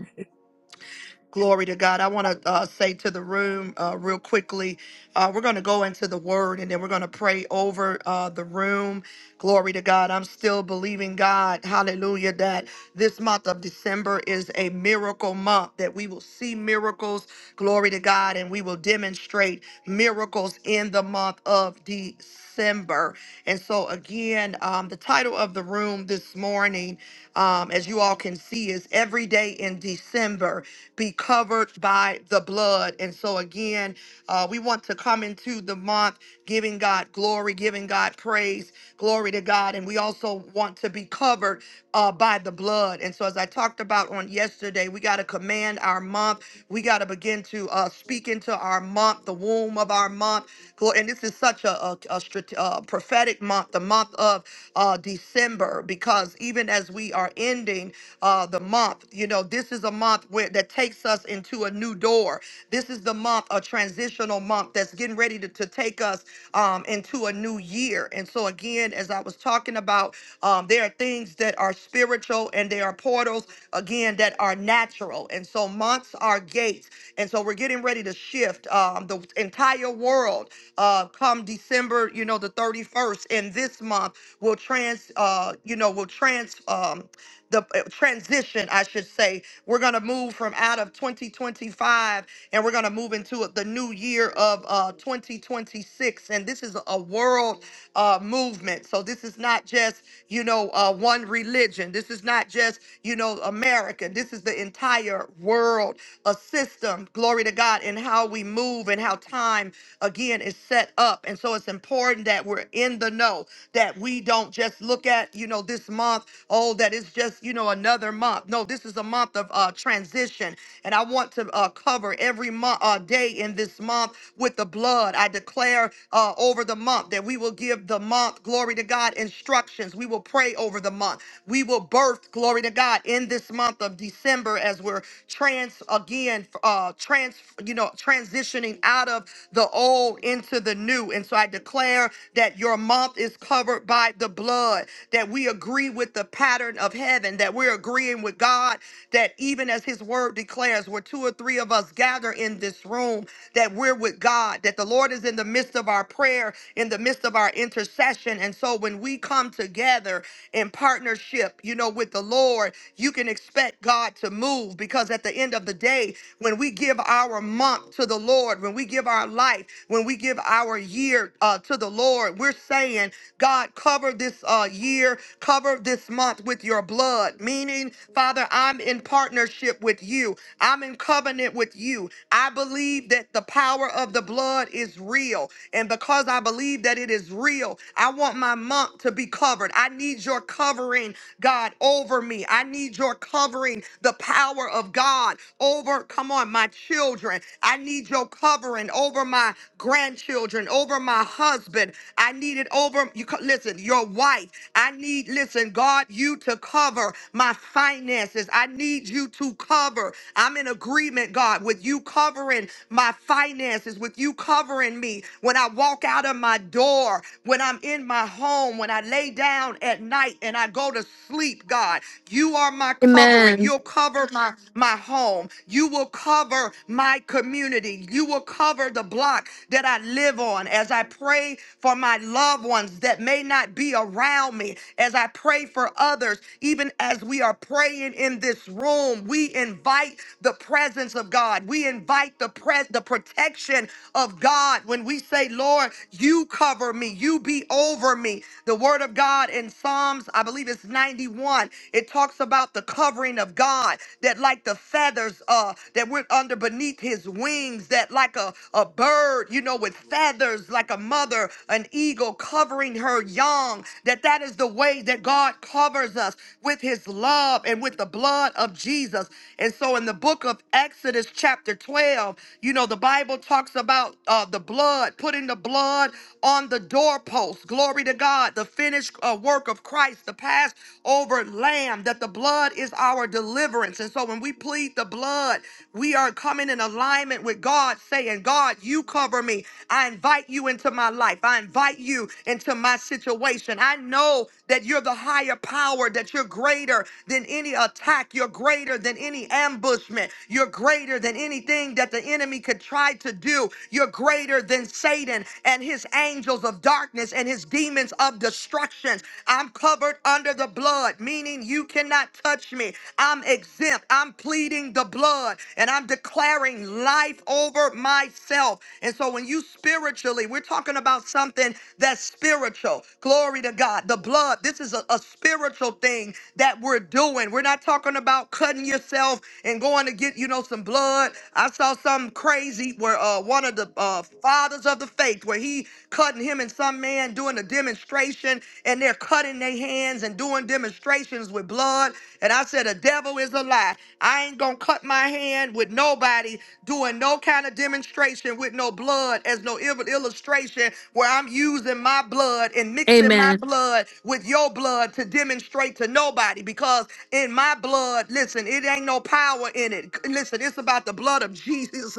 S1: Glory to God. I want to uh, say to the room uh, real quickly, uh, we're going to go into the word and then we're going to pray over uh, the room. Glory to God. I'm still believing God, hallelujah, that this month of December is a miracle month, that we will see miracles, glory to God, and we will demonstrate miracles in the month of December. And so, again, um, the title of the room this morning, um, as you all can see, is Every Day in December be covered by the blood. And so, again, uh, we want to come into the month giving God glory, giving God praise, Glory to God. And we also want to be covered uh, by the blood. And so, as I talked about on yesterday, we got to command our month. We got to begin to uh, speak into our month, the womb of our month. Glo- And this is such a, a, a strate- uh, prophetic month, the month of uh, December, because even as we are ending uh, the month, you know, this is a month where that takes us into a new door. This is the month, a transitional month that's getting ready to, to take us um, into a new new year. And so, again, as I was talking about, um, there are things that are spiritual and there are portals, again, that are natural. And so, months are gates. And so, we're getting ready to shift um, the entire world uh, come December, you know, the 31st and this month will trans, uh, you know, will trans. Um, the uh, transition, I should say. We're going to move from out of 2025 and we're going to move into the new year of uh, 2026. And this is a world uh, movement. So this is not just, you know, uh, one religion. This is not just, you know, America. This is the entire world, a system, glory to God, and how we move and how time, again, is set up. And so it's important that we're in the know, that we don't just look at, you know, this month oh, that it's just, you know, another month. No, this is a month of uh, transition. And I want to uh, cover every month, uh, day in this month with the blood. I declare uh, over the month that we will give the month, glory to God, instructions. We will pray over the month. We will birth, glory to God, in this month of December as we're trans again, uh, trans, you know, transitioning out of the old into the new. And so I declare that your month is covered by the blood, that we are agree with the pattern of heaven, that we're agreeing with God, that even as his word declares, where two or three of us gather in this room, that we're with God, that the Lord is in the midst of our prayer, in the midst of our intercession. And so when we come together in partnership, you know, with the Lord, you can expect God to move because at the end of the day, when we give our month to the Lord, when we give our life, when we give our year uh, to the Lord, we're saying, God, cover this uh, uh, year. Cover this month with your blood, meaning, Father, I'm in partnership with you. I'm in covenant with you. I believe that the power of the blood is real. And because I believe that it is real, I want my month to be covered. I need your covering, God, over me. I need your covering, the power of God over, come on, my children. I need your covering over my grandchildren, over my husband. I need it over you. co- Listen, husband, your wife. I need, listen, God, you to cover my finances. I need you to cover. I'm in agreement, God, with you covering my finances, with you covering me when I walk out of my door, when I'm in my home, when I lay down at night and I go to sleep, God. You are my covering.
S2: Amen.
S1: You'll cover my, my home. You will cover my community. You will cover the block that I live on as I pray for my loved ones ones that may not be around me, as I pray for others, even as we are praying in this room, we invite the presence of God. We invite the pres the protection of God when we say, Lord, you cover me, you be over me. The word of God in Psalms, I believe it's 91, it talks about the covering of God that like the feathers uh that went under beneath his wings, that like a, a bird, you know, with feathers, like a mother, an eagle eagle covering her young, that that is the way that God covers us with his love and with the blood of Jesus. And so in the book of Exodus chapter 12, you know, the Bible talks about uh, the blood, putting the blood on the doorpost. Glory to God, the finished uh, work of Christ, the Passover lamb, that the blood is our deliverance. And so when we plead the blood, we are coming in alignment with God, saying, God, you cover me. I invite you into my my life. I invite you into my situation. I know that you're the higher power, that you're greater than any attack, you're greater than any ambushment, you're greater than anything that the enemy could try to do, you're greater than Satan and his angels of darkness and his demons of destruction. I'm covered under the blood, meaning you cannot touch me. I'm exempt. I'm pleading the blood and I'm declaring life over myself. And so when you spiritually spiritually. We're talking about something that's spiritual. Glory to God. The blood, this is a, a spiritual thing that we're doing. We're not talking about cutting yourself and going to get, you know, some blood. I saw something crazy where uh, one of the uh, fathers of the faith, where he cutting him and some man doing a demonstration, and they're cutting their hands and doing demonstrations with blood. And I said, the devil is a lie. I ain't gonna cut my hand with nobody doing no kind of demonstration with no blood blood as no ill- illustration where I'm using my blood and mixing my
S2: Amen.
S1: blood with your blood to demonstrate to nobody because in my blood, listen, it ain't no power in it. Listen, it's about the blood of Jesus.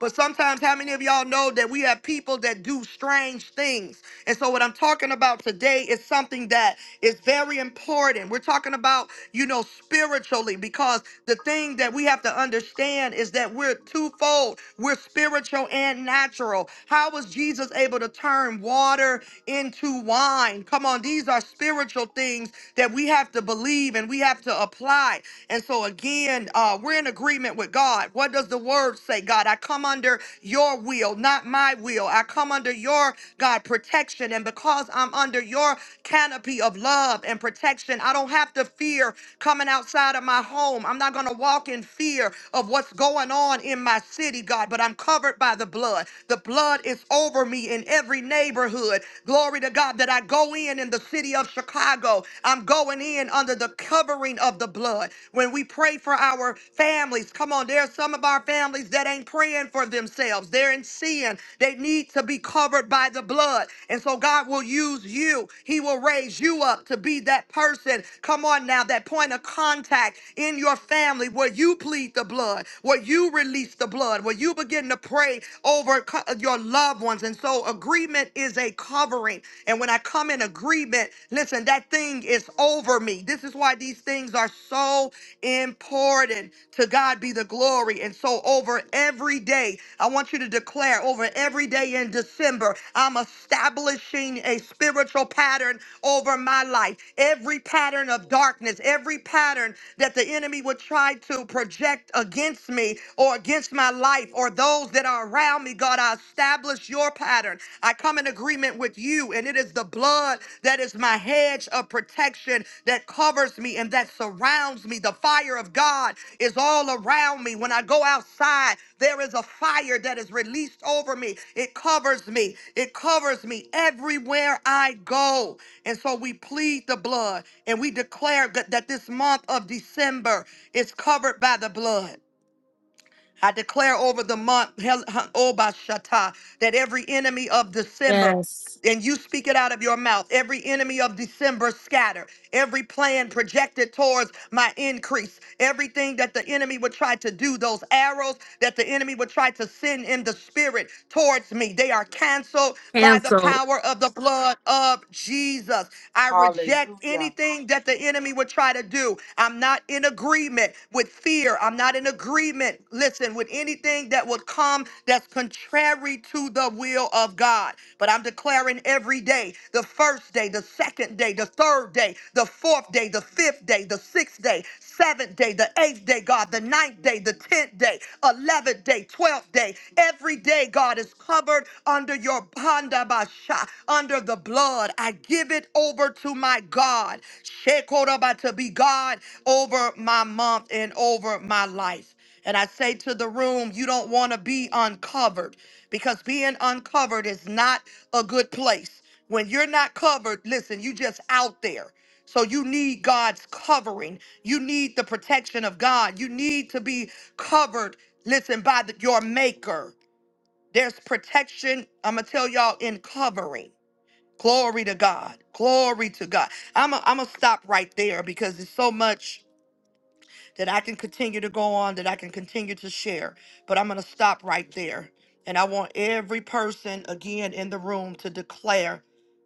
S1: But sometimes, how many of y'all know that we have people that do strange things? And so, what I'm talking about today is something that is very important. We're talking about, you know, spiritually, because the thing that we have to understand is that we're twofold. We're spiritual and natural. How was Jesus able to turn water into wine? Come on, these are spiritual things that we have to believe and we have to apply. And so, again, uh, we're in agreement with God. What does the word say? God, I come under your will, not my will. I come under your, God, protection. And because I'm under your canopy of love and protection, I don't have to fear coming outside of my home. I'm not going to walk in fear of what's going on in my city, God, but I'm covered by the blood. The blood is over me in every neighborhood. Glory to God that I go in in the city of Chicago. I'm going in under the covering of the blood. When we pray for our families, come on, there's some of our families that ain't praying for themselves. They're in sin. They need to be covered by the blood. And so God will use you. He will raise you up to be that person. Come on now, that point of contact in your family where you plead the blood, where you release the blood blood, where you begin to pray over co- your loved ones. And so agreement is a covering. And when I come in agreement, listen, that thing is over me. This is why these things are so important. To God be the glory. And so over every day, I want you to declare over every day in December, I'm establishing a spiritual pattern over my life. Every pattern of darkness, every pattern that the enemy would try to project against me or against my life or those that are around me, God, I establish your pattern. I come in agreement with you, and it is the blood that is my hedge of protection that covers me and that surrounds me. The fire of God is all around me. When I go outside, there is a fire that is released over me. It covers me. It covers me everywhere I go. And so we plead the blood and we declare that that this month of December is covered by the blood. I declare over the month, Hel- Ha- Obashata, that every enemy of December,
S2: Yes.
S1: and you speak it out of your mouth, every enemy of December scatter, every plan projected towards my increase, everything that the enemy would try to do, those arrows that the enemy would try to send in the spirit towards me, they are canceled by the
S2: Cancel.
S1: power of the blood of Jesus. I reject
S7: Hallelujah.
S1: anything that the enemy would try to do. I'm not in agreement with fear. I'm not in agreement, listen, with anything that would come that's contrary to the will of God. But I'm declaring every day the first day, the second day, the third day, the fourth day, the fifth day, the sixth day, seventh day, the eighth day, God, the ninth day, the tenth day, eleventh day, twelfth day, every day, God. God is covered under your bandabasha, under the blood. I give it over to my God. Shekoraba to be God over my month and over my life. And I say to the room, you don't want to be uncovered because being uncovered is not a good place. When you're not covered, listen, you just out there. So you need God's covering. You need the protection of God. You need to be covered, listen, by the, your maker. There's protection. I'm going to tell y'all in covering. Glory to God. Glory to God. I'm going to stop right there because it's so much that I can continue to go on, that I can continue to share. But I'm going to stop right there. And I want every person again in the room to declare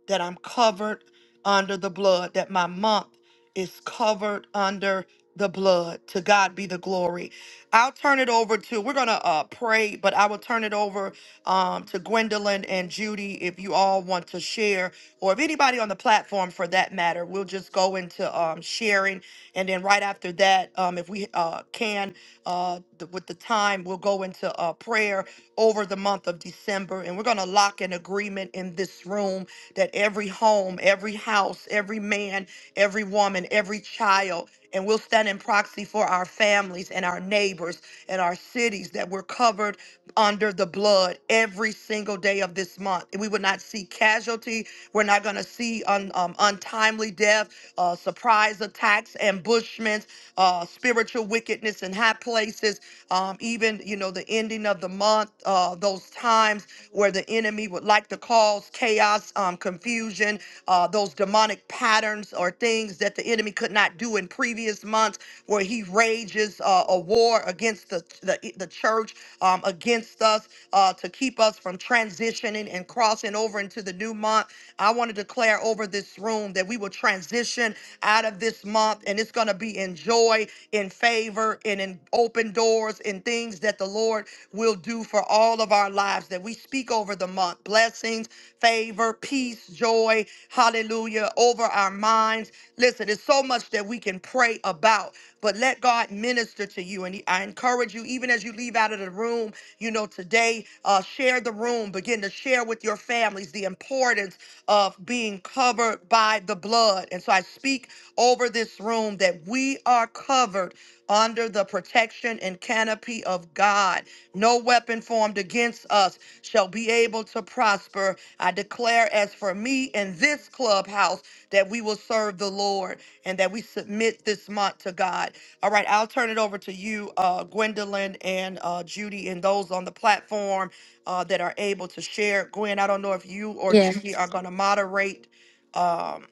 S1: that I'm covered under the blood, that my month is covered under the blood. To God be the glory. I'll turn it over to, we're going to uh, pray, but I will turn it over um, to Gwendolyn and Judy if you all want to share, or if anybody on the platform for that matter, we'll just go into um, sharing and then right after that, um, if we uh, can, uh, th- with the time, we'll go into uh, prayer over the month of December. And we're going to lock an agreement in this room that every home, every house, every man, every woman, every child, and we'll stand in proxy for our families and our neighbors and our cities that we're covered under the blood every single day of this month. And we would not see casualty we're not going to see un, um, untimely death, uh, surprise attacks, ambushments, uh, spiritual wickedness in high places. Um, even you know the ending of the month, uh, those times where the enemy would like to cause chaos, um, confusion, uh, those demonic patterns or things that the enemy could not do in previous months, where he rages uh, a war against the the, the church, um, against us, uh, to keep us from transitioning and crossing over over into the new month. I want to declare over this room that we will transition out of this month and it's going to be in joy, in favor, and in open doors, in things that the Lord will do for all of our lives. That we speak over the month blessings, favor, peace, joy, hallelujah, over our minds. Listen, there's so much that we can pray about, but let God minister to you. And I encourage you, even as you leave out of the room, you know, today, uh, share the room begin to share with your families the importance of being covered by the blood. And so I speak over this room that we are covered under the protection and canopy of God. No weapon formed against us shall be able to prosper. I declare, as for me in this clubhouse, that we will serve the Lord and that we submit this month to God. All right, I'll turn it over to you, uh, Gwendolyn and uh, Judy, and those on the platform uh, that are able to share. Gwen, I don't know if you or
S2: Yes.
S1: Judy are going to moderate. Um,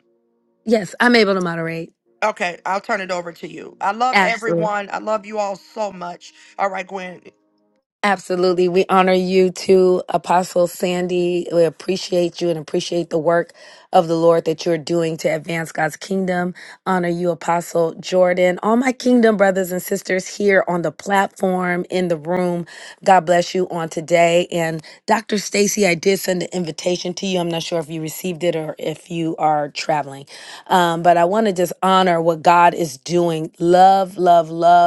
S2: Yes. I'm able to moderate.
S1: okay, I'll turn it over to you. I love
S2: Absolutely.
S1: everyone. I love you all so much. All right, Gwen.
S2: Absolutely. We honor you too, Apostle Sandy. We appreciate you and appreciate the work of the Lord that you're doing to advance God's kingdom. Honor you, Apostle Jordan. All my kingdom brothers and sisters here on the platform, in the room. God bless you on today. And Dr. Stacy, I did send an invitation to you. I'm not sure if you received it or if you are traveling. Um, but I want to just honor what God is doing. Love, love, love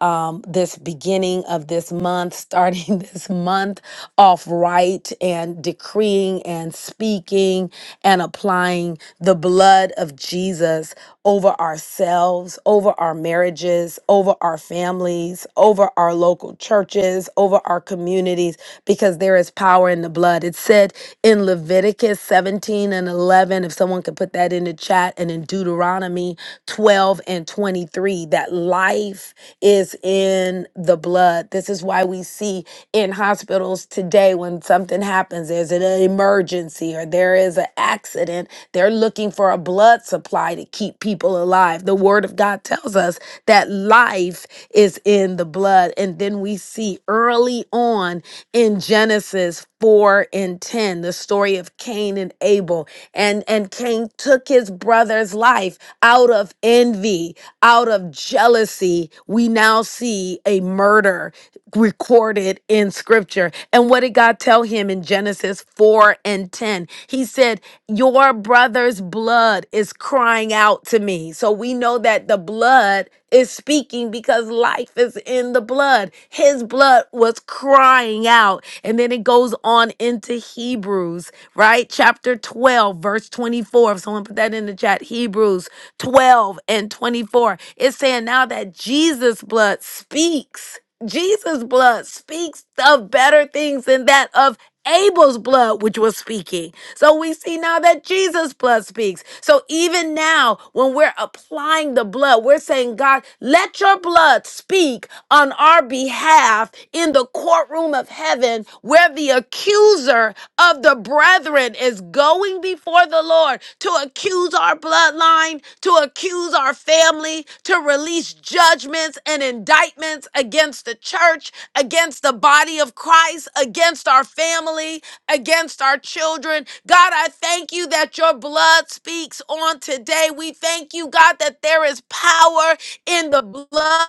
S2: um, this beginning of this month, starting this month off right and decreeing and speaking and applying the blood of Jesus over ourselves, over our marriages, over our families, over our local churches, over our communities, because there is power in the blood. It said in Leviticus 17 and 11, if someone could put that in the chat, and in Deuteronomy 12 and 23, that life is in the blood. This is why we see in hospitals today when something happens, there's an emergency or there is an accident, they're looking for a blood supply to keep people alive. The word of God tells us that life is in the blood. And then we see early on in Genesis 4 and 10, the story of Cain and Abel. And, and Cain took his brother's life out of envy out of jealousy, we now see a murder recorded in scripture. And what did God tell him in Genesis 4 and 10? He said, Your brother's blood is crying out to me. So we know that the blood is speaking because life is in the blood. His blood was crying out. And then it goes on into Hebrews, right? Chapter 12, verse 24. If someone put that in the chat, Hebrews 12 and 24. It's saying now that Jesus' blood speaks. Jesus' blood speaks of better things than that of Abel's blood, which was speaking. So we see now that Jesus' blood speaks. So even now, when we're applying the blood, we're saying, God, let your blood speak on our behalf in the courtroom of heaven where the accuser of the brethren is going before the Lord to accuse our bloodline, to accuse our family, to release judgments and indictments against the church, against the body of Christ, against our family, against our children. God, I thank you that your blood speaks on today. We thank you, God, that there is power in the blood.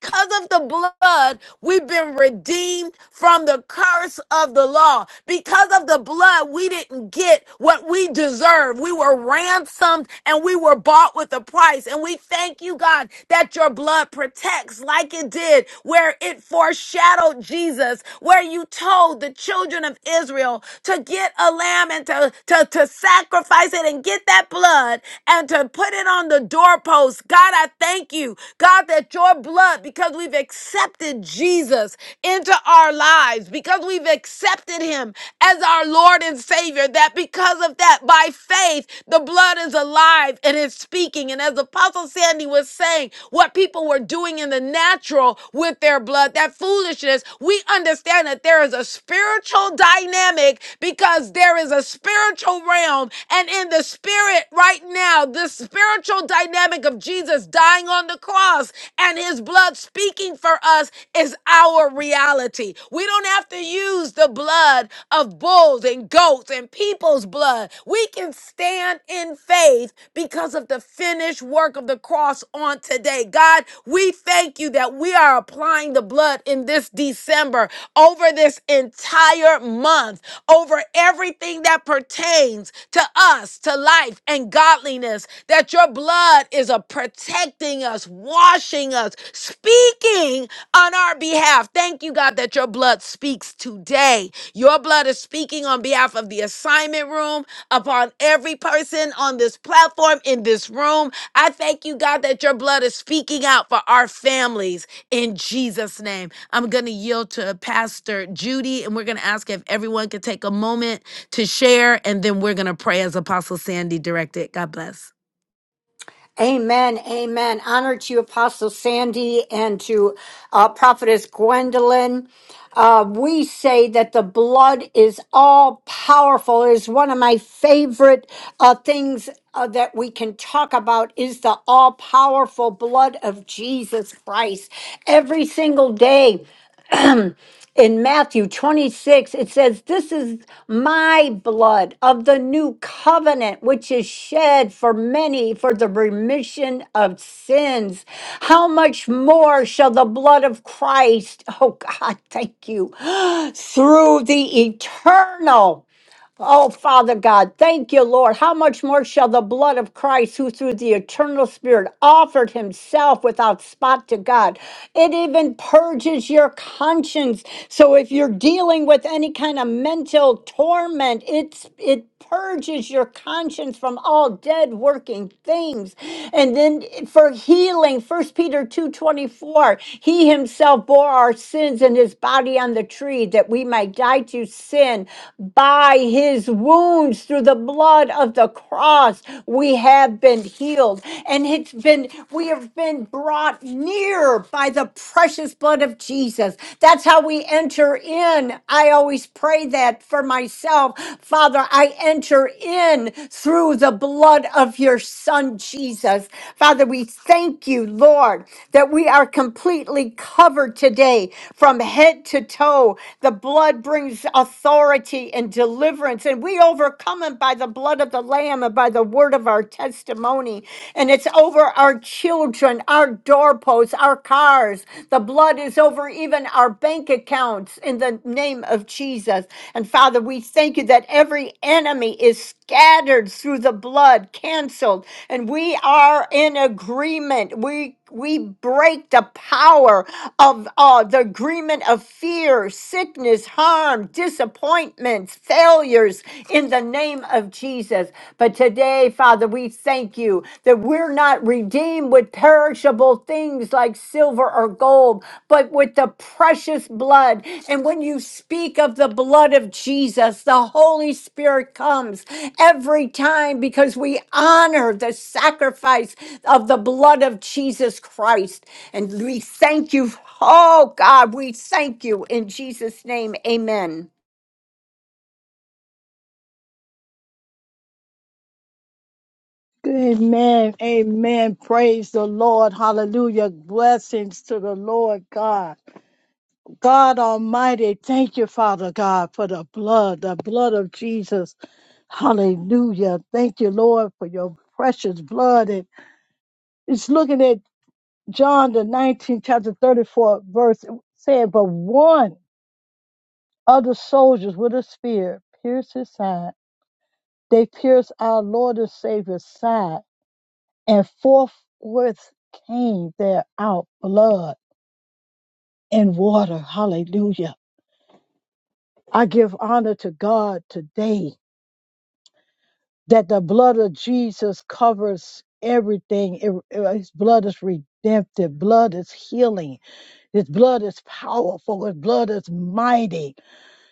S2: Because of the blood, We've been redeemed from the curse of the law. Because of the blood, we didn't get what we deserve. We were ransomed and we were bought with a price. And we thank you, God, that your blood protects like it did where it foreshadowed Jesus, where you told the children of Israel to get a lamb and to, to, to sacrifice it and get that blood and to put it on the doorpost. God, I thank you, God, that your blood, because we've accepted Jesus into our lives, because we've accepted him as our Lord and Savior, that because of that, by faith, the blood is alive and is speaking. And as Apostle Sandy was saying, what people were doing in the natural with their blood, that foolishness, we understand that there is a spiritual dynamic because there is a spiritual realm. And in the spirit right now, this spiritual dynamic of Jesus dying on the cross and his blood speaking for us is our reality. We don't have to use the blood of bulls and goats and people's blood. We can stand in faith because of the finished work of the cross on today. God, we thank you that we are applying the blood in this December over this entire month over everything that pertains to us, to life and godliness, that your blood is a protecting us, washing us, speaking on our behalf. Thank you, God, that your blood speaks today. Your blood is speaking on behalf of the assignment room, upon every person on this platform, in this room. I thank you, God, that your blood is speaking out for our families in Jesus' name. I'm going to yield to Pastor Judy, and we're going to ask if everyone could take a moment to share, and then we're going to pray as Apostle Sandy directed. God bless.
S4: Amen. Amen. Honor to you, Apostle Sandy and to uh, Prophetess Gwendolyn. Uh, we say that the blood is all powerful. It is one of my favorite uh, things uh, that we can talk about is the all powerful blood of Jesus Christ. Every single day, in Matthew 26, it says, This is my blood of the new covenant, which is shed for many for the remission of sins. How much more shall the blood of Christ, oh God, thank you, through the eternal Oh, Father God, thank you, Lord. How much more shall the blood of Christ, who through the eternal Spirit offered himself without spot to God, it even is your conscience. So if you're dealing with any kind mental torment. It's it purges your conscience from all dead working things. And then for healing, First Peter 2:24, he himself bore our sins in his body on the tree that we might die to sin by his wounds through the blood of the cross we have been healed and it's been we have been brought near by the precious blood of Jesus. That's how we enter in. I. I always pray that for myself. Father, I enter in through the blood of your son, Jesus. Father, we thank you, Lord, that we are completely covered today from head to toe. The blood brings authority and deliverance, and we overcome it by the blood of the Lamb and by the word of our testimony. And it's over our children, our doorposts, our cars. The blood is over even our bank accounts in the the name of Jesus. And Father, we thank you that every enemy is scattered through the blood, canceled, and we are in agreement. We we break the power of uh, the agreement of fear, sickness, harm, disappointments, failures in the name of Jesus. But today, Father, we thank you that we're not redeemed with perishable things like silver or gold, but with the precious blood and when you speak of the blood of Jesus, the Holy Spirit comes every time because we honor the sacrifice of the blood of Jesus Christ. And we thank you. Oh God, we thank you in Jesus' name. Amen.
S8: Amen. Amen. Praise the Lord. Hallelujah. Blessings to the Lord God. God Almighty, thank you, Father God, for the blood, the blood of Jesus. Hallelujah. Thank you, Lord, for your precious blood. And it's looking at John the 19th chapter 34 verse said, but one of the soldiers with a spear pierced his side. They pierced our Lord and Savior's side and forthwith came there out blood and water. Hallelujah. I give honor to God today that the blood of Jesus covers everything. It- it- his blood is redemptive. Blood is healing. His blood is powerful. His blood is mighty.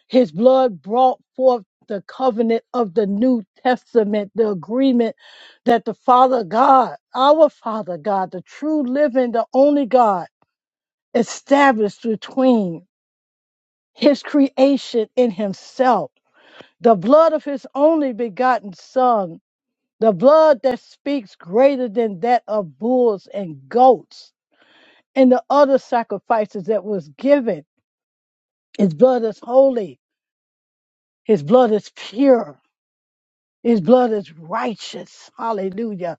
S8: His blood brought forth the covenant of the New Testament, the agreement that the Father God, our Father God, the true living, the only God, established between his creation and himself. The blood of his only begotten Son, the blood that speaks greater than that of bulls and goats and the other sacrifices that was given. His blood is holy, his blood is pure. His blood is righteous. Hallelujah.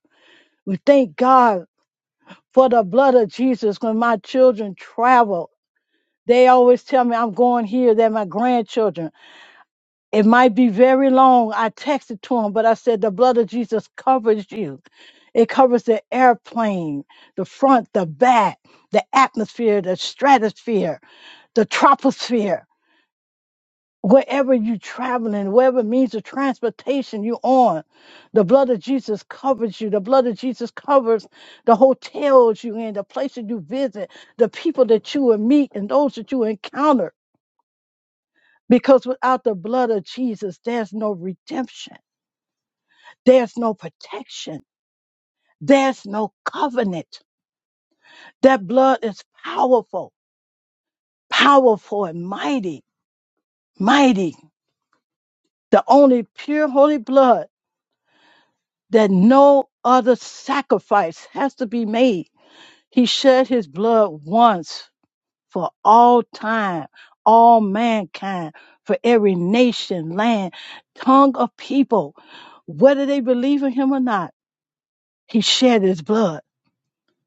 S8: We thank God for the blood of Jesus when my children travel. They always tell me I'm going here. They're my grandchildren. It might be very long. I texted to them, but I said the blood of Jesus covers you. It covers the airplane, the front, the back, the atmosphere, the stratosphere, the troposphere. wherever you're traveling, wherever means of transportation you're on, the blood of Jesus covers you. The blood of Jesus covers the hotels you're in, the places you visit, the people that you will meet, and those that you encounter. Because without the blood of Jesus, there's no redemption, there's no protection, there's no covenant. That blood is powerful, powerful, and mighty, mighty. The only pure, holy blood. that no other sacrifice has to be made. He shed his blood once for all time, all mankind, for every nation, land, tongue of people, whether they believe in him or not. He shed his blood.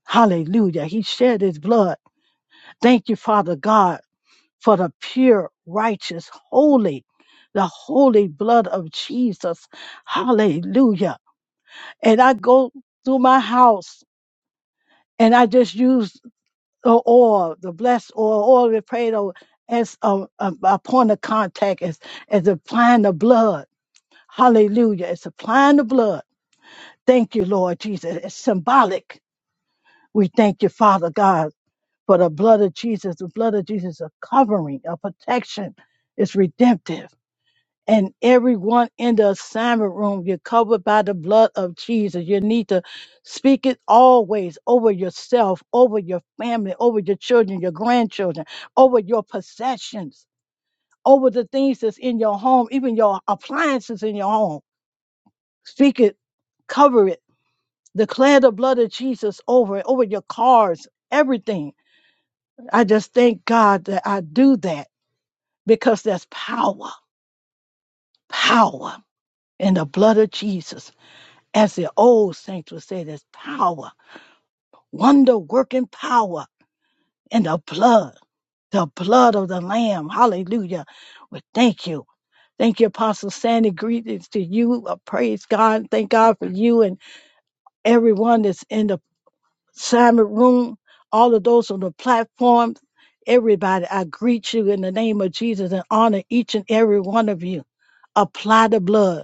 S8: Hallelujah. He shed his blood. Thank you, Father God, for the pure, righteous, holy, the holy blood of Jesus. Hallelujah. And I go through my house and I just used the oil, the blessed oil, oil we prayed over as a, a, a point of contact, as, as applying the blood. Hallelujah. It's applying the blood. Thank you, Lord Jesus. It's symbolic. We thank you, Father God, for the blood of Jesus. The blood of Jesus is a covering, a protection. It's redemptive and everyone in the assignment room. You're covered by the blood of Jesus. You need to speak it always over yourself, over your family, over your children, your grandchildren, over your possessions, over the things that's in your home, even your appliances in your home. Speak it, cover it, declare the blood of Jesus over it, over your cars, everything. I just thank God that I do that because there's power, power in the blood of Jesus. As the old saints would say, there's power, wonder working power in the blood, the blood of the Lamb. Hallelujah. Well, thank you. Thank you, Apostle Sandy. Greetings to you. Uh, praise God. Thank God for you and everyone that's in the assignment room, all of those on the platform. Everybody, I greet you in the name of Jesus and honor each and every one of you. Apply the blood.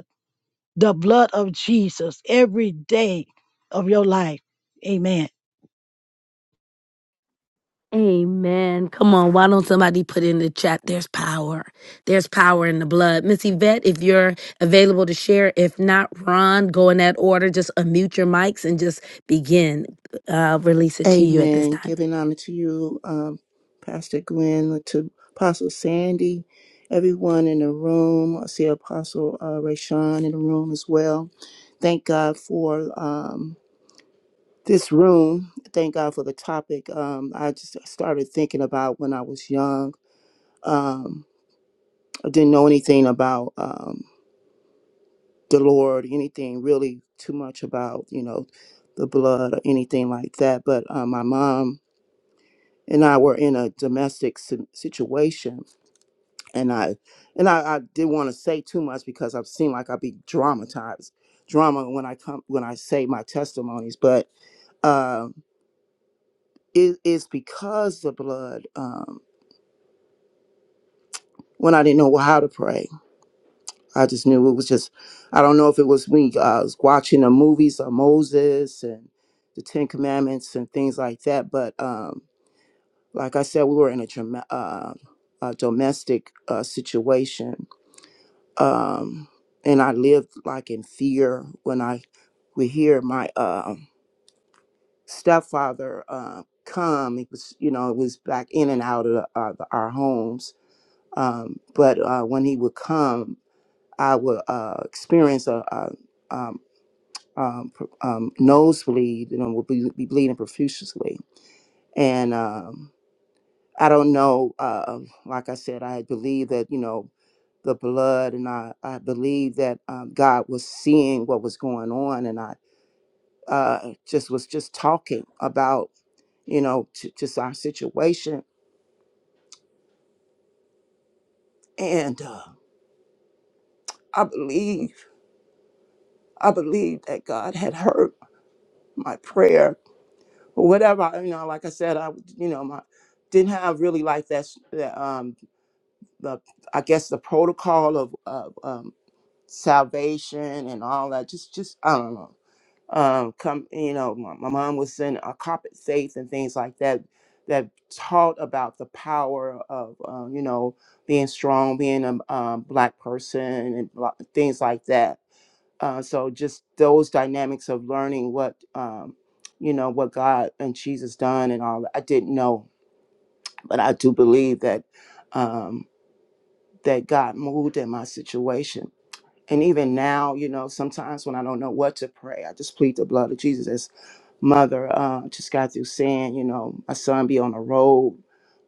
S8: the blood of Jesus every day of your life. Amen.
S2: Amen. Come on, why don't somebody put in the chat? There's power. There's power in the blood. Miss Yvette, if you're available to share, if not, Ron, go in that order. Just unmute your mics and just begin. Uh, release it to you at this
S9: Amen.
S2: time.
S9: Giving honor to you, um, Pastor Glenn, to Apostle Sandy, everyone in the room. I see Apostle uh, Rayshawn in the room as well. Thank God for um, this room. Thank God for the topic. Um, I just started thinking about when I was young. Um, I didn't know anything about um, the Lord, anything really too much about, you know, the blood or anything like that. But uh, my mom and I were in a domestic si- situation, and I and I, I didn't want to say too much because I seem like I'd be dramatized drama when I come when I say my testimonies, but um, it is because the blood. Um, when I didn't know how to pray, I just knew it was just. I don't know if it was me. I was watching the movies of Moses and the Ten Commandments and things like that. But um, like I said, we were in a, drama- uh, a domestic uh, situation, um, and I lived like in fear when I would hear my uh, stepfather uh, come. It was, you know, it was back in and out of the, uh, the, our homes. Um, but uh, when he would come, I would uh, experience a, a um, um, pr- um, nosebleed, you know, would be, be bleeding profusely. And um, I don't know, uh, like I said, I believe that, you know, the blood, and I, I believe that um, God was seeing what was going on, and I uh, just was just talking about you know t- just our situation, and uh, I believe I believe that God had heard my prayer or whatever. You know, like I said, I you know my didn't have really like that, s- that um the I guess the protocol of, of um, salvation and all that. Just just I don't know um come you know my, my mom was in a carpet faith and things like that that taught about the power of uh, you know being strong being a um, black person and bla- things like that uh, so just those dynamics of learning what um, you know what god and jesus done and all that i didn't know but i do believe that um, that god moved in my situation and even now you know sometimes when i don't know what to pray i just plead the blood of jesus mother uh, just got through saying, you know, my son be on the road.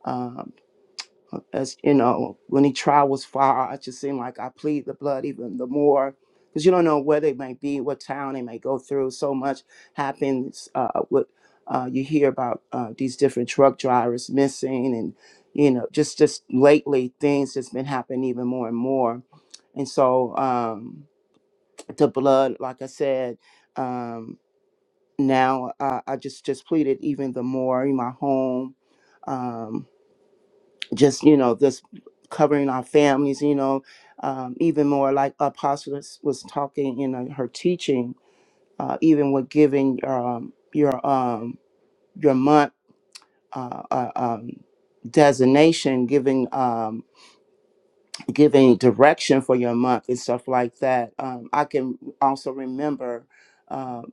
S9: Um, as you know, when he trial was far, I just seemed like I plead the blood even the more because you don't know where they may be, what town they may go through. So much happens. Uh, what uh, you hear about uh, these different truck drivers missing, and you know, just just lately things that's been happening even more and more. And so um, the blood, like I said. Um, now uh, I just just pleaded even the more in my home, um, just you know just covering our families, you know, um, even more like Apostle was was talking in uh, her teaching, uh, even with giving um, your um, your month uh, uh, um, designation, giving um, giving direction for your month and stuff like that. Um, I can also remember. Uh,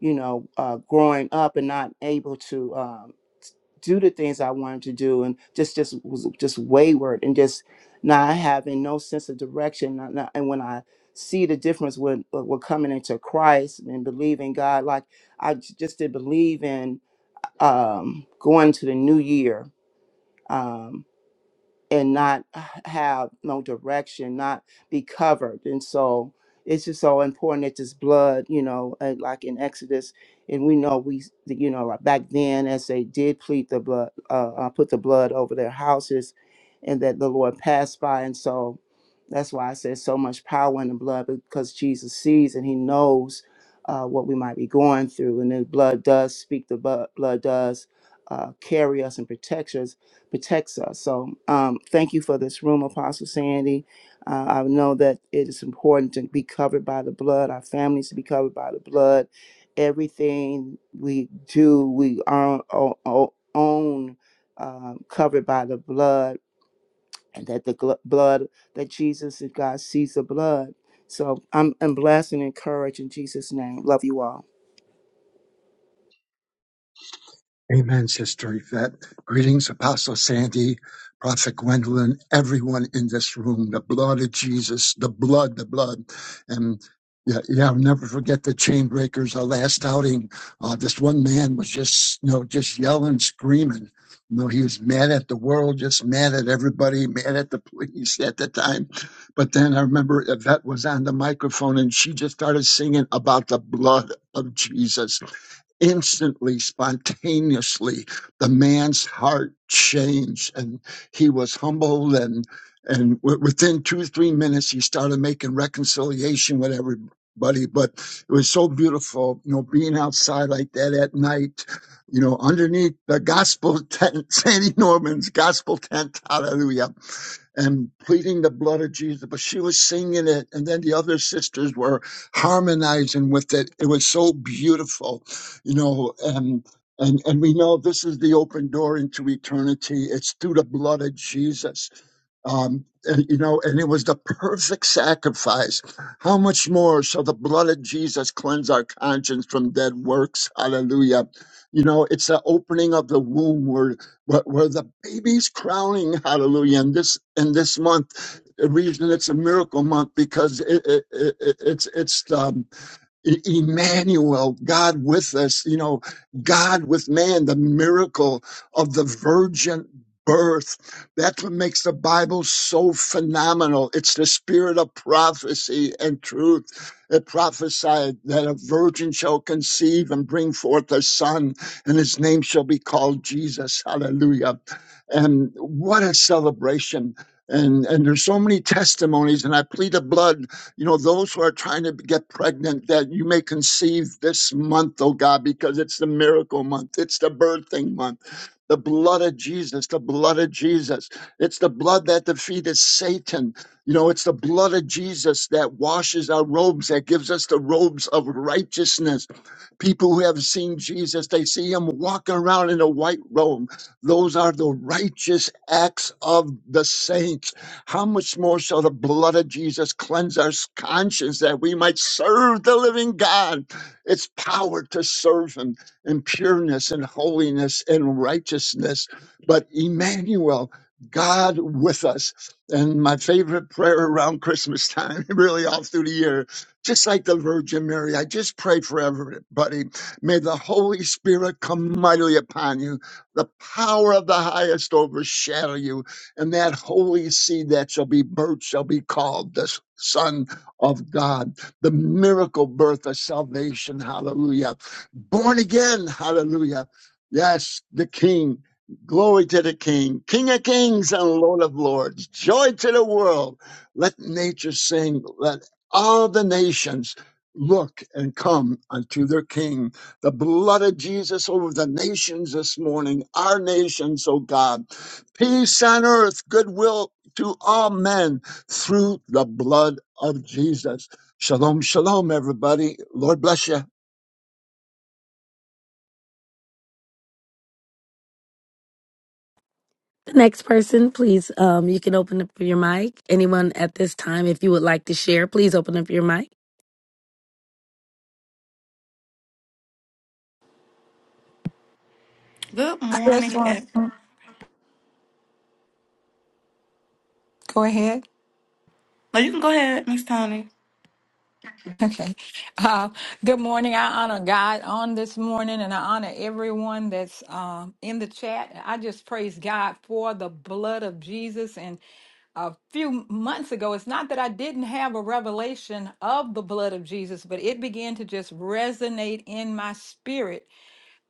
S9: you know, uh, growing up and not able to. um, do the things I wanted to do and just just was just wayward and just not having no sense of direction. Not- not- And when I see the difference with with with coming into Christ and believing God, like I j- just did believe in um, going to the new year. Um, and not have no direction, not be covered. And so it's just so important that this blood, you know, and like in Exodus, and we know we, you know, like back then as they did plead the blood, uh, uh, put the blood over their houses, and that the Lord passed by. And so that's why I said so much power in the blood because Jesus sees and He knows uh, what we might be going through, and the blood does speak. The bu- blood does uh, carry us and protect us protects us. So um, thank you for this room, Apostle Sandy. Uh, I know that it is important to be covered by the blood, our families to be covered by the blood. Everything we do, we are o- o- own um, covered by the blood, and that the gl- blood that Jesus and God sees the blood. So I'm, I'm blessed and encouraged in Jesus' name. Love you all.
S6: Amen, Sister Yvette. Greetings, Apostle Sandy, Prophet Gwendolyn, everyone in this room, the blood of Jesus, the blood, the blood. And yeah, yeah I'll never forget the chain breakers, our last outing. Uh, this one man was just, you know, just yelling, screaming. You know, he was mad at the world, just mad at everybody, mad at the police at the time. But then I remember Yvette was on the microphone and she just started singing about the blood of Jesus instantly, spontaneously, the man's heart changed, and he was humbled. And and w- within two three minutes, he started making reconciliation with everybody. But it was so beautiful, you know, being outside like that at night, you know, underneath the gospel tent, Sandy Norman's gospel tent. Hallelujah and pleading the blood of Jesus, but she was singing it, and then the other sisters were harmonizing with it. It was so beautiful, you know. And and and we know this is the open door into eternity. It's through the blood of Jesus um, and you know, and it was the perfect sacrifice. How much more shall the blood of Jesus cleanse our conscience from dead works? Hallelujah. You know, it's the opening of the womb where, where, where the baby's crowning. Hallelujah. And this, in this month, the reason it's a miracle month because it, it, it, it's, it's, um E- Emmanuel, God with us, you know, God with man, the miracle of the virgin birth. That's what makes the Bible so phenomenal. It's the spirit of prophecy and truth. It prophesied that a virgin shall conceive and bring forth a son, and his name shall be called Jesus. Hallelujah. And what a celebration. And, and there's so many testimonies, and I plead the blood you know, those who are trying to get pregnant, that you may conceive this month, oh God, because it's the miracle month. It's the birthing month. The blood of Jesus, the blood of Jesus. It's the blood that defeated Satan. You know, it's the blood of Jesus that washes our robes, that gives us the robes of righteousness People who have seen Jesus, they see him walking around in a white robe. Those are the righteous acts of the saints. How much more shall the blood of Jesus cleanse our conscience that we might serve the living God? It's power to serve him in pureness and holiness and righteousness. But Emmanuel, God with us. And my favorite prayer around Christmas time, really all through the year, just like the Virgin Mary, I just pray for everybody. May the Holy Spirit come mightily upon you, the power of the highest overshadow you, and that holy seed that shall be birthed shall be called the Son of God, the miracle birth of salvation. Hallelujah. Born again. Hallelujah. Yes, the King. Glory to the King, King of Kings and Lord of Lords. Joy to the world. Let nature sing. Let all the nations look and come unto their king the blood of jesus over the nations this morning our nations O god peace on earth goodwill to all men through the blood of jesus shalom shalom everybody lord bless you
S2: The next person, please, um, you can open up your mic. Anyone at this time, if you would like to share, please open up your mic.
S10: Good
S3: This
S10: morning. ev-
S3: one. Mm. Go ahead.
S10: No, you can go ahead, Miss Tony.
S3: Okay. Uh, good morning. I honor God on this morning and I honor everyone that's um, in the chat. I just praise God for the blood of Jesus. And a few months ago, it's not that I didn't have a revelation of the blood of Jesus, but it began to just resonate in my spirit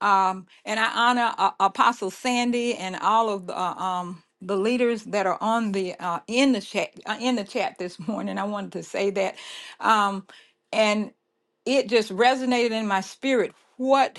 S3: um, and I honor uh, Apostle Sandy and all of the, uh, um, the leaders that are on the uh, in the chat uh, in the chat this morning. I wanted to say that, um, and it just resonated in my spirit what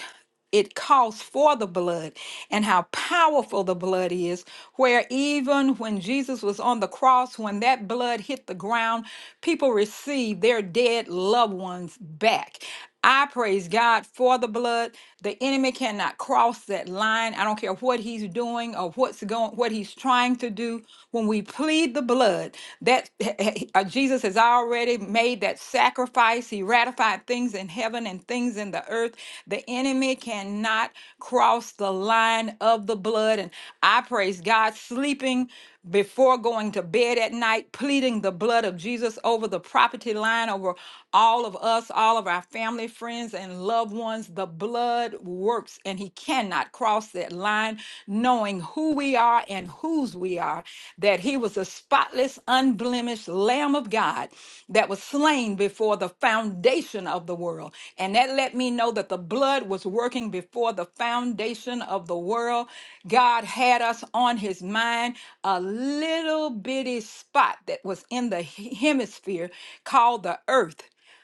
S3: it calls for the blood and how powerful the blood is where even when jesus was on the cross when that blood hit the ground people received their dead loved ones back i praise god for the blood the enemy cannot cross that line. I don't care what he's doing or what's going, what he's trying to do. When we plead the blood, that uh, Jesus has already made that sacrifice. He ratified things in heaven and things in the earth. The enemy cannot cross the line of the blood. And I praise God, sleeping before going to bed at night, pleading the blood of Jesus over the property line, over all of us, all of our family, friends, and loved ones. The blood works, and He cannot cross that line, knowing who we are and whose we are. That He was a spotless, unblemished Lamb of God that was slain before the foundation of the world. And that let me know that the blood was was working before the foundation of the world. God had us on his mind a little bitty spot that was in the he- hemisphere called the earth.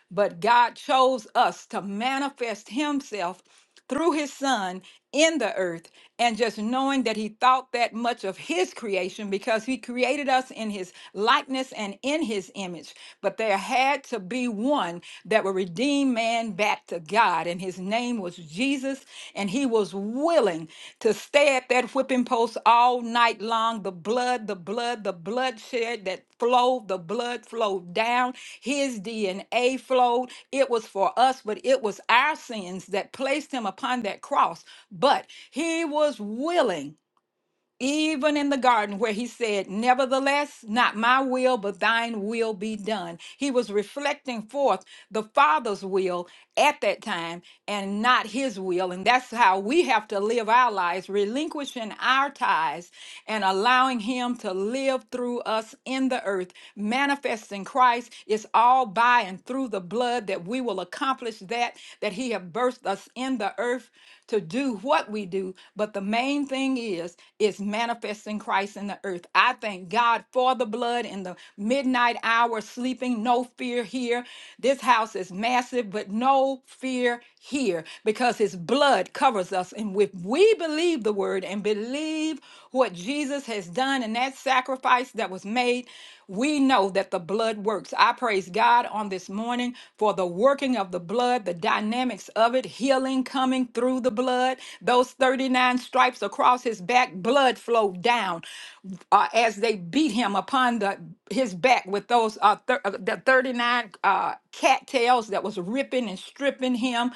S3: But God chose us to manifest himself through his son in the earth and just knowing that he thought that much of his creation because he created us in his likeness and in his image but there had to be one that would redeem man back to God and his name was Jesus and he was willing willing to stay at that whipping post all night long. The blood, the blood, the bloodshed that flowed, the blood flowed down. His DNA flowed. It was for us, but it was our sins that placed him upon that cross. But he was willing even in the garden where he said, Nevertheless, not my will, but thine will be done. He was reflecting forth the Father's will at that time and not his will. And that's how we have to live our lives, relinquishing our ties and allowing Him to live through us in the earth. Manifesting Christ is all by and through the blood that we will accomplish that that He have birthed us in the earth to do what we do. But the main thing is is manifesting Christ in the earth. I thank God for the blood in the midnight hour, sleeping, no fear here. This house is massive, but no fear here here because his blood covers us. And if we believe the word and believe what Jesus has done and that sacrifice that was made, we know that the blood works. I praise God on this morning for the working of the blood, the dynamics of it, healing coming through the blood, those 39 stripes across his back, blood flowed down uh, as they beat him upon the his back with those uh, thir- uh, the 39 uh, cattails that was ripping and stripping him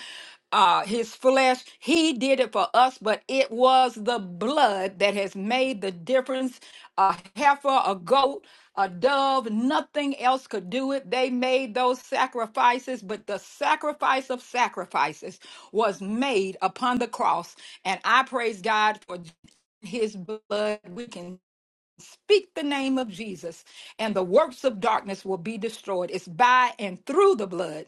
S3: uh his flesh he did it for us but it was the blood that has made the difference a heifer a goat a dove nothing else could do it they made those sacrifices but the sacrifice of sacrifices was made upon the cross and i praise god for his blood we can speak the name of jesus and the works of darkness will be destroyed it's by and through the blood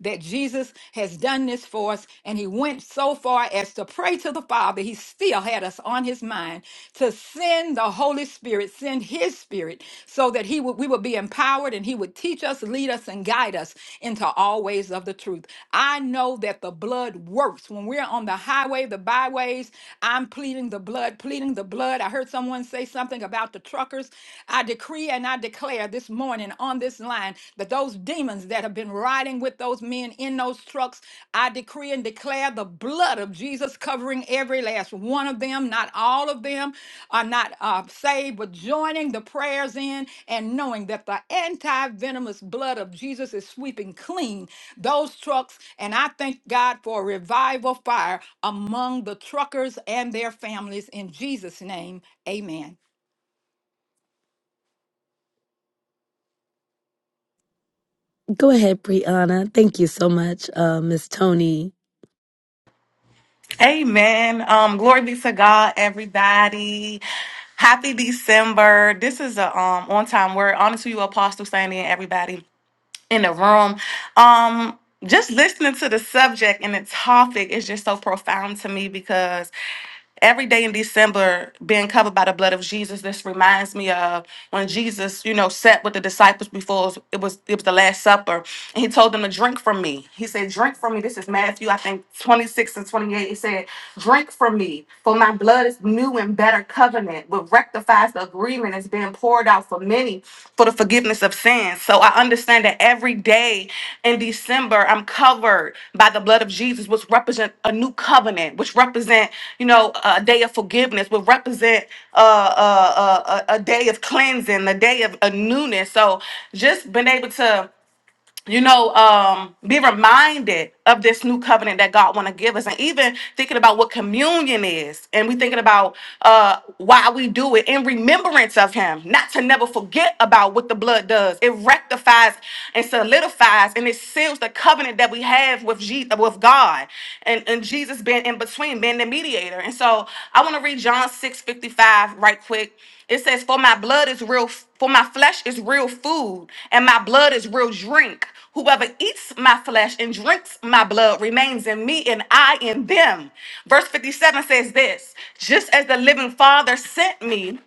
S3: that Jesus has done this for us, and he went so far as to pray to the Father. He still had us on his mind to send the Holy Spirit, send his spirit, so that he would we would be empowered and he would teach us, lead us, and guide us into all ways of the truth. I know that the blood works. When we're on the highway, the byways, I'm pleading the blood, pleading the blood. I heard someone say something about the truckers. I decree and I declare this this morning on this line that those demons that have been riding with those men in those trucks, I decree and declare the blood of Jesus covering every last one of them. Not all of them are not uh, saved, but joining the prayers in and knowing that the anti venomous blood of Jesus is sweeping clean those trucks. And I thank God for a revival fire among the truckers and their families. In Jesus' name, amen.
S2: Go ahead, Brianna. Thank you so much, uh, Miss Tony.
S10: Amen. Um, glory be to God, everybody. Happy December. This is a um on time word. Honor to you, Apostle Sandy and everybody. in the room. Um, just listening to the subject and the topic is just so profound to me because every day in December, being covered by the blood of Jesus, this reminds me of when Jesus, you know, sat with the disciples before it was it was it was the Last Supper, and he told them to drink from me. He said, "Drink from me." This is Matthew, I think, twenty six and twenty eight. He said, "Drink from me, for my blood is new and better covenant, which rectifies the agreement being poured out for many for the forgiveness of sins. So I understand that every day in December, I'm covered by the blood of Jesus, which represent a new covenant, which represent, you know, a day of forgiveness, which represent uh, uh, uh, a, a day of cleansing, a day of a newness. So just been able to you know um be reminded of this new covenant that god want to give us and even thinking about what communion is and we thinking about uh why we do it in remembrance of him not to never forget about what the blood does it rectifies and solidifies and it seals the covenant that we have with Je- with god and and jesus being in between being the mediator and so i want to read john six fifty five right quick it says, For my blood is real, for my flesh is real food, and my blood is real drink. Whoever eats my flesh and drinks my blood remains in me, and I in them. Verse 57 says this Just as the living Father sent me,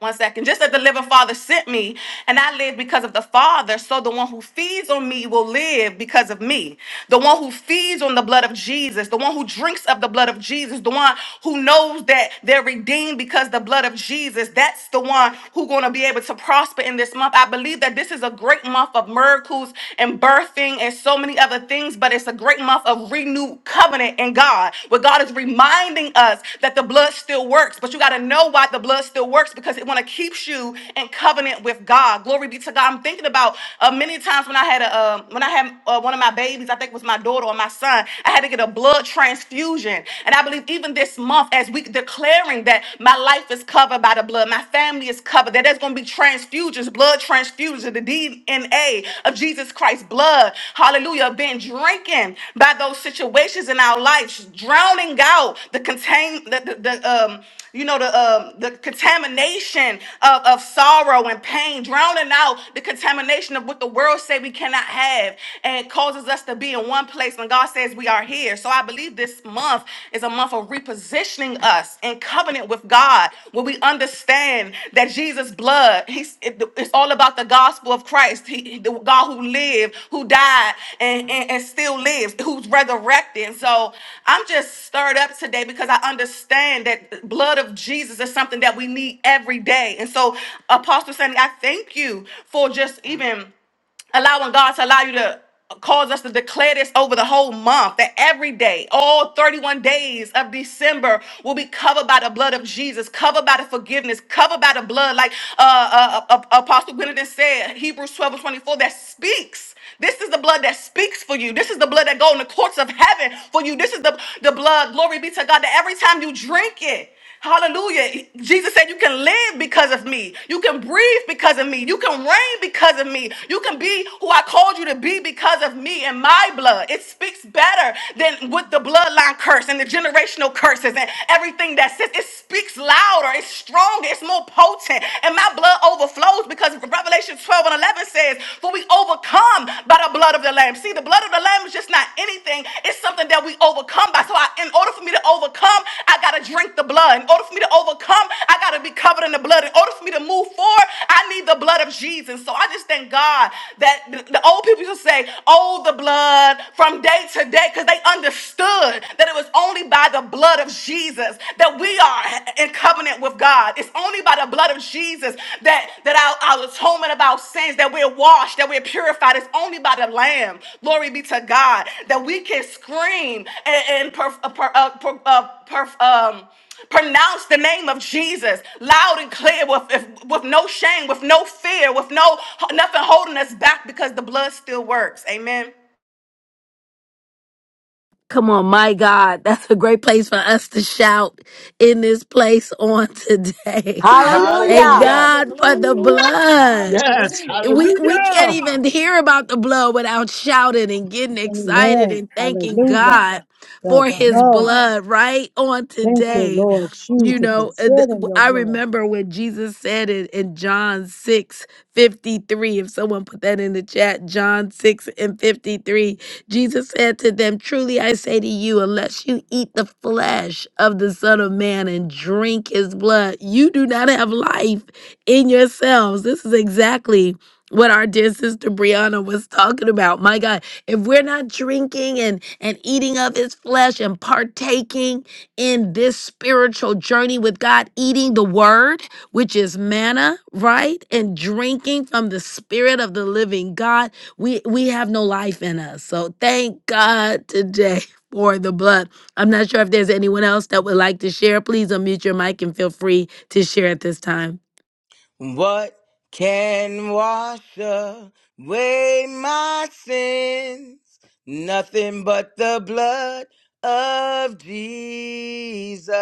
S10: one second. Just as the living Father sent me, and I live because of the Father, so the one who feeds on me will live because of me. The one who feeds on the blood of Jesus, the one who drinks of the blood of Jesus, the one who knows that they're redeemed because the blood of Jesus, that's the one who's going to be able to prosper in this month. I believe that this is a great month of miracles and birthing and so many other things, but it's a great month of renewal new covenant in God, where God is reminding us that the blood still works. But you got to know why the blood still works because it want to keeps you in covenant with God. Glory be to God. I'm thinking about uh, many times when I had a um when I had uh, one of my babies, I think it was my daughter or my son. I had to get a blood transfusion, and I believe even this month, as we declaring that my life is covered by the blood, my family is covered, that there's going to be transfusions transfusions, blood transfusers of the DNA of Jesus Christ's blood. Hallelujah. Been drinking by those situations in our lives, drowning out the contain the, the, the um you know the um the contamination of, of sorrow and pain, drowning out the contamination of what the world say we cannot have and causes us to be in one place when God says we are here. So I believe this month is a is a month of repositioning us in covenant with God, where we understand that Jesus' blood, he's, it- it's all about the gospel of Christ, he, the God who lived, who died, and, and, and still lives, who's resurrected. And so I'm just stirred up today because I understand that the blood of Jesus is something that we need every day. And so, Apostle Sandy, I thank you for just even allowing God to allow you to cause us to declare this over the whole month that every day, all 31 days of December will be covered by the blood of Jesus, covered by the forgiveness, covered by the blood. Like uh, uh, uh, uh, Apostle Benedict said, Hebrews 12 and 24, that speaks. This is the blood that speaks for you. This is the blood that go in the courts of heaven for you. This is the, the blood, glory be to God, that every time you drink it, Hallelujah. Jesus said, You can live because of me. You can breathe because of me. You can reign because of me. You can be who I called you to be because of me and my blood. It speaks better than with the bloodline curse and the generational curses and everything that sits. It speaks louder. It's stronger. It's more potent. And my blood overflows because Revelation 12 and 11 says, For we overcome by the the blood of the lamb. See, the blood of the lamb is just not anything. It's something that we overcome by. So I, in order for me to overcome, I gotta drink the blood. In order for me to overcome, I gotta be covered in the blood. In order for me to move forward, I need the blood of Jesus. So I just thank God that the, the old people used to say, "Oh, the blood," from day to day, because they understood that it was only by the blood of Jesus that we are in covenant covenant with God. It's only by the blood of Jesus that, that our, our atonement of our sins, that we're washed, that we're purified. It's only by the Lamb, glory be to God, that we can scream and, and per, uh, per, uh, per, uh, per, um, pronounce the name of Jesus loud and clear with, if- with no shame, with no fear, with no nothing holding us back because the blood still works. Amen.
S2: Come on, my God, that's a great place for us to shout in this place on today. Thank
S4: Hallelujah.
S5: Hallelujah.
S3: Hallelujah. The
S2: God for
S3: blood
S2: the
S3: works.
S2: blood.
S6: yes
S3: Hallelujah.
S2: We
S3: Thank
S2: we
S3: you,
S2: can't
S6: hallelujah
S2: even
S3: Jesus.
S2: hear about the blood without shouting and getting excited
S8: Amen.
S2: and thanking
S8: Hallelujah.
S2: God
S8: The
S2: for His
S8: blood.
S2: blood right on
S8: Thank you,
S2: today.
S8: Lord
S2: You
S8: Jesus.
S2: know,
S8: It's
S2: uh,
S8: said in
S2: the-
S8: your
S2: I
S8: blood.
S2: remember when Jesus said it in John 6 53. If someone put that in the chat, John 6 and 53, Jesus said to them, Truly I say to you, unless you eat the flesh of the Son of Man and drink his blood, you do not have life in yourselves. This is exactly what our dear sister Brianna was talking about. My God, if we're not drinking and and eating of his flesh and partaking in this spiritual journey with God, eating the word, which is manna, right? And drinking from the spirit of the living God, we we have no life in us. So thank God today for the blood. I'm not sure if there's anyone else that would like to share. Please unmute your mic and feel free to share at this time.
S5: What can wash away my sins? Nothing but the blood of Jesus.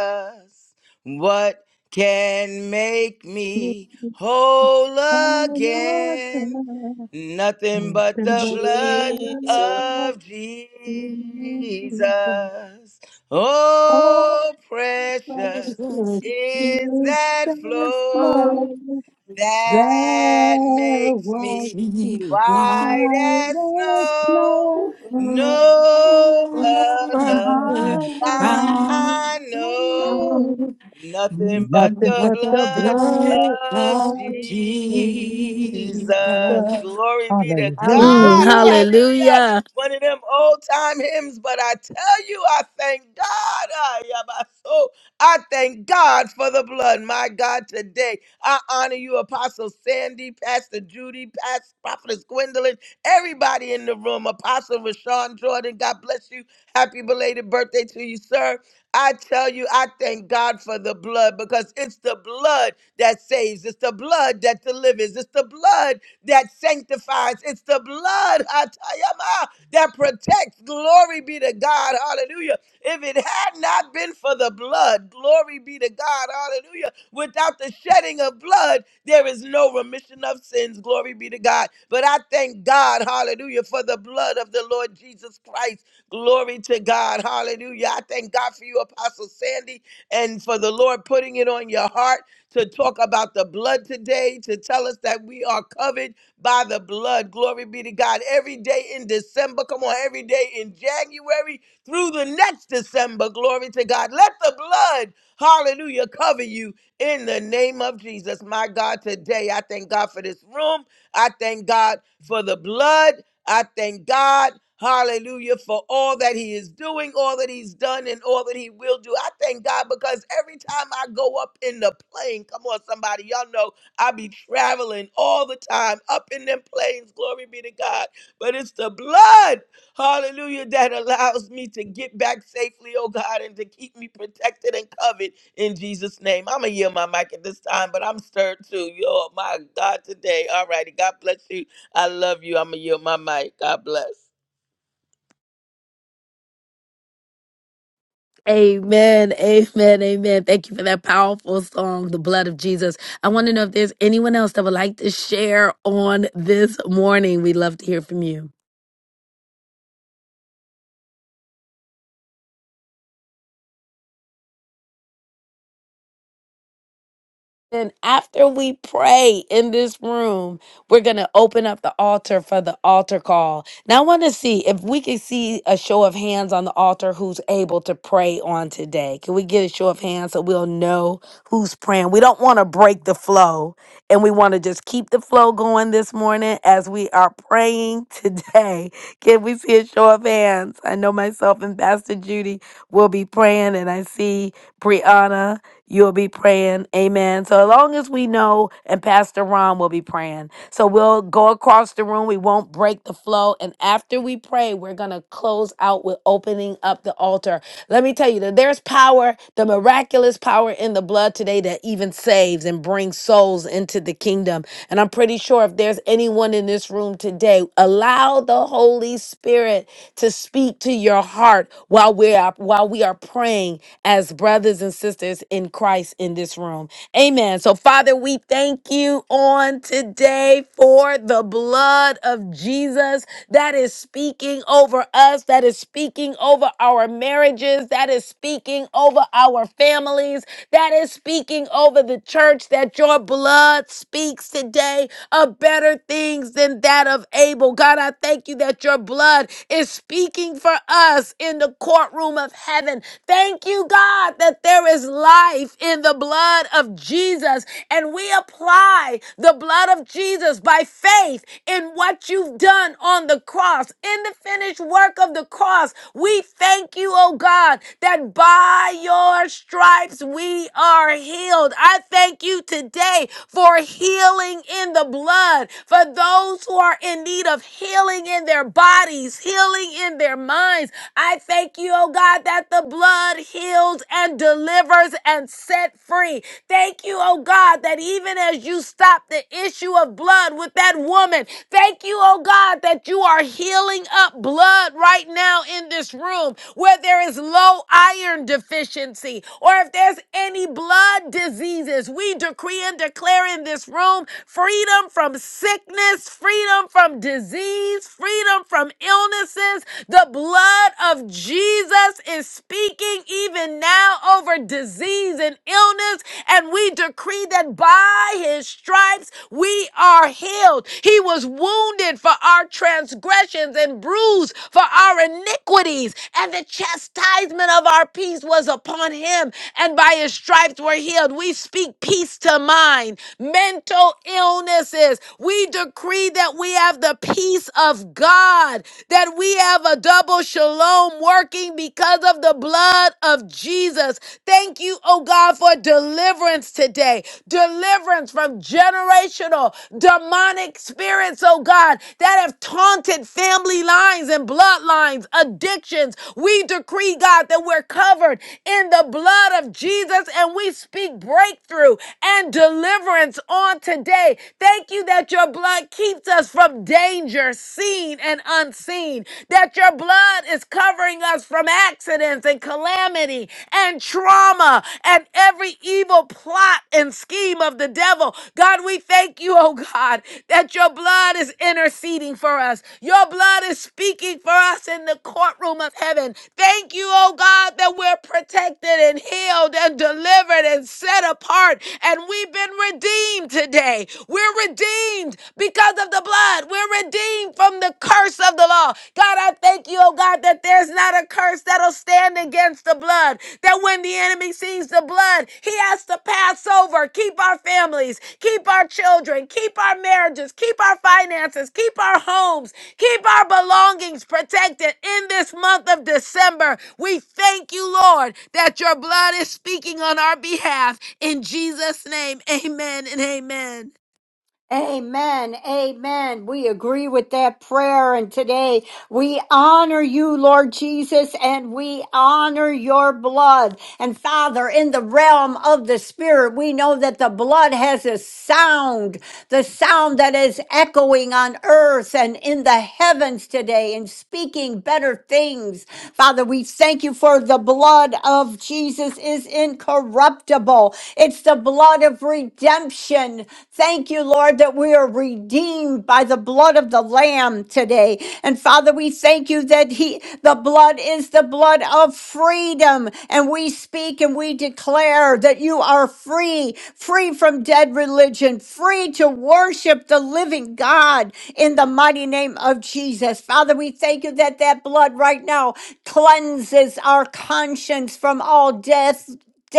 S5: What can make
S8: Make
S5: me
S8: me
S5: whole
S8: turn up
S5: again? Nothing
S8: and
S5: but
S8: open
S5: the
S8: up the
S5: blood
S9: Jesus,
S8: blood of
S5: of Jesus.
S8: Jesus. Oh,
S5: Oh, precious
S3: Precious
S8: precious
S3: Jesus.
S5: is
S8: is
S5: that
S8: the
S5: flow
S3: Oh,
S8: blood
S5: that
S8: that
S5: makes
S8: was
S3: makes
S5: me
S3: me
S8: me.
S3: wise.
S5: white as
S8: White
S5: snow.
S8: snow
S5: No
S8: Nothing
S5: other
S3: Rather
S9: I
S5: found
S9: know.
S3: crown
S5: I know nothing
S3: nothing
S5: but the
S3: but
S8: but
S3: the
S8: the
S5: blood
S3: blood
S8: blood of
S3: of
S5: of
S8: Jesus.
S3: Jesus.
S5: Jesus. Glory be to
S2: Mm,
S8: Hallelujah.
S5: God.
S3: Hallelujah.
S5: Hallelujah.
S2: hallelujah.
S5: One of them old time hymns, but I tell you, I thank God. Ah, yeah, my soul. I thank God for the blood. My God, today I honor you, Apostle Sandy, Pastor Judy, Pastor Prophetess Gwendolyn, everybody in the room, Apostle Rashawn Jordan. God bless you. Happy belated birthday to you, sir. I tell you, I thank God for the blood because it's the blood that saves. It's the blood that delivers. It's the blood that sanctifies. It's the blood Hatayama, that protects. Glory be to God. Hallelujah. If it had not been for the blood, glory be to God. Hallelujah. Without the shedding of blood, there is no remission of sins. Glory be to God. But I thank God. Hallelujah. For the blood of the Lord Jesus Christ. Glory to God. God. Hallelujah. I thank God for you, Apostle Sandy, and for the Lord putting it on your heart to talk about the blood today, to tell us that we are covered by the blood. Glory be to God. Every day in December, come on, every day in January through the next December. Glory to God. Let the blood, hallelujah, cover you in the name of Jesus. My God, today I thank God for this room. I thank God for the blood. I thank God, hallelujah, for all that He is doing, all that He's done, and all that He will do. I thank God because every time I go up in the plane, come on, somebody, y'all know I be traveling all the time up in them planes, glory be to God. But it's the blood, hallelujah, that allows me to get back safely, oh God, and to keep me protected and covered in Jesus' name. I'm going to yield my mic at this time, but I'm stirred too. Yo, my God, today. All righty. God bless you. I love you. I'm going to yield my mic. God bless.
S2: Amen, amen, amen. Thank you for that powerful song, The Blood of Jesus. I want to know if there's anyone else that would like to share on this morning. We'd love to hear from you. And after we pray in this room, we're going to open up the altar for the altar call. Now, I want to see if we can see a show of hands on the altar who's able to pray on today. Can we get a show of hands so we'll know who's praying? We don't want to break the flow, and we want to just keep the flow going this morning as we are praying today. Can we see a show of hands? I know myself and Pastor Judy will be praying, and I see Brianna. You'll be praying. Amen. So as long as we know, and Pastor Ron will be praying. So we'll go across the room. We won't break the flow. And after we pray, we're going to close out with opening up the altar. Let me tell you that there's power, the miraculous power in the blood today that even saves and brings souls into the kingdom. And I'm pretty sure if there's anyone in this room today, allow the Holy Spirit to speak to your heart while we are while we are praying as brothers and sisters in Christ in this room. Amen. So, Father, we thank you on today for the blood of Jesus that is speaking over us, that is speaking over our marriages, that is speaking over our families, that is speaking over the church, that your blood speaks today of better things than that of Abel. God, I thank you that your blood is speaking for us in the courtroom of heaven Thank you, God, that there is life in the blood of Jesus. And we apply the blood of Jesus by faith in what you've done on the cross, in the finished work of the cross. We thank you, oh God, that by your stripes we are healed. I thank you today for healing in the blood, for those who are in need of healing in their bodies, healing in their minds I thank you, oh God, that the blood heals and delivers and set free. Thank you, oh God, that even as you stop the issue of blood with that woman, thank you, oh God, that you are healing up blood right now in this room where there is low iron deficiency or if there's any blood diseases. We decree and declare in this room freedom from sickness, freedom from disease, freedom from illnesses, the blood of Jesus is speaking even now over disease and illness. And we decree that by his stripes we are healed. He was wounded for our transgressions and bruised for our iniquities. And the chastisement of our peace was upon him. And by his stripes we're healed. We speak peace to mind, mental illnesses. We decree that we have the peace of God that we have a double shalom working because of the blood of Jesus. Thank you, oh God, for deliverance today. Deliverance from generational demonic spirits, oh God, that have taunted family lines and bloodlines, addictions. We decree, God, that we're covered in the blood of Jesus and we speak breakthrough and deliverance on today Thank you that your blood keeps us from danger, seen and unseen, that your blood is covering us from accidents and calamity and trauma and every evil plot and scheme of the devil. God, we thank you, oh God, that your blood is interceding for us. Your blood is speaking for us in the courtroom of heaven. Thank you, oh God, that we're protected and healed and delivered and set apart. And we've been redeemed today. We're redeemed because of the blood. We're redeemed from the curse of the law. God, I thank you, oh God, that there's not a curse that'll stand against the blood, that that when the enemy sees the blood, he has to pass over. Keep our families, keep our children, keep our marriages, keep our finances, keep our homes, keep our belongings protected in this month of December. We thank you, Lord, that your blood is speaking on our behalf. In Jesus' name, amen and amen.
S4: Amen. Amen. We agree with that prayer. And today we honor you, Lord Jesus, and we honor your blood. And Father, in the realm of the Spirit, we know that the blood has a sound, the sound that is echoing on earth and in the heavens today and speaking better things Father, we thank you for the blood of Jesus is incorruptible. It's the blood of redemption. Thank you, Lord, that we are redeemed by the blood of the Lamb today. And Father, we thank you that He the blood is the blood of freedom. And we speak and we declare that you are free, free from dead religion, free to worship the living God in the mighty name of Jesus. Father, we thank you you that that blood right now cleanses our conscience from all death.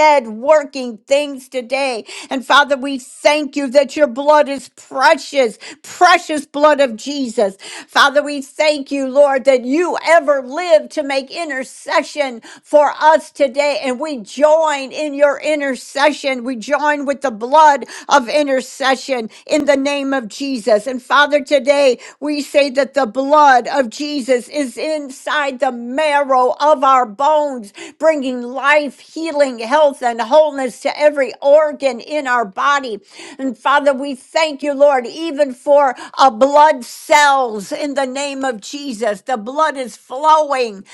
S4: Dead working things today. And Father, we thank you that your blood is precious, precious blood of Jesus. Father, we thank you, Lord, that you ever live to make intercession for us today. And we join in your intercession. We join with the blood of intercession in the name of Jesus. And Father, today we say, say that the blood of Jesus is inside the marrow of our bones, bringing life, healing, health, and wholeness to every organ in our body. And Father, we thank you, Lord, even for a blood cells in the name of Jesus. The blood is flowing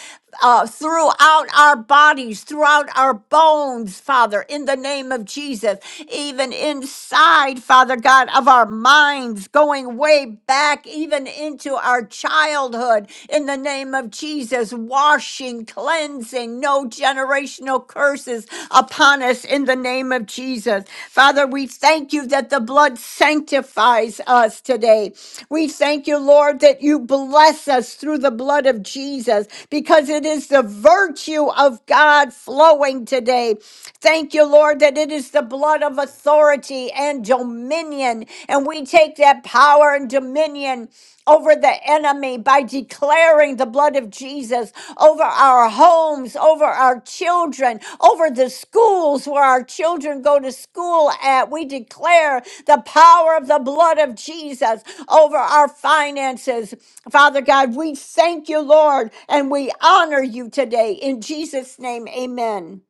S4: uh, throughout our bodies, throughout our bones, Father, in the name of Jesus, even inside, Father God, of our minds, going way back, even into our childhood, in the name of Jesus, washing, cleansing, no generational curses upon us us in the name of Jesus. Father, we thank you that the blood sanctifies us today. We thank you, Lord, that you bless us through the blood of Jesus because it is the virtue of God flowing today. Thank you, Lord, that it is the blood of authority and dominion. And we take that power and dominion over the enemy by declaring the blood of Jesus over our homes, over our children, over the schools where our children go to school at. We declare the power of the blood of Jesus over our finances. Father God, we thank you, Lord, and we honor you today. In Jesus' name, amen.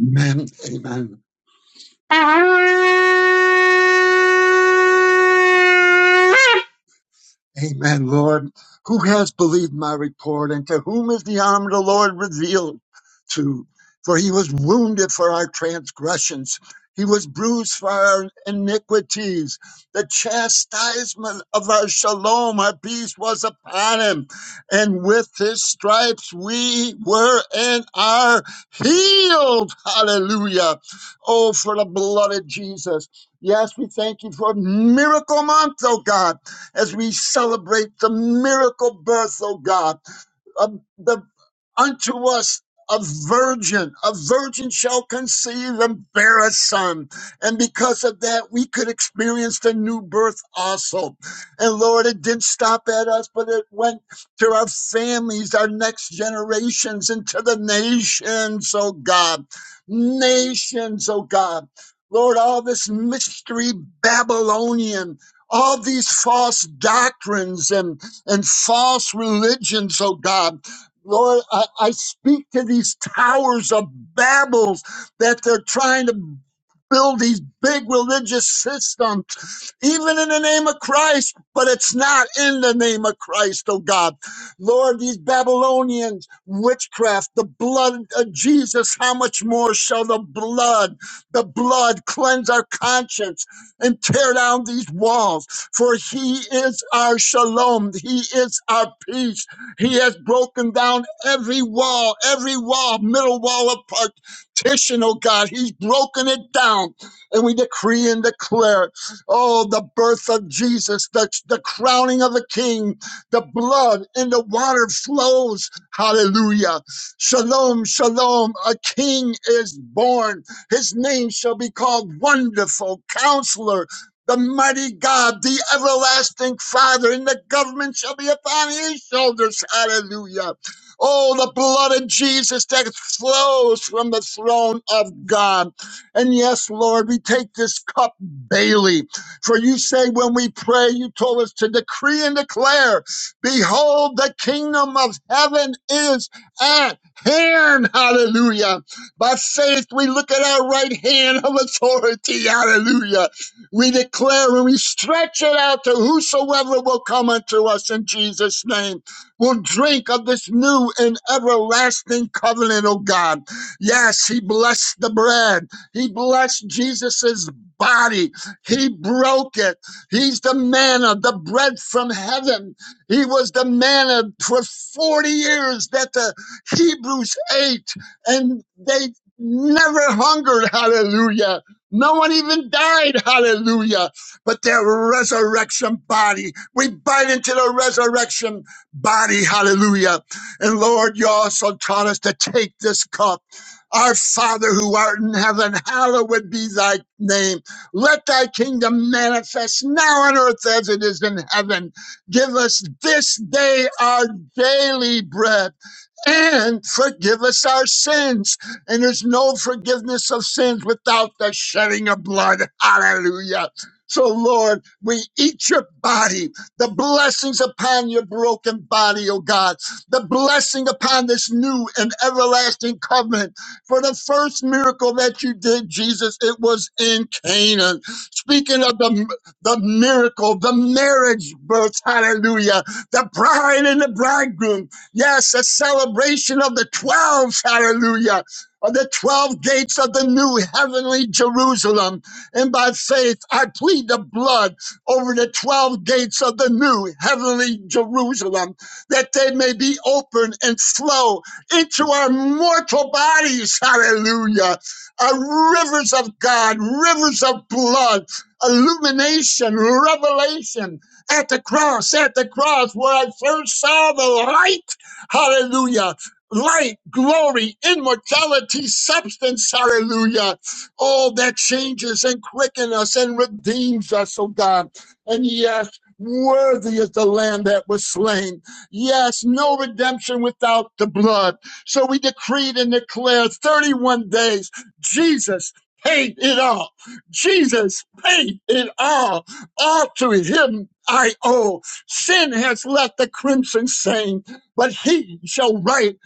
S6: amen amen Amen, Lord. Who has believed my report, and to whom is the arm of the Lord revealed to? For he was wounded for our transgressions, he was bruised for our iniquities. The chastisement of our shalom, our peace, was upon him, and with his stripes we were and are healed. Hallelujah. Oh, for the blood of Jesus. Yes, we thank you for miracle month, oh God as we celebrate the miracle birth, oh God, of the unto us a virgin. A virgin shall conceive and bear a son. And because of that, we could experience the new birth also. And Lord, it didn't stop at us, but it went to our families, our next generations, and to the nations, oh God. Nations, oh God. Lord, all this mystery Babylonian, all these false doctrines and, and false religions, oh God Lord, I, I speak to these towers of Babels that they're trying to build these big religious systems, even in the name of Christ, but it's not in the name of Christ, oh God. Lord, these Babylonians, witchcraft, the blood of Jesus, how much more shall the blood, the blood cleanse our conscience and tear down these walls? For he is our shalom, he is our peace. He has broken down every wall, every wall, middle wall apart petition, oh God. He's broken it down. And we decree and declare, oh, the birth of Jesus, the, the crowning of the King, the blood and the water flows. Hallelujah. Shalom, shalom. A King is born. His name shall be called Wonderful Counselor. The mighty God, the everlasting Father, and the government shall be upon his shoulders. Hallelujah. Oh, the blood of Jesus that flows from the throne of God. And yes, Lord, we take this cup daily. For you say when we pray, you told us to decree and declare, Behold, the kingdom of heaven is at hand. Hallelujah. By faith, we look at our right hand of authority. Hallelujah. We declare and we stretch it out to whosoever will come unto us in Jesus' name will drink of this new and everlasting covenant, oh God. Yes, he blessed the bread. He blessed Jesus's body. He broke it. He's the manna, the bread from heaven. He was the manna for 40 years that the Hebrews ate and they never hungered. Hallelujah. No one even died, hallelujah. But their resurrection body, we bite into the resurrection body. Hallelujah. And Lord, you also taught us to take this cup. Our Father who art in heaven, hallowed be thy name. Let thy kingdom manifest now on earth as it is in heaven. Give us this day our daily bread and forgive us our sins. And there's no forgiveness of sins without the shedding of blood. Hallelujah. So, Lord, we eat your body, the blessings upon your broken body, O God, the blessing upon this new and everlasting covenant. For the first miracle that you did, Jesus, it was in Canaan. Speaking of the, the miracle, the marriage birth, hallelujah, the bride and the bridegroom, Yes, a celebration of the 12, hallelujah, of the 12 gates of the new heavenly Jerusalem. And by faith, I plead the blood over the 12 gates of the new heavenly Jerusalem, that they may be open and flow into our mortal bodies, hallelujah. Uh, rivers of God, rivers of blood, illumination, revelation at the cross, at the cross, where I first saw the light. Hallelujah. Light, glory, immortality, substance. Hallelujah. All that changes and quickens us and redeems us, oh God. And yes, worthy is the lamb that was slain. Yes, no redemption without the blood. So we decreed and declared 31 days. Jesus paid it all. Jesus paid it all. All to him I owe. Sin has left the crimson stain but he shall reign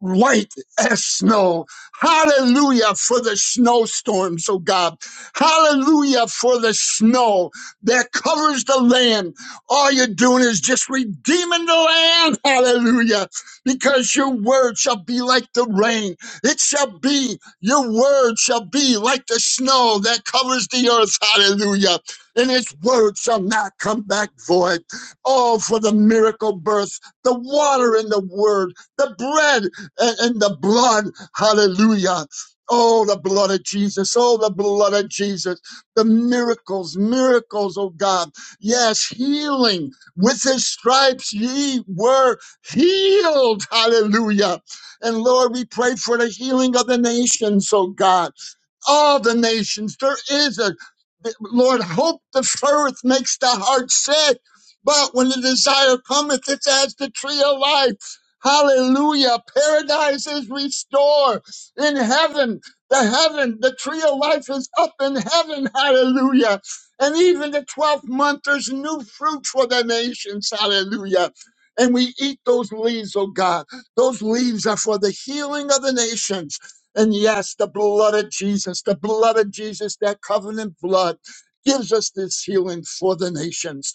S6: white as snow. Hallelujah for the snowstorms, oh God. Hallelujah for the snow that covers the land. All you're doing is just redeeming the land. Hallelujah. Because your word shall be like the rain. It shall be, your word shall be like the snow that covers the earth. Hallelujah. And its word shall not come back void. Oh, for the miracle birth, the water in the word the bread and, and the blood, hallelujah. Oh, the blood of Jesus. Oh, the blood of Jesus. The miracles, miracles, oh God. Yes, healing. With his stripes ye were healed. Hallelujah. And Lord, we pray for the healing of the nations, oh God all the nations. There is a Lord, hope deferreth makes the heart sick, but when the desire cometh, it's as the tree of life. Hallelujah. Paradise is restored in heaven. The heaven, the tree of life is up in heaven. Hallelujah. And even the 12th month, there's new fruit for the nations. Hallelujah. And we eat those leaves, oh God. Those leaves are for the healing of the nations. And yes, the blood of Jesus, the blood of Jesus, that covenant blood gives us this healing for the nations.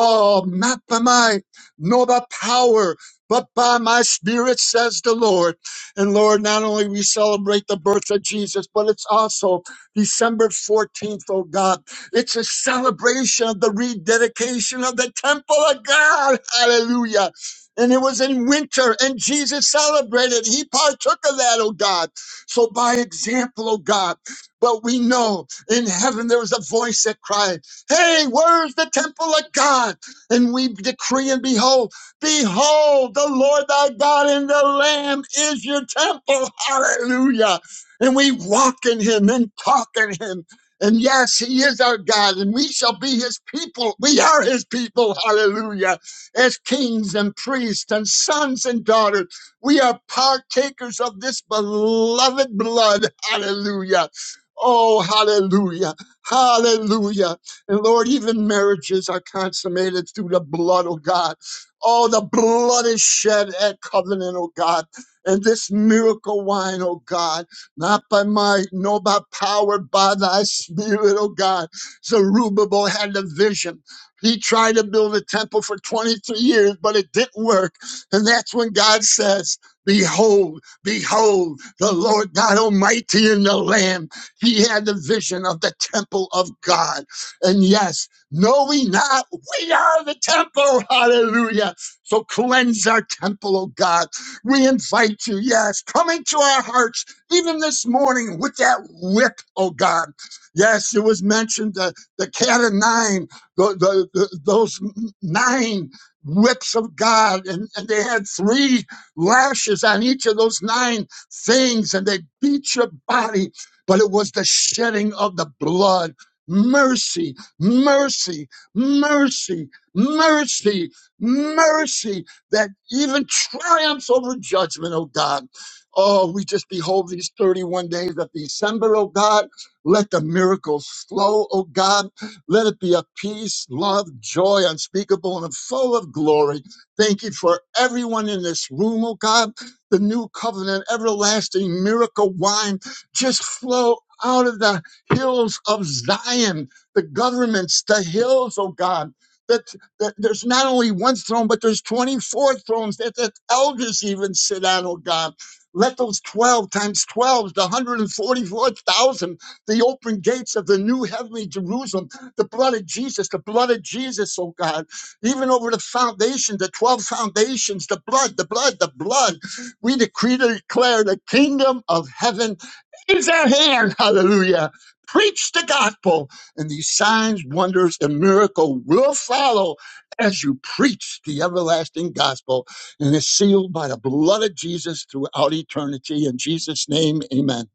S6: Oh, not by might, nor by power, but by my spirit, says the Lord. And Lord, not only we celebrate the birth of Jesus, but it's also December 14th, oh God. It's a celebration of the rededication of the temple of God. Hallelujah. And it was in winter, and Jesus celebrated. He partook of that, oh God. So by example, oh God, but we know in heaven there was a voice that cried, Hey, where's the temple of God? And we decree and behold, behold, the Lord thy God and the Lamb is your temple. Hallelujah. And we walk in him and talk in him. And yes, he is our God, and we shall be his people. We are his people, hallelujah, as kings and priests and sons and daughters. We are partakers of this beloved blood. Hallelujah. Oh, hallelujah. Hallelujah. And Lord, even marriages are consummated through the blood, oh God. Oh, the blood is shed at covenant, oh God. And this miracle wine, oh God, not by might, nor by power, by thy spirit, oh God. Zerubbabel had the vision. He tried to build a temple for 23 years, but it didn't work. And that's when God says, Behold, behold, the Lord God Almighty and the Lamb. He had the vision of the temple of God. And yes, know we not, we are the temple. Hallelujah. So cleanse our temple, oh God. We invite you, yes, come into our hearts, even this morning with that whip, oh God. Yes, it was mentioned the, the cat of nine, the, the, the- those nine whips of God. And, and they had three lashes on each of those nine things, and they beat your body. But it was the shedding of the blood. Mercy, mercy, mercy, mercy, mercy that even triumphs over judgment, oh God. Oh, we just behold these 31 days of December, oh God. Let the miracles flow, oh God. Let it be a peace, love, joy unspeakable and full of glory. Thank you for everyone in this room, oh God. The new covenant, everlasting miracle wine just flow out of the hills of Zion, the governments, the hills, oh God. That, that there's not only one throne, but there's 24 thrones that, that elders even sit on, oh God. Let those 12 times 12, the 144,000, the open gates of the new heavenly Jerusalem the blood of Jesus, the blood of Jesus, oh God, even over the foundation, the 12 foundations, the blood, the blood, the blood. We decree to declare the kingdom of heaven is at hand. Hallelujah. Preach the gospel, and these signs, wonders, and miracle will follow as you preach the everlasting gospel, and is sealed by the blood of Jesus throughout eternity. In Jesus' name, amen.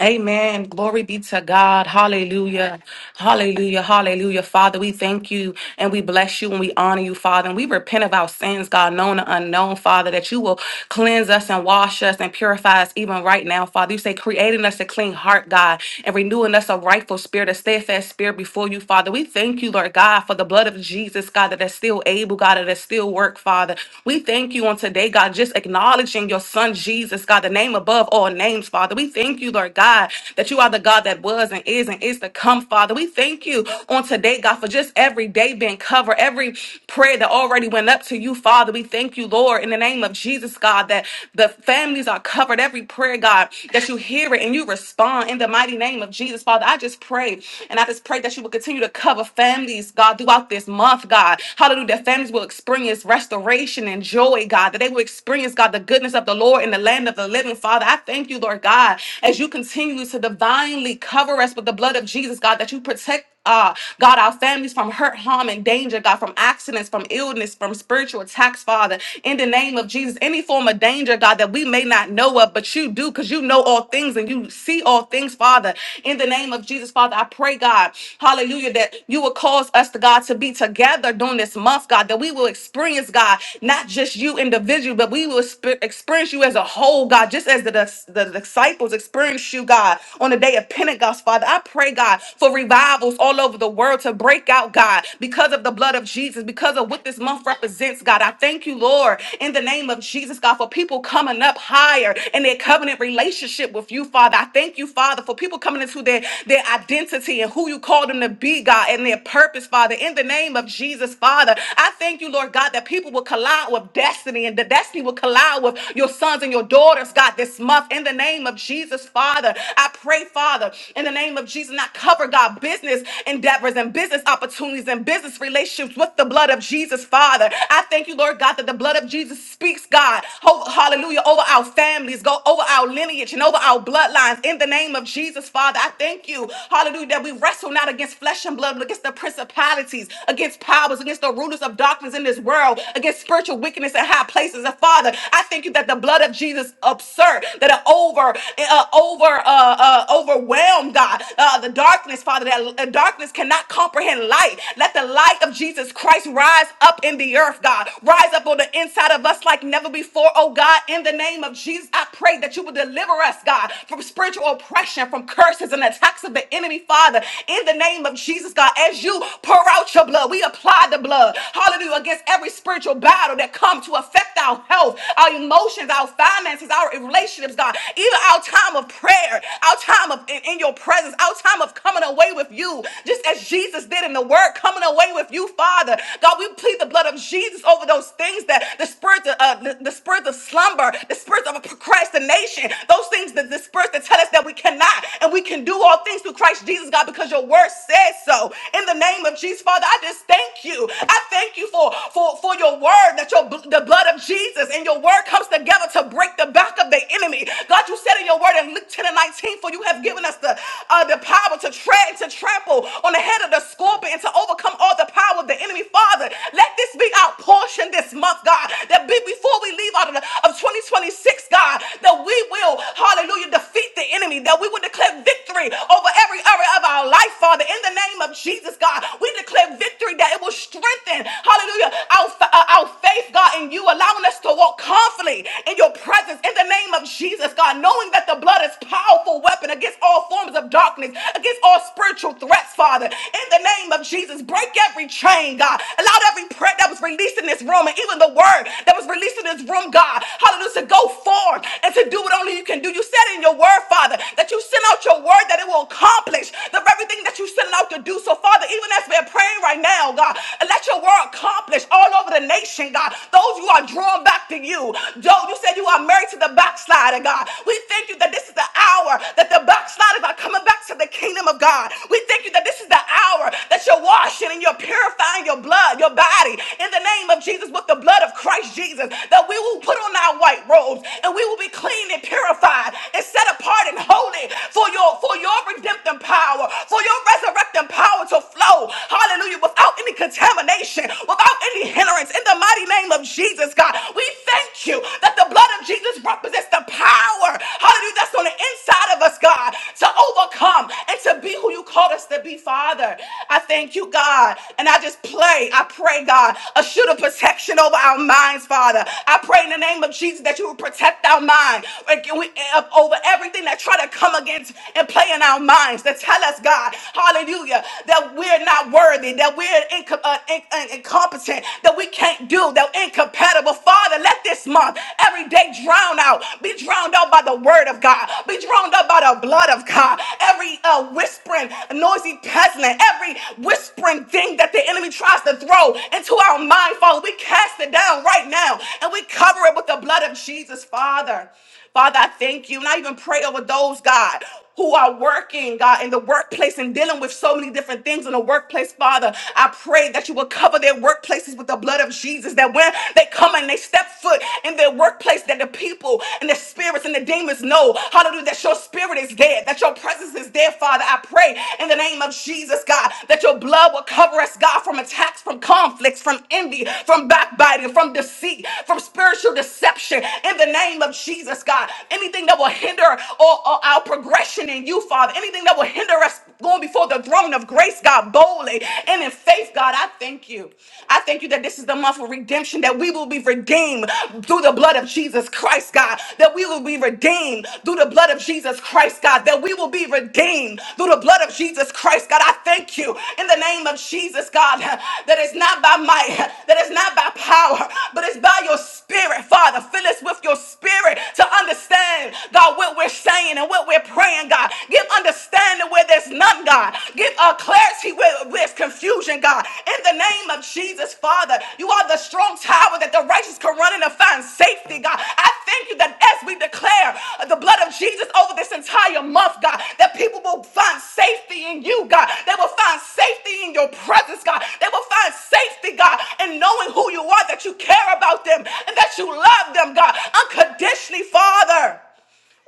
S10: Amen. Glory be to God. Hallelujah. Hallelujah. Hallelujah. Father, we thank you and we bless you and we honor you, Father. And we repent of our sins, God, known and unknown, Father, that you will cleanse us and wash us and purify us even right now, Father. You say, creating us a clean heart, God, and renewing us a rightful spirit, a steadfast spirit before you, Father. We thank you, Lord God, for the blood of Jesus, God, that is still able, God, that is still work, Father. We thank you on today, God, just acknowledging your son, Jesus, God, the name above all names, Father. Father. We thank you, Lord God, that you are the God that was and is and is to come, Father. We thank you on today, God, for just every day being covered, every prayer that already went up to you, Father. We thank you, Lord, in the name of Jesus, God, that the families are covered. Every prayer, God, that you hear it and you respond in the mighty name of Jesus, Father. I just pray and I just pray that you will continue to cover families, God, throughout this month, God. Hallelujah. That families will experience restoration and joy, God, that they will experience, God, the goodness of the Lord in the land of the living, Heavenly Father, I thank you, Lord God, as you continue to divinely cover us with the blood of Jesus, God, that you protect. Uh, God, our families from hurt, harm, and danger, God, from accidents, from illness, from spiritual attacks, Father, in the name of Jesus, any form of danger, God, that we may not know of, but you do, because you know all things and you see all things, Father, in the name of Jesus, Father, I pray, God, hallelujah, that you will cause us, to God, to be together during this month, God, that we will experience, God, not just you individually, but we will sp- experience you experience you as a whole, God, just as the, dis- the disciples experienced you, God, on the day of Pentecost, Father. I pray, God, for revivals all over the world to break out, God, because of the blood of Jesus, because of what this month represents, God. I thank you, Lord, in the name of Jesus, God, for people coming up higher in their covenant relationship with you, Father. I thank you, Father, for people coming into their, their identity and who you called them to be, God, and their purpose, Father. In the name of Jesus, Father, I thank you, Lord God, that people will collide with destiny and the destiny will will collide with your sons and your daughters, God, this month in the name of Jesus, Father. I pray, Father, in the name of Jesus, and I cover, God, business endeavors and business opportunities and business relationships with the blood of Jesus, Father. I thank you, Lord God, that the blood of Jesus speaks, God, ho- hallelujah, over our families, go over our lineage and over our bloodlines in the name of Jesus, Father. I thank you, hallelujah, that we wrestle not against flesh and blood, but against the principalities, against powers, against the rulers of darkness in this world, against spiritual wickedness spirits in high places. And Father, I thank you that the blood of Jesus absurd that it over uh, over uh, uh, overwhelmed God uh, the darkness, Father. That uh, darkness cannot comprehend light. Let the light of Jesus Christ rise up in the earth, God. Rise up on the inside of us like never before, oh God. In the name of Jesus, I pray that you will deliver us, God, from spiritual oppression, from curses and attacks of the enemy, Father. In the name of Jesus, God, as you pour out your blood, we apply the blood. Hallelujah. Against every spiritual spiritual battle that come to affect our health, our emotions, our finances, our relationships, God. Even our time of prayer, our time of in, in your presence, our time of coming away with you, just as Jesus did in the word, coming away with you, Father. God, we plead the blood of Jesus over those things that the spirit of uh, the, the spirit of slumber, the spirit of procrastination, those things that the spirit that tell us that we cannot and we can do all things through Christ Jesus, God, because your word says so. In the name of Jesus, Father, I just thank you. I thank you you for, for, for your word, that your bl- the blood of Jesus and your word comes together to break the back of the enemy. God, you said in your word in Luke 10 and 19, for you have given us the, uh, the power to tread and to trample on the head of the scorpion and to overcome all the power of the enemy. Father, let this be our portion this month, God, that be before we leave out of, the, of 2026, God, that we will, hallelujah, defeat the enemy, that we will declare victory over every area of our life, Father, in the name of Jesus, God. We declare victory that it will will strengthen, hallelujah, our, uh, our faith, God, in you, allowing us to walk confidently in your presence in the name of Jesus, God, knowing that the blood is powerful weapon against all forms of darkness, against all spiritual threats, Father. In the name of Jesus, break every chain, God. Allow every prayer that was released in this room and even the word that was released in this room, God, hallelujah, to go forth and to do what only you can do. You said in your word, Father, that you send out your word that it will accomplish the very thing that you sent it out to do. So, Father, even as we're that praying right now, God, and let your word accomplish all over the nation, God. Those who are drawn back to you. Joe, you said you are married to the backslider, God. We thank you that this is the hour that the backsliders are coming back to the kingdom of God. We thank you that this is the hour that you're washing and you're purifying your blood, your body, in the name of Jesus, with the blood of Christ Jesus, that we will put on our white robes and we will be clean and purified and set apart and holy for your for your redemptive power, for your resurrecting power power to flow, hallelujah, without any contamination, without any hindrance. In the mighty name of Jesus, God, we thank you that the blood of Jesus represents the power, hallelujah, that's on the inside of us, God, to overcome and to be who you called us to be, Father. I thank you, God, and I just play, I pray, God, a shield of protection over our minds, Father. I pray in the name of Jesus that you will protect our mind like, we- over everything that try to come against and play in our minds to tell us, God. God, hallelujah, that we're not worthy, that we're inco- uh, in- uh, incompetent, that we can't do, that we're incompatible. Father, let this month every day drown out, be drowned out by the word of God, be drowned out by the blood of God. Every uh, whispering, noisy peasant, every whispering thing that the enemy tries to throw into our mind, Father, we cast it down right now and we cover it with the blood of Jesus, Father. Father, I thank you. And I even pray over those, God, who are working, God, in the workplace and dealing with so many different things in the workplace, Father. I pray that you will cover their workplaces with the blood of Jesus, that when they come and they step foot in their workplace, that the people and the spirits and the demons know, hallelujah, that your spirit is there, that your presence is there, Father. I pray in the name of Jesus, God, that your blood will cover us, God, from attacks, from conflicts, from envy, from backbiting, from deceit, from spiritual deception, in the name of Jesus, God. Anything that will hinder or, or our, our progression in you, Father. Anything that will hinder us going before the throne of grace, God, boldly and in faith, God, I thank you. I thank you that this is the month of redemption, that we will be redeemed through the blood of Jesus Christ, God, that we will be redeemed through the blood of Jesus Christ, God, that we will be redeemed through the blood of Jesus Christ, God. I thank you in the name of Jesus, God, that it's not by might, that it's not by power, but it's by your spirit, Father. Fill us with your spirit to understand, God, what we're what we're saying and what we're praying, God. Give understanding where there's none, God. Give uh, clarity where where there's confusion, God. In the name of Jesus, Father, you are the strong tower that the righteous can run in and find safety, God. I thank you that as we declare the blood of Jesus over this entire month, God, that people will find safety in you, God. They will find safety in your presence, God. They will find safety, God, in knowing who you are, that you care about them and that you love them, God, unconditionally, Father.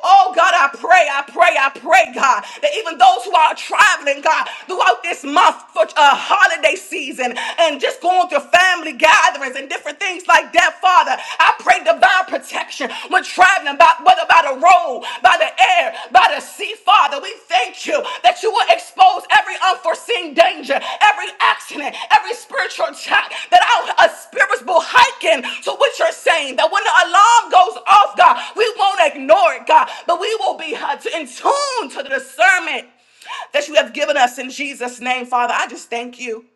S10: Oh God, I pray, I pray, I pray, God, that even those who are traveling, God, throughout this month for a holiday season and just going to family gatherings and different things like that, Father, I pray divine protection when traveling, by, whether by the road, by the air, by the see, Father, we thank you that you will expose every unforeseen danger, every accident, every spiritual attack, that our uh, spirits will hiken to what you're saying, that when the alarm goes off, God, we won't ignore it, God, but we will be uh, in tune to the discernment that you have given us in Jesus' name, Father. I just thank you.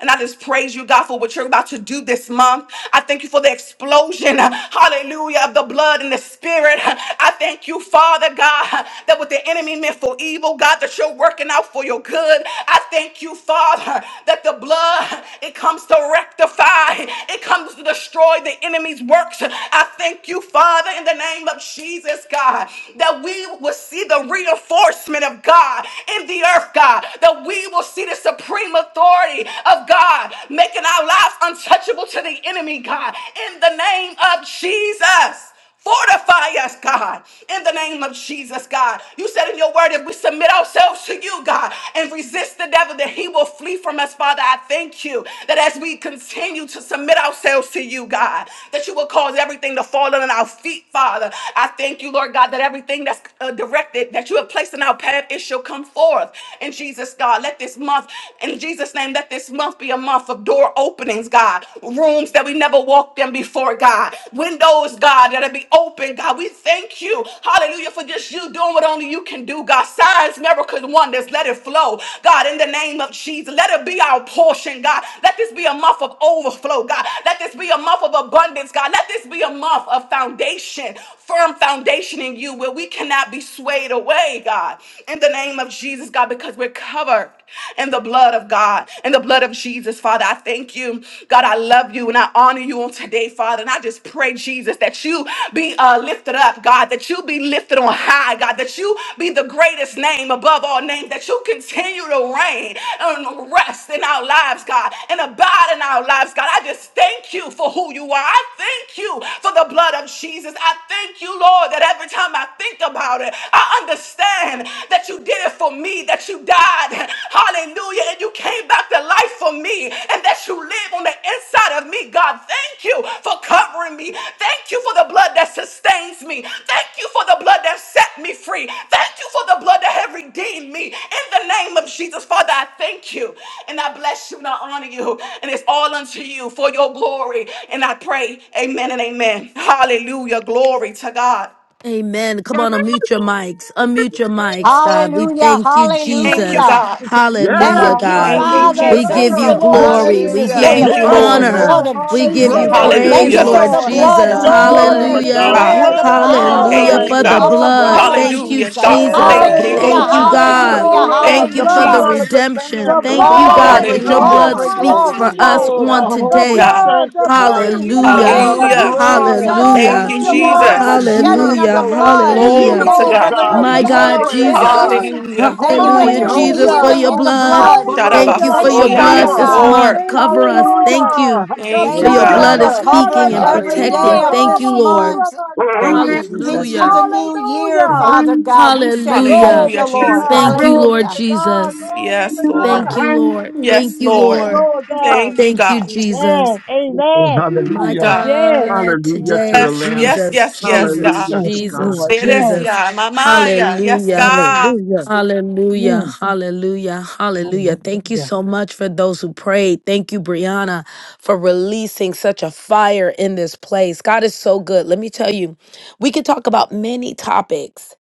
S10: And I just praise you, God, for what you're about to do this month. I thank you for the explosion, hallelujah, of the blood and the spirit. I thank you, Father God, that what the enemy meant for evil, God, that you're working out for your good. I thank you, Father, that the blood, it comes to rectify, it comes to destroy the enemy's works. I thank you, Father, in the name of Jesus, God, that we will see the reinforcement of God in the earth, God, that we will see this supreme authority of God, making our lives untouchable to the enemy, God, in the name of Jesus. Fortify us, God, in the name of Jesus, God. You said in your word, if we submit ourselves to you, God, and resist the devil, that he will flee from us, Father. I thank you that as we continue to submit ourselves to you, God, that you will cause everything to fall under our feet, Father. I thank you, Lord God, that everything that's uh, directed, that you have placed in our path, it shall come forth in Jesus, God. Let this month, in Jesus' name, let this month be a month of door openings, God. Rooms that we never walked in before, God. Windows, God, that'll be open, God. We thank you, hallelujah, for just you doing what only you can do, God. Signs, miracles, wonders, let it flow, God, in the name of Jesus. Let it be our portion, God. Let this be a month of overflow, God. Let this be a month of abundance, God. Let this be a month of foundation, firm foundation in you where we cannot be swayed away, God in the name of Jesus, God, because we're covered in the blood of God, in the blood of Jesus, Father. I thank you, God. I love you and I honor you on today, Father. And I just pray, Jesus, that you be uh, lifted up, God, that you be lifted on high, God, that you be the greatest name above all names, that you continue to reign and rest in our lives, God, and abide in our lives, God. I just thank you for who you are. I thank you for the blood of Jesus. I thank you, Lord, that every time I think about it, I understand that you did it for me, that you died, hallelujah, and you came back to life for me, and that you live on the inside of me, God. Thank you for covering me. Thank you for the blood that sustains me. Thank you for the blood that set me free. Thank you for the blood that have redeemed me. In the name of Jesus, Father, I thank you, and I bless you, and I honor you, and it's all unto you for your glory. And I pray, amen and amen. Hallelujah. Glory to God.
S2: Amen. Come on, unmute your mics. Unmute your mics, God. We
S4: Hallelujah,
S2: thank you,
S10: Thank you,
S2: Jesus.
S4: hallelujah.
S10: God.
S8: Praise
S6: Yes,
S2: Hallelujah,
S4: Thank
S8: God,
S4: you,
S2: God.
S10: Thank you,
S8: hallelujah.
S4: Father.
S2: We give
S4: Thank
S6: hallelujah.
S10: Jesus.
S4: you,
S2: you
S4: Lord
S2: glory.
S8: Glory
S2: We
S4: Jesus,
S8: to
S4: for
S2: give
S5: Hallelujah.
S8: your
S6: Yea,
S4: the
S2: you
S10: Thank you,
S8: name,
S10: Lord.
S4: precious
S2: honor.
S4: blood
S8: Lord.
S6: amen.
S4: of
S2: We give you
S4: Jesus.
S8: Hallelujah.
S5: Thank you,
S6: Glorious
S4: Thank
S8: Yes,
S2: praise,
S4: you
S10: Hallelujah.
S6: Lord.
S4: for
S5: Jesus.
S2: Lord
S4: the
S8: Lord.
S5: Yes,
S4: blood,
S2: Jesus.
S6: Glory to
S5: God.
S6: the
S4: Lord.
S6: Lamb
S4: We
S8: Yes,
S6: of
S2: Hallelujah.
S6: God.
S10: God.
S5: Glory
S4: declare
S8: yes,
S5: to
S4: the
S5: God.
S6: Worthy is
S8: yes.
S6: the
S2: Hallelujah
S4: power
S10: Thank
S8: Thank
S10: you,
S6: Lamb
S2: for
S8: you,
S6: that
S5: Hallelujah.
S2: the
S10: God.
S4: of
S6: was
S4: the
S8: Lord
S2: blood.
S4: blood
S6: slain.
S4: of
S8: God.
S2: Thank you,
S10: Hallelujah, God.
S4: Jesus.
S6: Oh,
S2: Jesus.
S6: the
S10: Thank you,
S4: Hallelujah,
S5: Yes,
S6: blood of
S10: Lord.
S2: Thank
S8: Hallelujah.
S2: you,
S6: Jesus.
S5: God.
S8: Thank you,
S6: The
S2: God.
S4: hallelujah,
S8: Lord, for
S5: Hallelujah.
S8: your
S6: blood.
S2: Thank
S10: Thank
S6: The
S2: you
S10: you,
S2: for the
S4: hallelujah.
S6: blood
S8: blood.
S6: of
S10: Jesus.
S6: the
S2: redemption.
S8: The
S6: Lamb. The
S2: Thank
S8: blood
S2: you,
S8: of
S6: blood of
S2: God,
S5: Thank you,
S4: Glory,
S2: that your
S8: Yeshua.
S10: Hallelujah,
S2: blood
S5: Jesus.
S6: God.
S4: glory,
S2: speaks
S5: Glory to
S2: for
S4: glory.
S5: your
S2: us
S8: Hallelujah.
S5: name,
S6: Oh, the
S2: on
S5: God.
S8: The
S6: holy
S2: today.
S10: God.
S8: blood, the blood,
S6: sanctifying
S5: Hallelujah.
S2: Hallelujah.
S6: power of the
S4: Thank you,
S10: Hallelujah.
S5: Thank you,
S8: hallelujah,
S6: blood.
S4: Jesus.
S5: Jesus.
S2: Hallelujah.
S10: Thank
S4: Thank
S10: you,
S4: you,
S8: hallelujah,
S4: Lord,
S6: Beautiful,
S10: Jesus.
S4: for shedding
S8: hallelujah.
S4: of the
S2: Hallelujah.
S6: beautiful Lamb.
S4: blood.
S8: Thank
S5: Glory
S8: you,
S5: to
S2: Hallelujah.
S10: Glory to
S4: Thank
S6: Beautiful
S4: you
S5: your
S8: Lord,
S4: for
S5: name,
S10: God.
S4: the
S8: thank
S6: God.
S8: you,
S2: My
S5: Father.
S4: remission
S2: God,
S4: of
S8: Lord,
S6: Glorious
S2: Jesus.
S8: thank
S5: Hallelujah.
S6: God.
S4: sins.
S8: you.
S10: Hallelujah.
S4: Thank
S5: Thank
S4: you
S5: you,
S4: that
S6: Holy,
S2: Hallelujah,
S4: there's
S5: Jesus.
S2: Jesus,
S8: Hallelujah,
S6: holy,
S2: for
S4: healing
S2: your
S4: in the
S6: holy.
S2: blood.
S6: The
S4: blood.
S6: blood of
S2: Thank you
S8: hallelujah,
S2: for
S4: Thank you,
S2: your
S10: Shadabasoya.
S4: Father
S2: blood
S6: Yeshua.
S10: Yes,
S2: this
S8: hallelujah.
S4: God.
S10: Lord.
S2: month.
S8: Thank
S2: Cover
S8: you,
S2: us.
S8: Lord.
S2: Thank
S6: Hallelujah!
S2: you
S8: The
S10: Thank
S2: for
S10: you,
S4: Thank
S2: your
S5: Yes,
S4: you
S6: Hallelujah!
S10: God.
S8: blood,
S4: for
S2: blood
S5: God.
S8: the
S4: the
S2: is
S8: blood of
S2: speaking
S4: covering
S2: and
S4: every
S5: Hallelujah.
S4: day
S8: Yeshua,
S2: protecting.
S4: of
S6: Hallelujah!
S2: Thank you,
S4: this
S2: Lord.
S10: God.
S8: Hamakura
S4: month
S5: Thank you,
S6: Hallelujah!
S5: Jesus.
S4: into
S2: Hallelujah.
S4: the
S10: Hallelujah.
S4: new year,
S8: Hallelujah.
S4: Father God. We say thank
S2: Hallelujah.
S4: you,
S10: Hallelujah,
S8: Glory to
S4: Lord.
S8: God,
S10: Jesus.
S2: Thank you,
S8: glory
S2: Lord
S4: Hallelujah.
S8: to God,
S2: Jesus.
S8: glory to
S10: Yes, Lord.
S2: Thank
S8: God.
S2: you, Lord. Thank
S10: Yes,
S2: you,
S8: Thank you,
S10: Lord.
S2: Lord.
S8: Lord God.
S10: Thank you,
S2: Thank you,
S10: God.
S2: Jesus.
S8: Amen, amen.
S2: My
S10: Mm, God.
S8: Yes,
S2: God,
S6: Hallelujah to
S2: today,
S6: the
S10: Yes,
S6: Lamb!
S10: yes,
S2: Jesus,
S10: yes, yes,
S2: Jesus,
S10: God.
S6: Hallelujah to
S8: Yes,
S6: God!
S2: Jesus,
S8: Lord.
S10: Eres
S8: Yes.
S2: Jesus.
S10: ya, mamaya. Yes,
S2: Hallelujah.
S10: God.
S8: Hallelujah.
S2: Hallelujah.
S8: Mm.
S2: Hallelujah. Hallelujah. Thank you
S8: Hallelujah.
S2: so much for those who prayed. Thank you, Brianna, for releasing such a fire in this place. God is so good. Let me tell you, we could talk about many topics.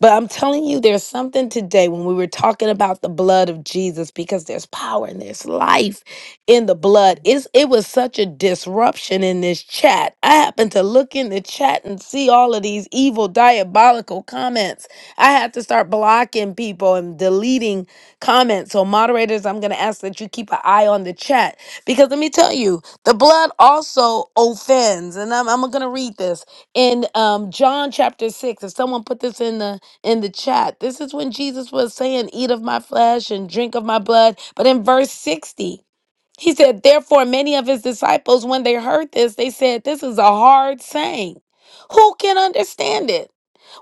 S2: But I'm telling you, there's something today when we were talking about the blood of Jesus because there's power and there's life in the blood. It's, it was such a disruption in this chat. I happened to look in the chat and see all of these evil, diabolical comments. I had to start blocking people and deleting comments. So, moderators, I'm going to ask that you keep an eye on the chat because let me tell you, the blood also offends. And I'm, I'm going to read this in um, John chapter 6. If someone put this in the in the chat. This is when Jesus was saying, Eat of my flesh and drink of my blood. But in verse 60, he said, Therefore, many of his disciples, when they heard this, they said, This is a hard saying. Who can understand it?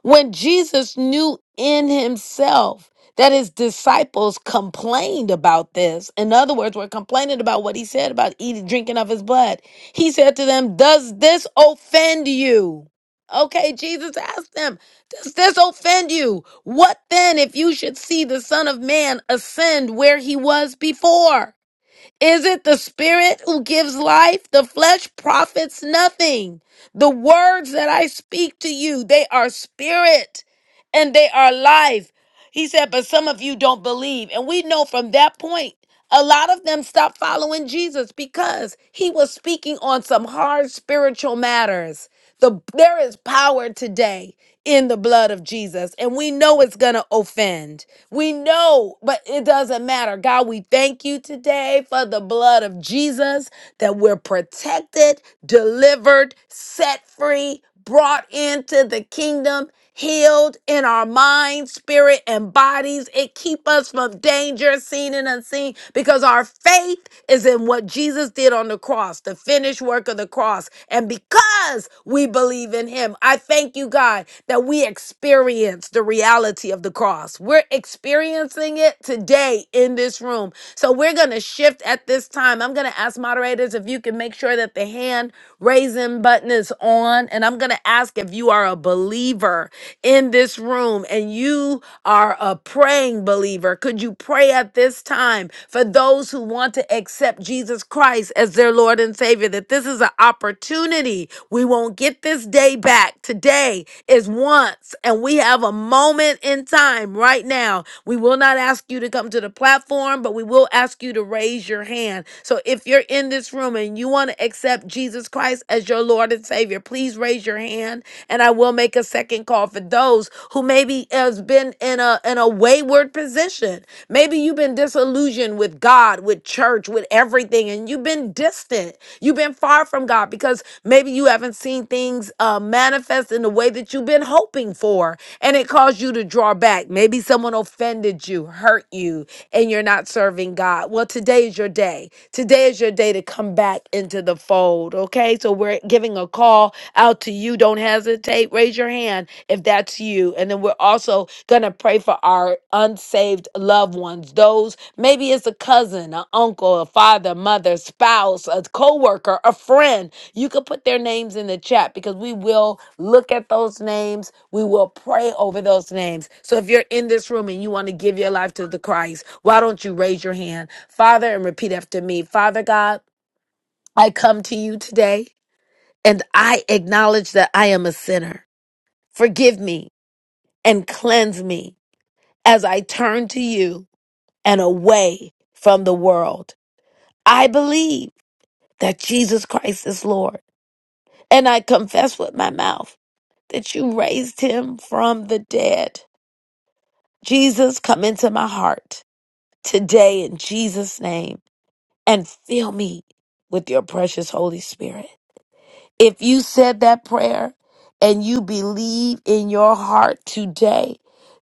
S2: When Jesus knew in himself that his disciples complained about this, in other words, were complaining about what he said about eating, drinking of his blood, he said to them, Does this offend you? Okay, Jesus asked them, Does this offend you? What then if you should see the Son of Man ascend where he was before? Is it the spirit who gives life? The flesh profits nothing. The words that I speak to you, they are spirit and they are life. He said, but some of you don't believe. And we know from that point, a lot of them stopped following Jesus because he was speaking on some hard spiritual matters. The, there is power today in the blood of Jesus, and we know it's going to offend. We know, but it doesn't matter. God, we thank you today for the blood of Jesus that we're protected, delivered, set free, brought into the kingdom, healed in our mind, spirit, and bodies. It keep us from danger, seen and unseen, because our faith is in what Jesus did on the cross, the finished work of the cross. And because we believe in him, I thank you, God, that we experience the reality of the cross. We're experiencing it today in this room. So we're going to shift at this time. I'm going to ask moderators if you can make sure that the hand raising button is on. And I'm going to ask if you are a believer in this room and you are a praying believer, could you pray at this time for those who want to accept Jesus Christ as their Lord and Savior? That this is an opportunity. We won't get this day back today is once, and we have a moment in time right now. We will not ask you to come to the platform, but we will ask you to raise your hand. So if you're in this room and you want to accept Jesus Christ as your Lord and Savior, please raise your hand, and I will make a second call for those who maybe has been in a in a wayward position. Maybe you've been disillusioned with God, with church, with everything, and you've been distant. You've been far from God because Maybe you haven't seen things uh, manifest in the way that you've been hoping for, and it caused you to draw back. Maybe someone offended you, hurt you, and you're not serving God. Well, today is your day. Today is your day to come back into the fold, okay? So we're giving a call out to you. Don't hesitate. Raise your hand if that's you. And then we're also going to pray for our unsaved loved ones. Those, maybe it's a cousin, an uncle, a father, mother, spouse, a co worker, a friend you could put their names in the chat because we will look at those names. We will pray over those names. So if you're in this room and you want to give your life to the Christ, why don't you raise your hand, Father, and repeat after me? Father God, I come to you today and I acknowledge that I am a sinner. Forgive me and cleanse me as I turn to you and away from the world. I believe that Jesus Christ is Lord and I confess with my mouth that you raised him from the dead. Jesus, come into my heart today in Jesus' name and fill me with your precious Holy Spirit. If you said that prayer and you believe in your heart today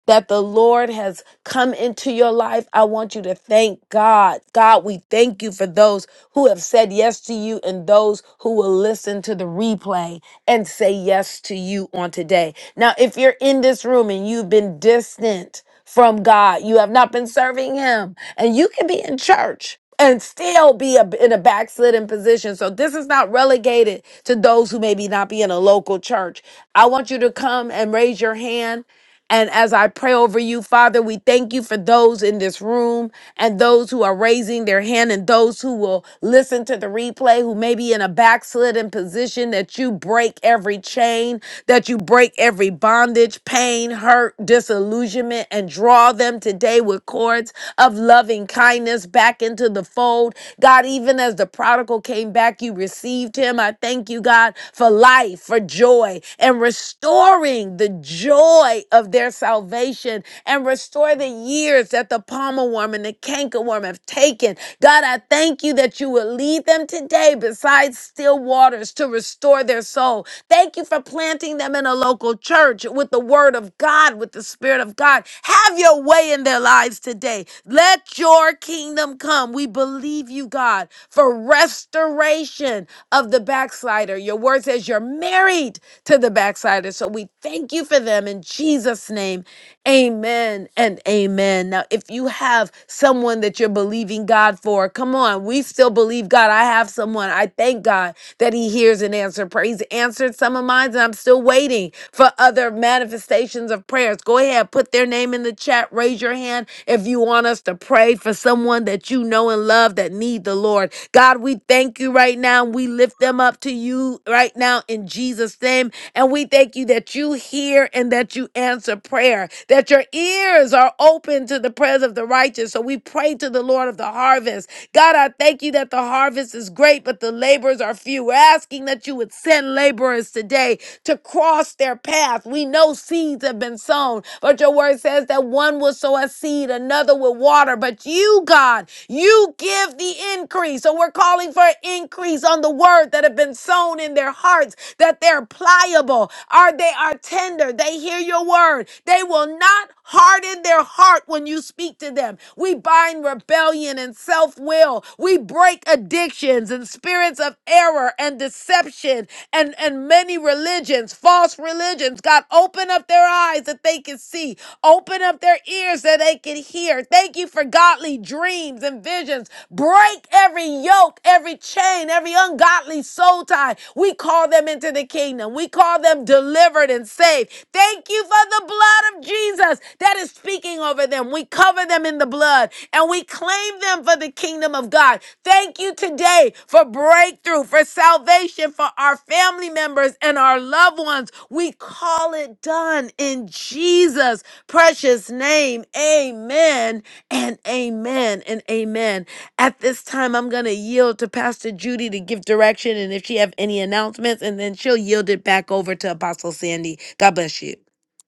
S2: that the Lord has come into your life, I want you to thank God. God, we thank you for those who have said yes to you and those who will listen to the replay and say yes to you on today. Now, if you're in this room and you've been distant from God, you have not been serving Him, and you can be in church. And still be a, in a backslidden position. So this is not relegated to those who maybe not be in a local church. I want you to come and raise your hand. And as I pray over you, Father, we thank you for those in this room and those who are raising their hand and those who will listen to the replay, who may be in a backslidden position, that you break every chain, that you break every bondage, pain, hurt, disillusionment, and draw them today with cords of loving kindness back into the fold God, even as the prodigal came back, you received him. I thank you, God, for life, for joy, and restoring the joy of their salvation and restore the years that the palmer worm and the canker worm have taken. God, I thank you that you will lead them today beside still waters to restore their soul Thank you for planting them in a local church with the word of God, with the spirit of God. Have your way in their lives today. Let your kingdom come. We believe you, God, for restoration of the backslider. Your word says you're married to the backslider. So we thank you for them in Jesus' name. Amen and amen. Now, if you have someone that you're believing God for, come on. We still believe God. I have someone. I thank God that he hears and answers prayer. He's answered some of mine, and I'm still waiting for other manifestations of prayers. Go ahead, put their name in the chat. Raise your hand if you want us to pray for someone that you know and love that need the Lord. God, we thank you right now. We lift them up to you right now in Jesus' name. And we thank you that you hear and that you answer prayer, that your ears are open to the prayers of the righteous. So we pray to the Lord of the harvest God, I thank you that the harvest is great, but the laborers are few. We're asking that you would send laborers today to cross their path. We know seeds have been sown, but your word says that one will sow a seed, another will water, but you, God, you give the increase. So we're calling for an increase on the word that have been sown in their hearts that they're pliable, or they are tender. They hear your word. They will not harden their heart when you speak to them. We bind rebellion and self will. We break addictions and spirits of error and deception and, and many religions, false religions. God, open up their eyes that they can see. Open up their ears that they can hear. Thank you for godly dreams and visions. Break every yoke, every chain, every ungodly soul tie. We call them into the kingdom. We call them delivered and saved. Thank you for the blood of Jesus that is speaking over them. We cover them in the blood and we claim them for the kingdom of God. Thank you today for breakthrough, for salvation for our family members and our loved ones. We call it done in Jesus precious name. Amen and amen and amen. At this time, I'm going to yield to Pastor Judy to give direction and if she have any announcements, and then she'll yield it back over to Apostle Sandy. God bless you.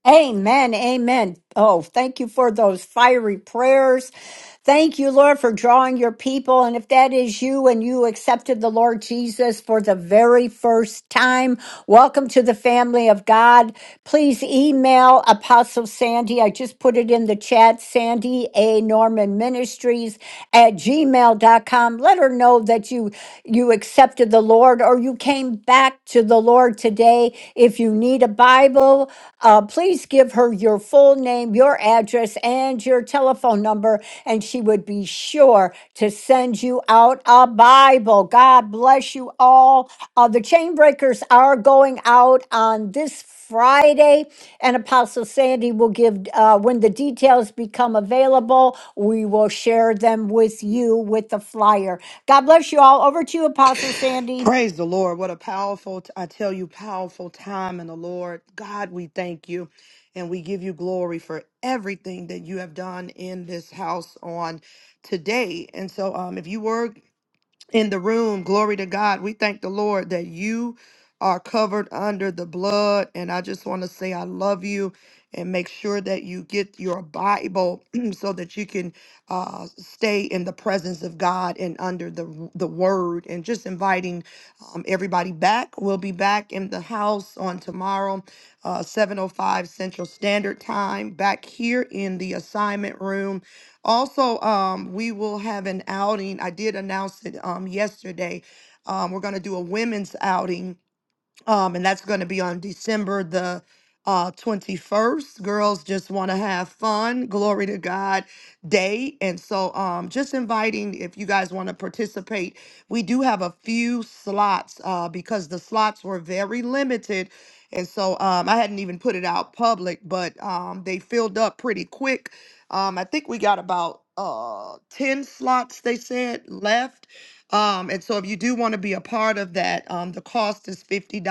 S4: Amen. Amen. Oh, thank you for those fiery prayers. Thank you, Lord, for drawing your people. And if that is you and you accepted the Lord Jesus for the very first time, welcome to the family of God. Please email Apostle Sandy. I just put it in the chat, Sandy A. Norman Ministries at gmail dot com. Let her let her know that you you accepted the Lord or you came back to the Lord today. If you need a Bible, uh, please give her your full name, your address, and your telephone number, and she would be sure to send you out a Bible. God bless you all. Uh, the Chainbreakers are going out on this Friday, and Apostle Sandy will give uh, when the details become available. We will share them with you with the flyer. God bless you all. Over to you, Apostle Sandy.
S1: Praise the Lord. What a powerful, I tell you, powerful time in the Lord. God, we thank you and we give you glory for everything that you have done in this house on today. And so, um, if you were in the room. Glory to God. We thank the Lord that you are covered under the blood. And I just want to say, I love you. And make sure that you get your Bible so that you can uh, stay in the presence of God and under the the Word. And just inviting um, everybody back. We'll be back in the house on tomorrow, uh, 7:05 Central Standard Time, back here in the assignment room. Also, um, we will have an outing. I did announce it um, yesterday. Um, we're going to do a women's outing um, and that's going to be on December the uh, 21st. Girls just want to have fun, glory to God day. And so, um, just inviting if you guys want to participate, we do have a few slots uh, because the slots were very limited. And so, um, I hadn't even put it out public, but um, they filled up pretty quick. Um, I think we got about uh, 10 slots, they said, left um, and so if you do want to be a part of that, um, the cost is $50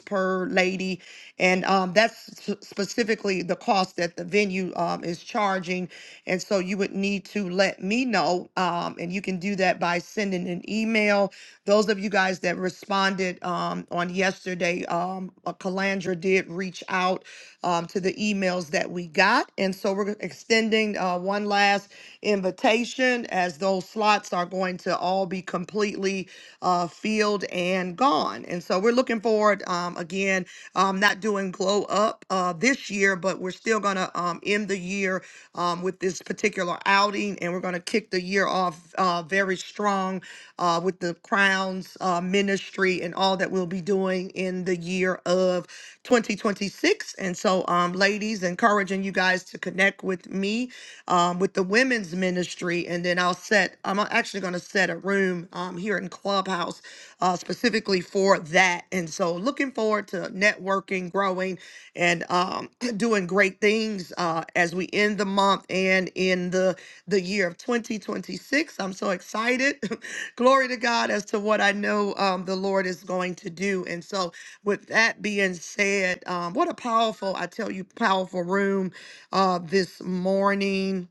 S1: per lady. And um, that's s- specifically the cost that the venue um, is charging. And so you would need to let me know. Um, and you can do that by sending an email those of you guys that responded um, on yesterday, um, uh, Calandra did reach out um, to the emails that we got. And so we're extending uh, one last invitation as those slots are going to all be completely uh, filled and gone. And so we're looking forward, um, again, um, not doing glow up uh, this year, but we're still going to um, end the year um, with this particular particular outing, and we're going to kick the year off uh, very strong uh, with the Crowns uh, Ministry and all that we'll be doing in the year of 2026. And so, um, ladies, encouraging you guys to connect with me um, with the women's ministry, and then I'll set. I'm actually going to set a room um, here in Clubhouse uh, specifically for that. And so, looking forward to networking, growing and um, doing great things uh, as we end the month and in the the year of 2026. I'm so excited. Glory to God as to what I know um, the Lord is going to do. And so, with that being said, um, what a powerful, I tell you, powerful room uh, this morning.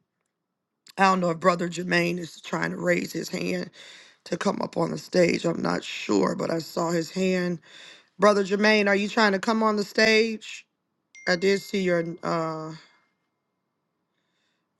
S1: I don't know if Brother Jermaine is trying to raise his hand to come up on the stage. I'm not sure, but I saw his hand. Brother Jermaine, are you trying to come on the stage? I did see your uh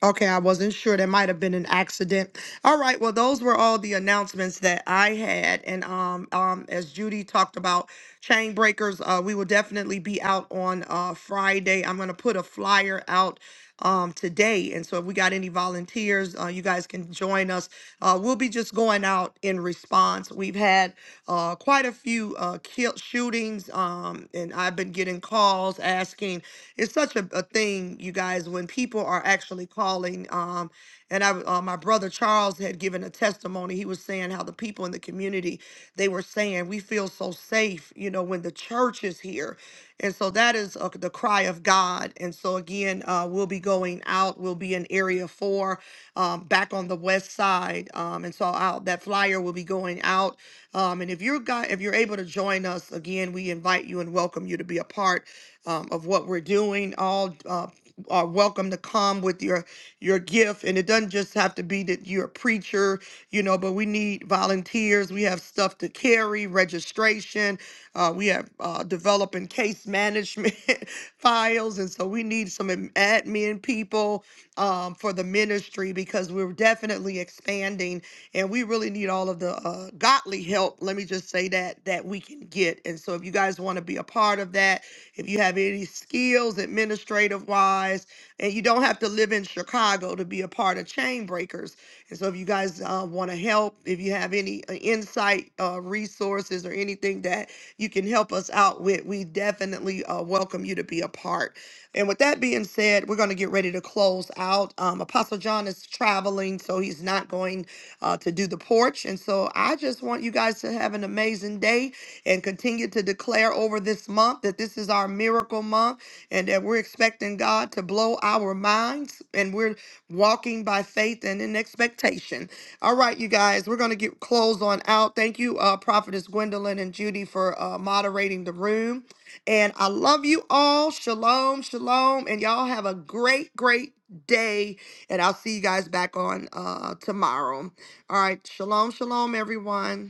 S1: okay, I wasn't sure. There might have been an accident. All right, well those were all the announcements that I had. And um um as Judy talked about chain breakers, uh we will definitely be out on uh Friday. I'm gonna put a flyer out um today. And so if we got any volunteers, uh you guys can join us. Uh we'll be just going out in response. We've had uh quite a few uh kill shootings um and I've been getting calls asking it's such a, a thing, you guys, when people are actually calling. Um, and I, uh, my brother Charles had given a testimony. He was saying how the people in the community they were saying we feel so safe, you know, when the church is here, and so that is uh, the cry of God. And so again, uh, we'll be going out. We'll be in Area Four, um, back on the west side, um, and so out that flyer will be going out. Um, and if you're guy, if you're able to join us again, we invite you and welcome you to be a part um, of what we're doing. All uh, are welcome to come with your your gift, and it doesn't just have to be that you're a preacher, you know. But we need volunteers. We have stuff to carry, registration. Uh, we have uh, developing case management files, and so we need some ad- admin people um, for the ministry because we're definitely expanding, and we really need all of the uh, godly help. Let me just say that that we can get, and so if you guys want to be a part of that if you have any skills administrative wise, and you don't have to live in Chicago to be a part of Chain Breakers. And so, if you guys uh, want to help, if you have any uh, insight, uh, resources, or anything that you can help us out with, we definitely uh, welcome you to be a part. And with that being said, we're going to get ready to close out. Um, Apostle John is traveling, so he's not going uh, to do the porch. And so, I just want you guys to have an amazing day and continue to declare over this month that this is our miracle month and that we're expecting God to blow our minds and we're walking by faith and in expectation. All right, you guys, we're going to get close on out. Thank you, uh, Prophetess Gwendolyn and Judy, for uh, moderating the room. And I love you all. Shalom, shalom. And y'all have a great, great day. And I'll see you guys back on uh, tomorrow. All right. Shalom, shalom, everyone.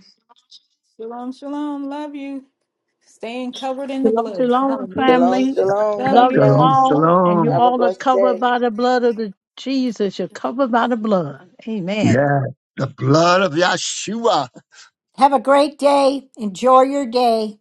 S3: Shalom, shalom. Love you. Staying covered in the
S8: Shalom,
S3: blood.
S8: shalom,
S3: Hallelujah.
S5: Shalom,
S8: family.
S5: shalom.
S3: Love
S5: God
S8: Love you
S3: you.
S6: Shalom,
S5: bless.
S8: all. And you
S6: shalom!
S5: Have a
S8: all are
S5: blessed
S8: covered
S5: day.
S8: by the blood of the Jesus. You're covered by the blood. Amen.
S6: Yeah, blood of Yeshua!
S4: Have a great day. Enjoy your day.